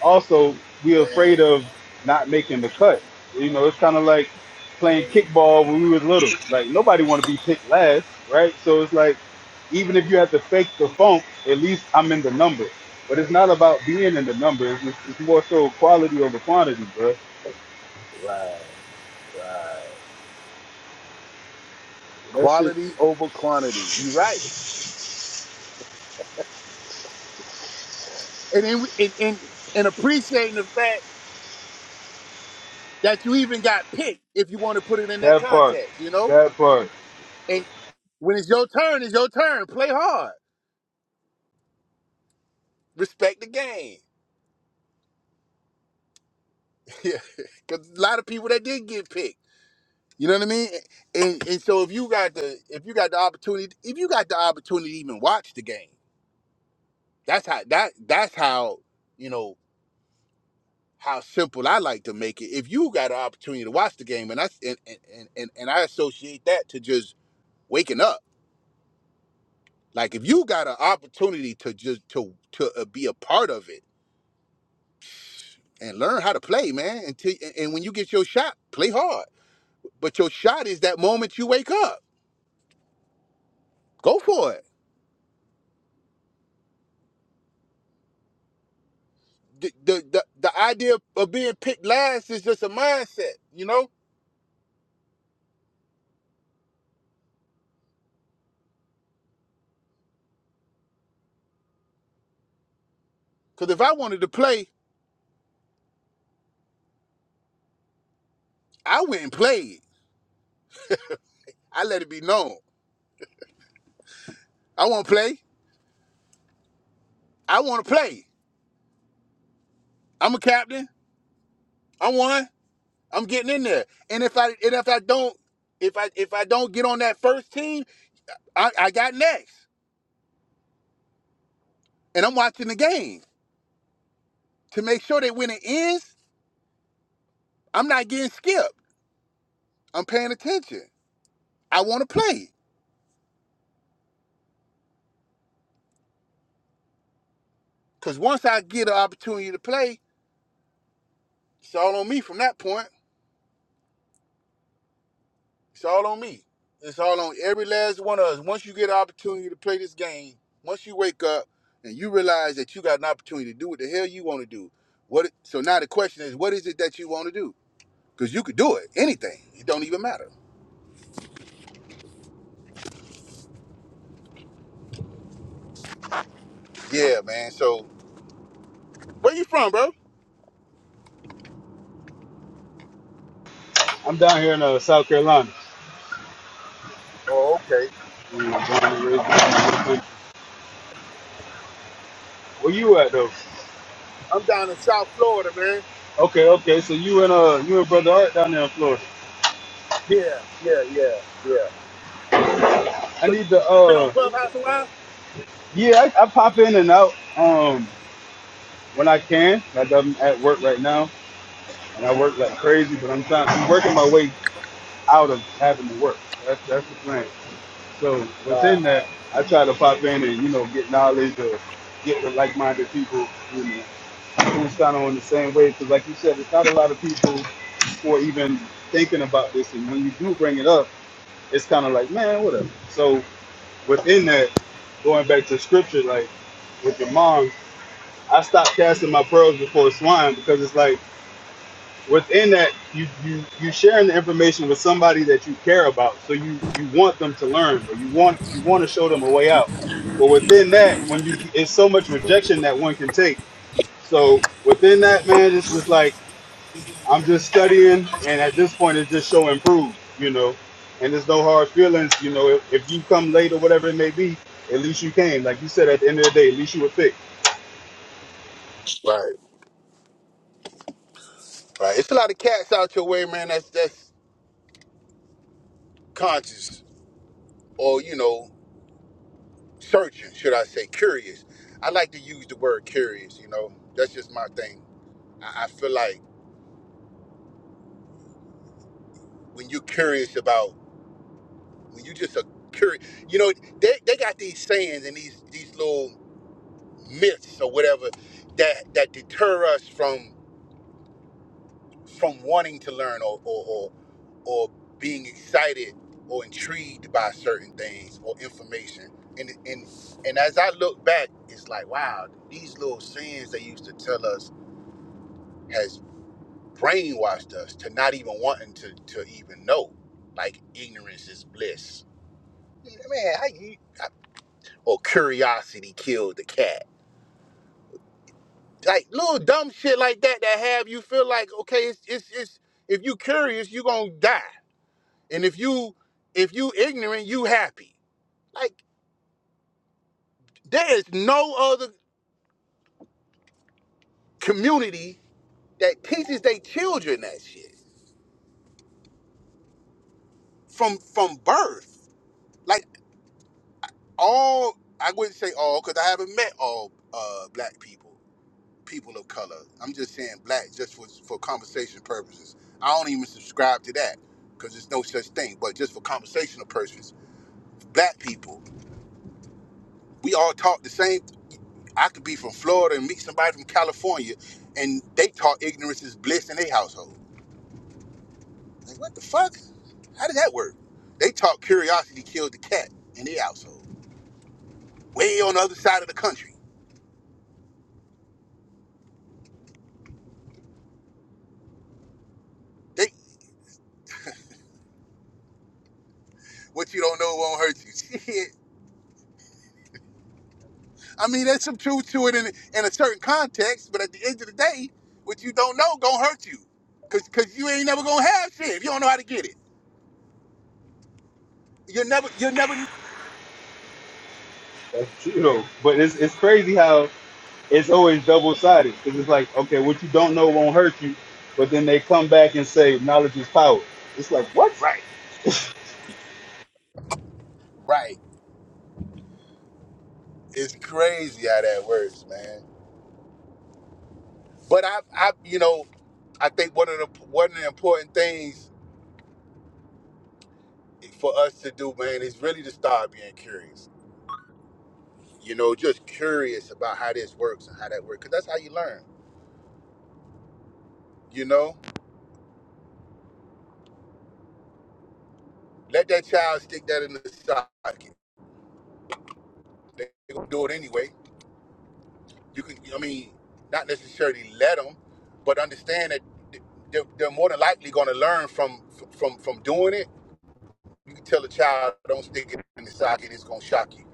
[SPEAKER 4] also we're afraid of not making the cut. You know, it's kind of like playing kickball when we were little. Like nobody want to be picked last, right? So it's like even if you have to fake the funk, at least I'm in the number. But it's not about being in the numbers. It's, it's more so quality over quantity, bro.
[SPEAKER 2] Right.
[SPEAKER 4] That shit,
[SPEAKER 2] Quality over quantity. You're right. And then we, and, and and appreciating the fact that you even got picked if you want to put it in that
[SPEAKER 4] that part,
[SPEAKER 2] context. You know
[SPEAKER 4] that part.
[SPEAKER 2] And when it's your turn, it's your turn. Play hard. Respect the game. Yeah. Cause a lot of people that did get picked. You know what I mean? And and so if you got the if you got the opportunity if you got the opportunity to even watch the game, that's how that that's how, you know, how simple I like to make it. If you got an opportunity to watch the game and I and and, and, and I associate that to just waking up. Like if you got an opportunity to just to to uh, be a part of it and learn how to play, man. Until and and when you get your shot, play hard. But your shot is that moment you wake up. Go for it. The the the, the idea of being picked last is just a mindset, you know. Because if I wanted to play, I went and played. I let it be known. I want to play. I want to play. I'm a captain. I won. I'm getting in there. And if I and if I don't if I if I don't get on that first team, I, I got next. And I'm watching the game to make sure that when it ends, I'm not getting skipped. I'm paying attention. I want to play. Because once I get an opportunity to play, it's all on me from that point. It's all on me. It's all on every last one of us. Once you get an opportunity to play this game, once you wake up and you realize that you got an opportunity to do what the hell you want to do. What? So now the question is, what is it that you want to do? Because you could do it, anything. It don't even matter. Yeah, man. So where you from, bro?
[SPEAKER 4] I'm down here in uh, South Carolina.
[SPEAKER 2] Oh, okay.
[SPEAKER 4] Where you at though?
[SPEAKER 2] Down in South Florida, man.
[SPEAKER 4] Okay, okay. So you and uh, you and brother Art down there in Florida.
[SPEAKER 2] Yeah, yeah, yeah, yeah.
[SPEAKER 4] I
[SPEAKER 2] So you,
[SPEAKER 4] need the
[SPEAKER 2] you been on
[SPEAKER 4] uh
[SPEAKER 2] Clubhouse a while?
[SPEAKER 4] Yeah, I, I pop in and out um when I can. Like I'm at work right now, and I work like crazy. But I'm trying, I'm working my way out of having to work. That's that's the plan. So
[SPEAKER 2] Right.
[SPEAKER 4] within that, I try to pop in and you know get knowledge or get with like-minded people. You know, who's kind of on the same way. Because like you said, it's not a lot of people who are even thinking about this. And when you do bring it up, it's kind of like, man, whatever. So within that, going back to scripture, like with your mom. I stopped casting my pearls before swine because it's like within that you you you sharing the information with somebody that you care about, so you you want them to learn or you want you want to show them a way out. But within that, when you it's so much rejection that one can take. So within that, man, it's just like I'm just studying, and at this point, it's just show and prove, you know. And there's no hard feelings, you know. If, if you come late or whatever it may be, at least you came. Like you said, at the end of the day, at least you were fixed.
[SPEAKER 2] Right. Right. It's a lot of cats out your way, man. That's that's conscious or you know searching, should I say, curious. I like to use the word curious. You know, that's just my thing. I, I feel like when you're curious about when you just a curious, you know, they they got these sayings and these these little myths or whatever that that deter us from. from wanting to learn or or, or or being excited or intrigued by certain things or information. And and and as I look back, it's like, wow, these little sins they used to tell us has brainwashed us to not even wanting to to even know. Like ignorance is bliss. Man, how you I- or curiosity killed the cat. Like little dumb shit like that that have you feel like okay, it's it's, it's if you curious, you gonna die. And if you if you ignorant, you happy. Like there is no other community that teaches their children that shit from from birth. Like all I wouldn't say all because I haven't met all uh, black people, people of color. I'm just saying black just for for conversation purposes. I don't even subscribe to that because there's no such thing. But just for conversational purposes, black people, we all talk the same I could be from Florida and meet somebody from California, and they taught ignorance is bliss in their household. Like, what the fuck? How did that work? They taught curiosity killed the cat in their household, way on the other side of the country. They, what you don't know won't hurt you. Shit. I mean, there's some truth to it in, in a certain context, but at the end of the day, what you don't know gonna hurt you, cause cause you ain't never gonna have shit if you don't know how to get it. You're never, you're never.
[SPEAKER 4] That's true. You know, but it's it's crazy how it's always double sided because it's like, okay, what you don't know won't hurt you, but then they come back and say knowledge is power. It's like what?
[SPEAKER 2] Right. Right. It's crazy how that works, man. But I, I, you know. I think one of the one of the important things for us to do, man, is really to start being curious. You know, just curious about how this works and how that works, because that's how you learn. You know, let that child stick that in the socket. They they gonna do it anyway. You can, I mean, not necessarily let them, but understand that th- they're, they're more than likely gonna learn from from from doing it You can tell a child, don't stick it in the socket, it's gonna shock you.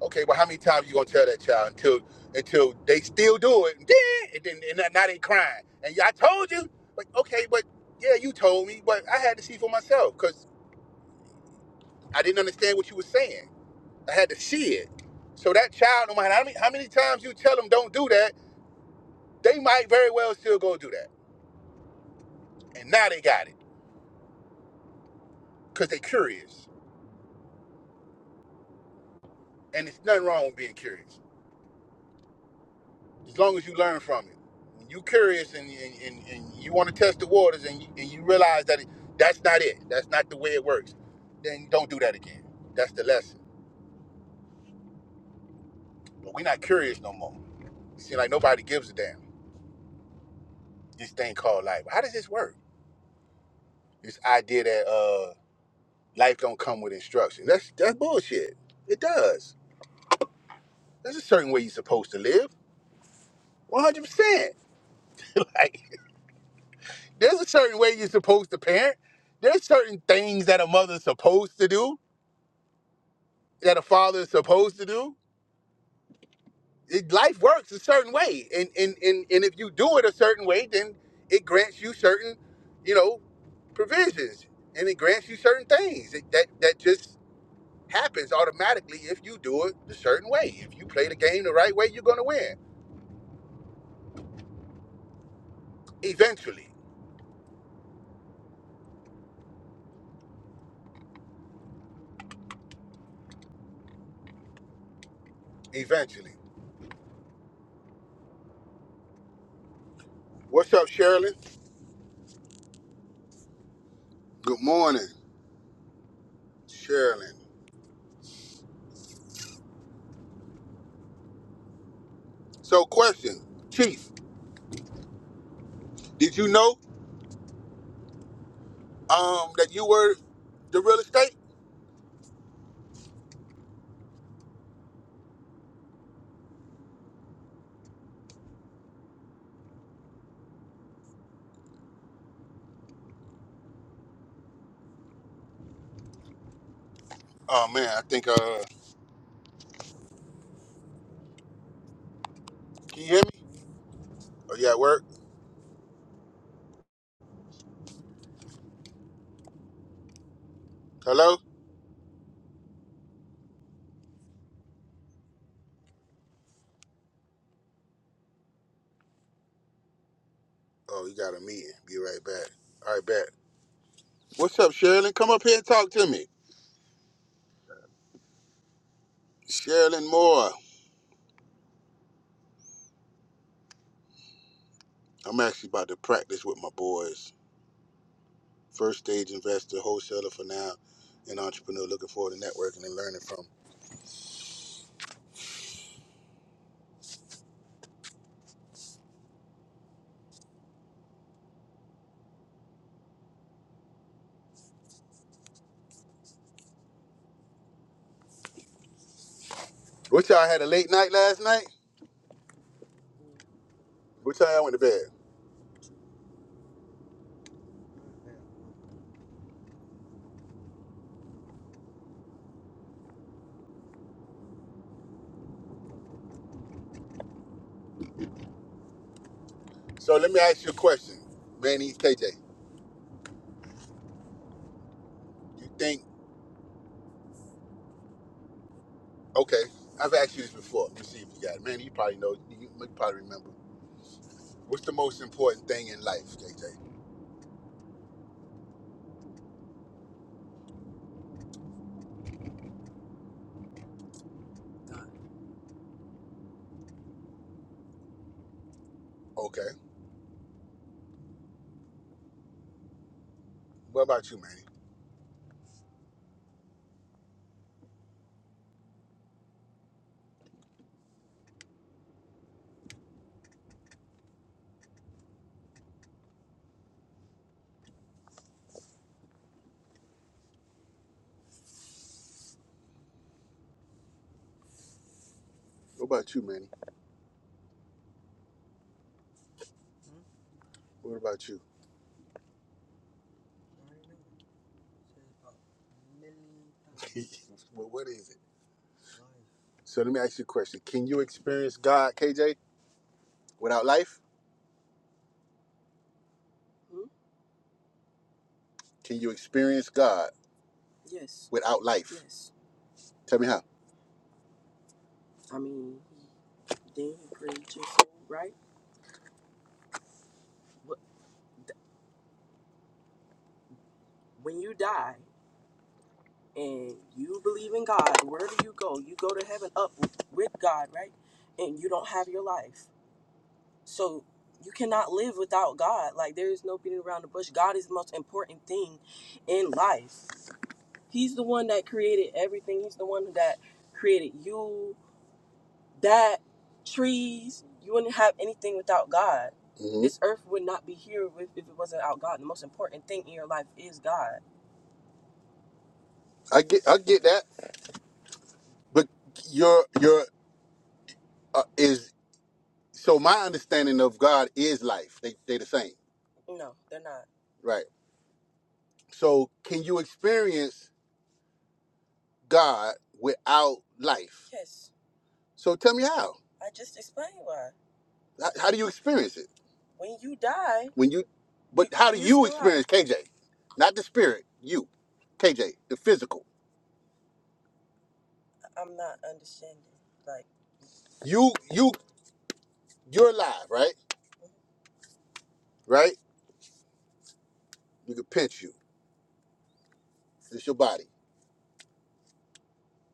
[SPEAKER 2] Okay, well, how many times you gonna tell that child until until they still do it? And then and then and now they crying. And yeah, I told you. Like, okay, but yeah, you told me, but I had to see for myself because I didn't understand what you were saying. I had to see it. So that child, no matter how many, how many times you tell them don't do that, they might very well still go do that. And now they got it because they curious, and it's nothing wrong with being curious. as long as you learn from it. When you curious and, and, and, and you want to test the waters and you, and you realize that it, that's not it, that's not the way it works, then don't do that again. That's the lesson. But we're not curious no more. It seems like nobody gives a damn. This thing called life. How does this work? This idea that uh, life don't come with instructions. That's that's bullshit. It does. There's a certain way you're supposed to live. 100%. Like, there's a certain way you're supposed to parent. There's certain things that a mother's supposed to do that a father is supposed to do. It, life works a certain way, and and and and if you do it a certain way, then it grants you certain, you know, provisions, and it grants you certain things It- that that just happens automatically if you do it a certain way. If you play the game the right way, you're gonna win eventually. Eventually. What's up, Sherilyn? Good morning, Sherilyn. So, question, Chief, did you know um that you were the real estate? Oh man, I think uh, can you hear me? Are you at work? Hello? Oh, you got a meeting. Be right back. All right, back. What's up, Sherilyn? Come up here and talk to me. Sherilyn Moore. I'm actually about to practice with my boys. First stage investor, wholesaler for now, and entrepreneur. Looking forward to networking and learning from. What y'all had a late night last night? What time y'all went to bed? So let me ask you a question. Manny, KJ, you think, okay, I've asked you this before. Let me see if you got it. Manny, you probably know, you you probably remember. What's the most important thing in life, KJ? Okay. What about you, Manny? What about you, Manny? What about you? well, what is it? So let me ask you a question. Can you experience God, KJ, without life? Can you experience God without life? Tell me how. hmm I get, I get that, but your your uh, is so my understanding of God is life. They they the same, right? So can you experience God without life? So tell me how. How, how do you experience it when you? It's KJ, not the spirit. You, KJ, the physical. You, you, you're alive, right? Right? You can pinch you. It's your body.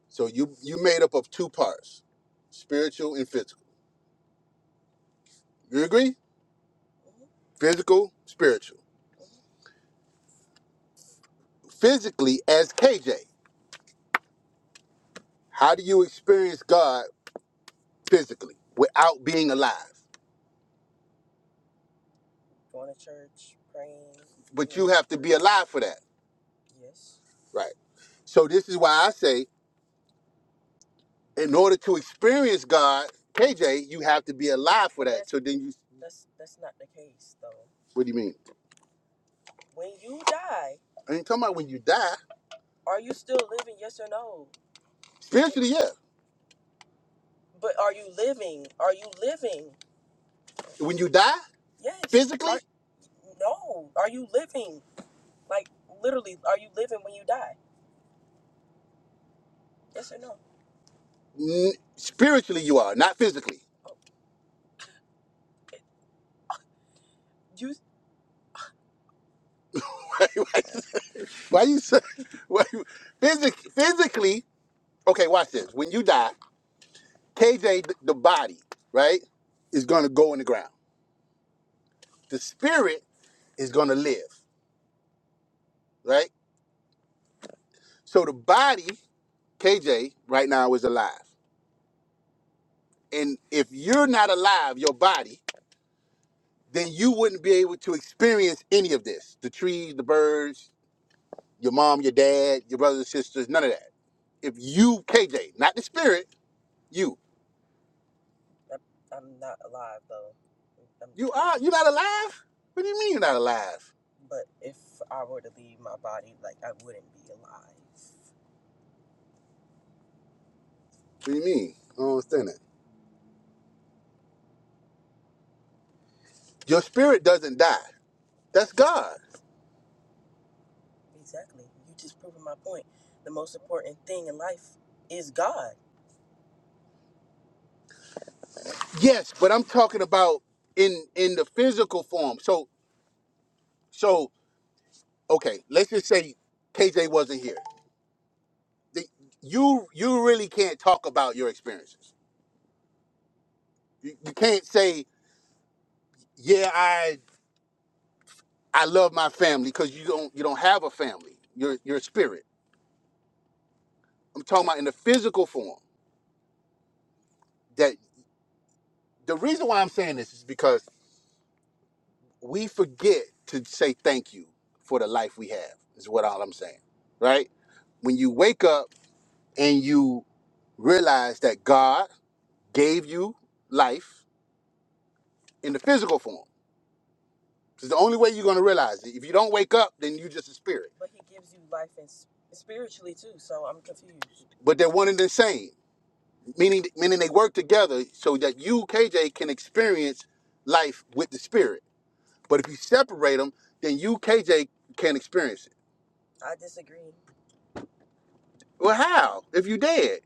[SPEAKER 2] So you you made up of two parts, spiritual and physical. You agree? Physical, spiritual. Physically, as KJ, how do you experience God physically without being alive? have to be alive for that, right? So this is why I say, in order to experience God, KJ, you have to be alive for So then you, what do you mean? I ain't talking about when you die. Spiritually, yeah. When you die, n- spiritually you are, not physically. why, you why you say, why you, physic, physically, okay, watch this. When you die, KJ, th- the body, right, is going to go in the ground. The spirit is going to live, right? So the body, KJ, right now is alive. And if you're not alive, your body, then you wouldn't be able to experience any of this the trees, the birds, your mom, your dad, your brothers and sisters, none of that. If you, KJ, not the spirit, you. You are, you're not alive? What do you mean you're not alive? What do you mean? I don't understand that. Your spirit doesn't die. That's God. Yes, but I'm talking about in in the physical form. So so okay, let's just say KJ wasn't here. The, you you really can't talk about your experiences. You, you can't say, yeah, I I love my family because you don't you don't have a family. You're you're a spirit I'm talking about in the physical form. That the reason why I'm saying this is because we forget to say thank you for the life we have. Is what all I'm saying, right? When you wake up and you realize that God gave you life in the physical form. It's the only way you're going to realize it. If you don't wake up, then you're just a spirit. But they're one and the same, meaning meaning they work together so that you, KJ, can experience life with the spirit But if you separate them, then you, KJ, can't experience it. Well, how? If you dead.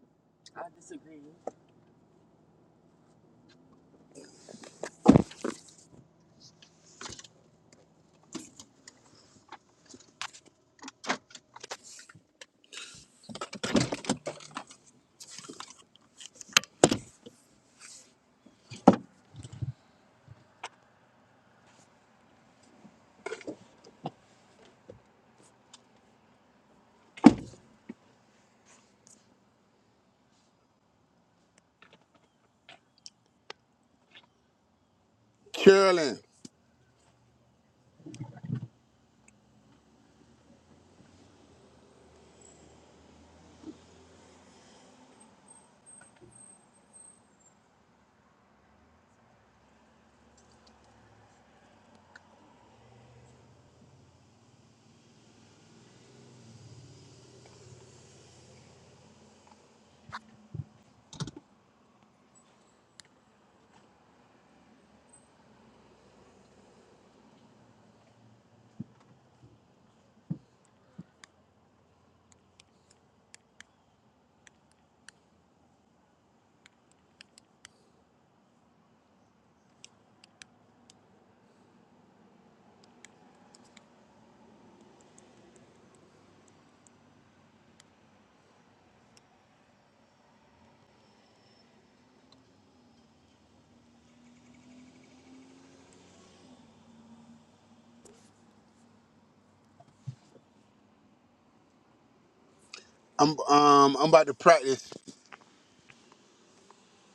[SPEAKER 2] Carolyn, I'm um I'm about to practice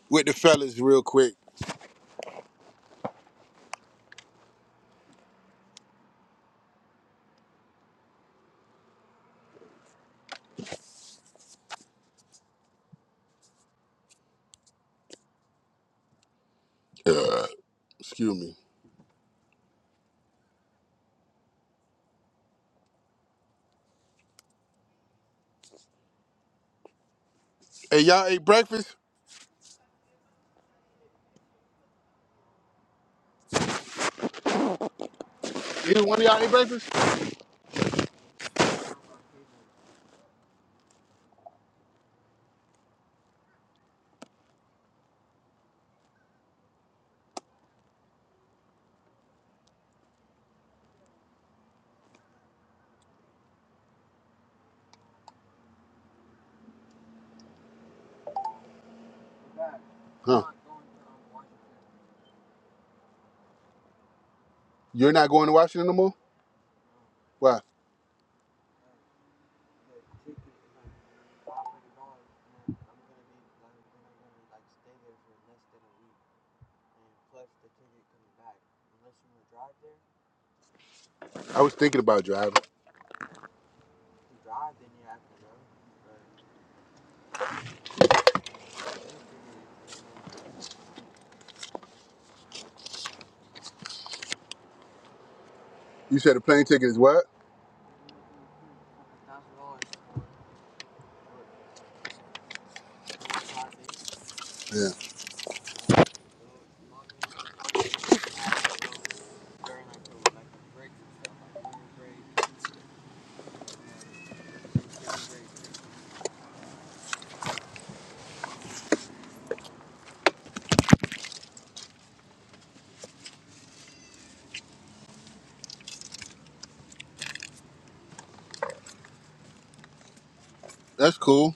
[SPEAKER 2] with the fellas real quick. Uh, excuse me. Hey, y'all ate breakfast? Either one of y'all ate breakfast? Huh? You're not going to Washington no more? Why? I was thinking about driving. You said a plane ticket is what? Yeah, that's cool.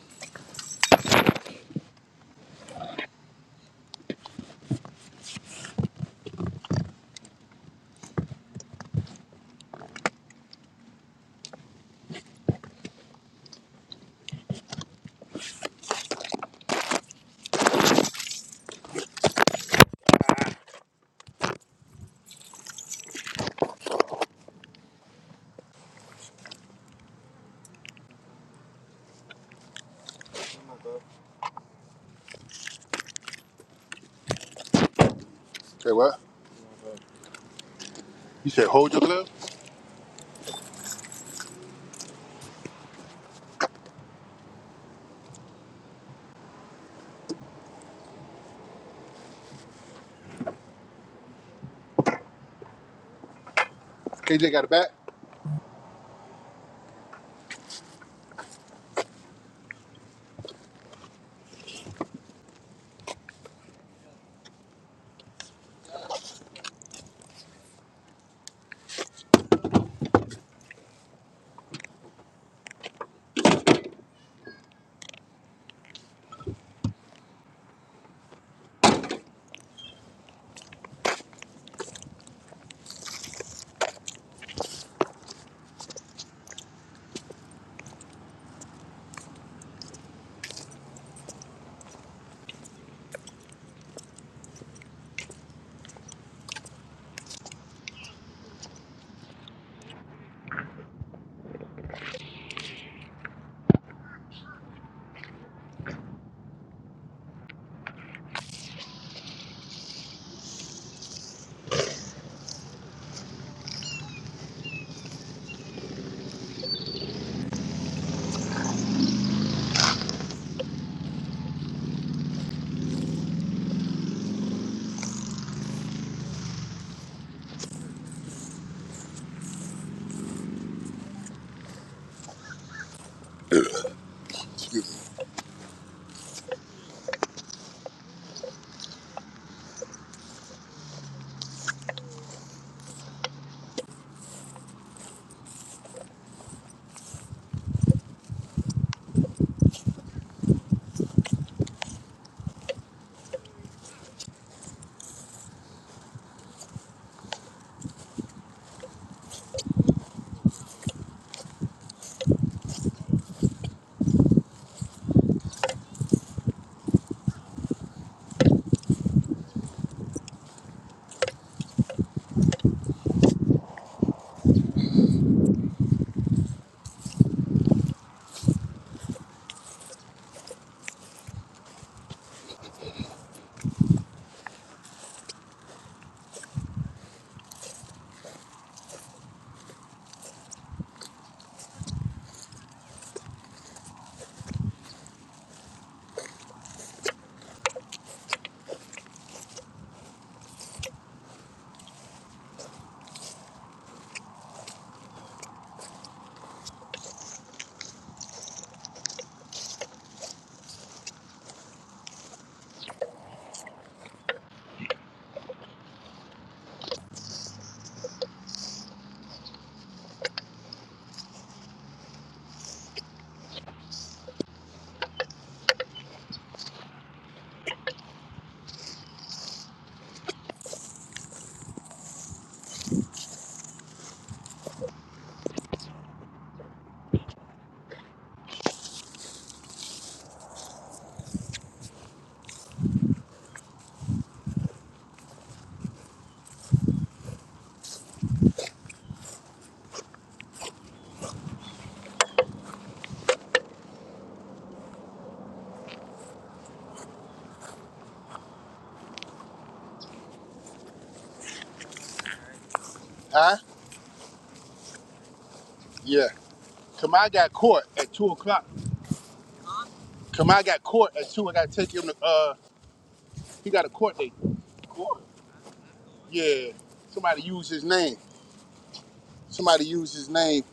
[SPEAKER 2] Say what? You said hold your lip? KJ got it back? Huh? Yeah. Kamai got caught at two o'clock. Kamai got caught at two. I gotta take him to uh He got a court date. Yeah. Somebody used his name. Somebody used his name.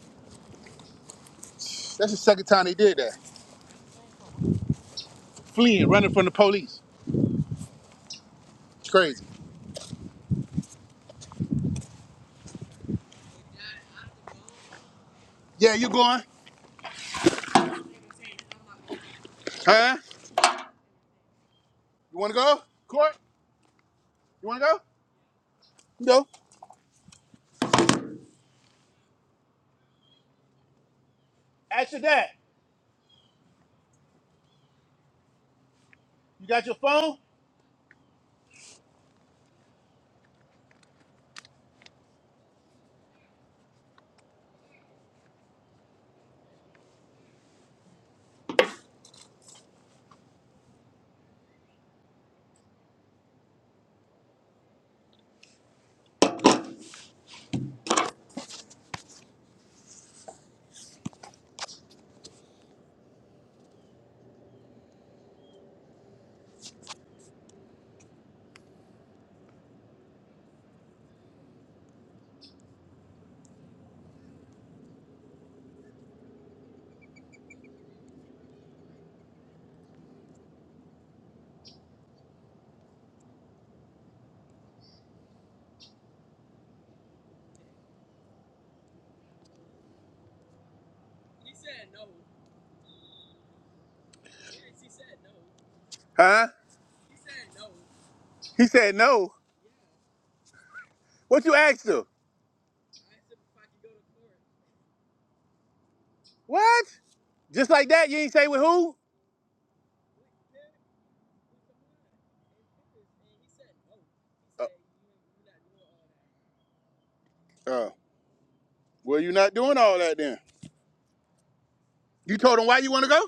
[SPEAKER 2] That's the second time they did that. Fleeing, running from the police. It's crazy. Yeah, you going? Huh? You wanna go? Court? You wanna go? No. You got your phone? He said no. What you asked him? What? Just like that, you ain't say with who? Uh, uh, well, you not doing all that then. You told him why you want to go?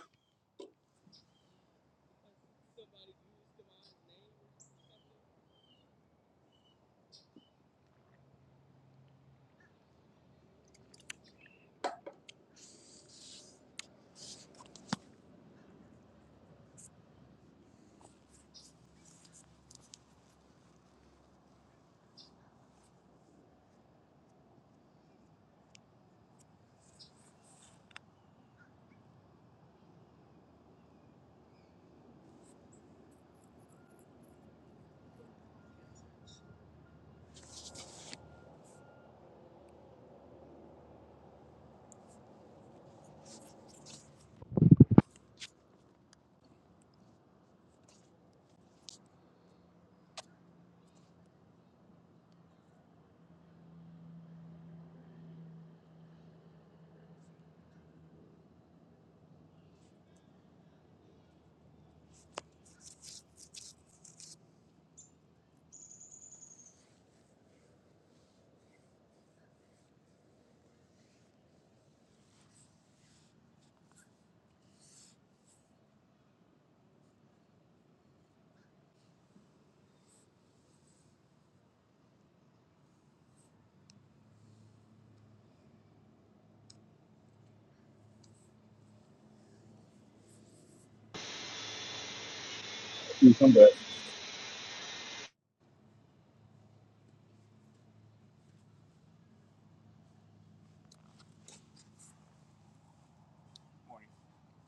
[SPEAKER 4] Dude, come back.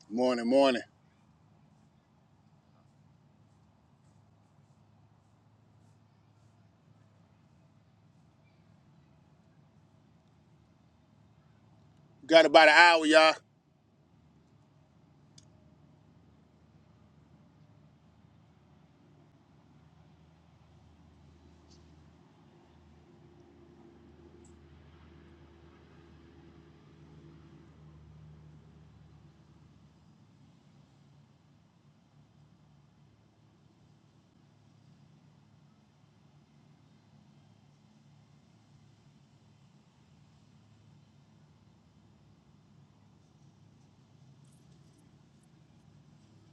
[SPEAKER 2] Morning, morning. Got about an hour, y'all.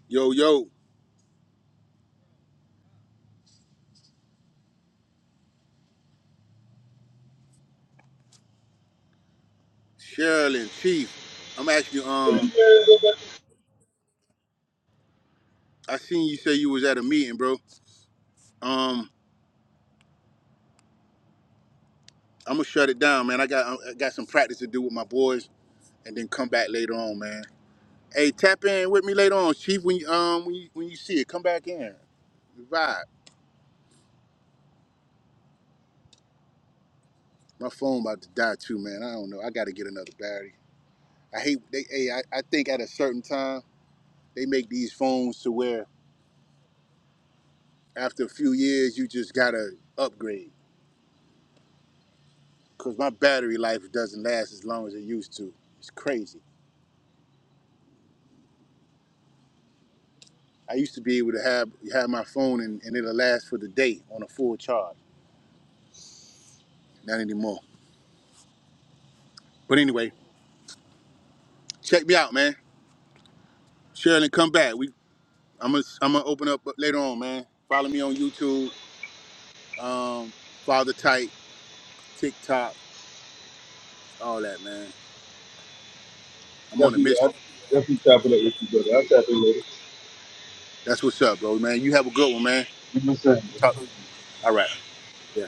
[SPEAKER 2] Yo, yo, Cheryl and Chief. I'm actually um I seen you say you was at a meeting, bro. Um, I'm gonna shut it down, man. I got I got some practice to do with my boys, and then come back later on, man. Hey, tap in with me later on, Chief. When you um when you when you see it, come back in. Vibe. My phone about to die too, man. I don't know. I got to get another battery. I hate they. Hey, I, I think at a certain time they make these phones to where after a few years you just gotta upgrade because my battery life doesn't last as long as it used to. It's crazy. I used to be able to have have my phone and, and it'll last for the day on a full charge. Not anymore. But anyway, check me out, man. Sherilyn, come back. We I'm gonna I'm gonna open up later on, man. Follow me on YouTube, um, Father Tight, TikTok, all that, man. I'm on a
[SPEAKER 4] Definitely, I,
[SPEAKER 2] mission.
[SPEAKER 4] definitely tap it up with you, brother. I'll tap it later.
[SPEAKER 2] That's what's up, bro, man. You have a good one, man.
[SPEAKER 4] You know what I'm saying?
[SPEAKER 2] Talk. All right. Yeah.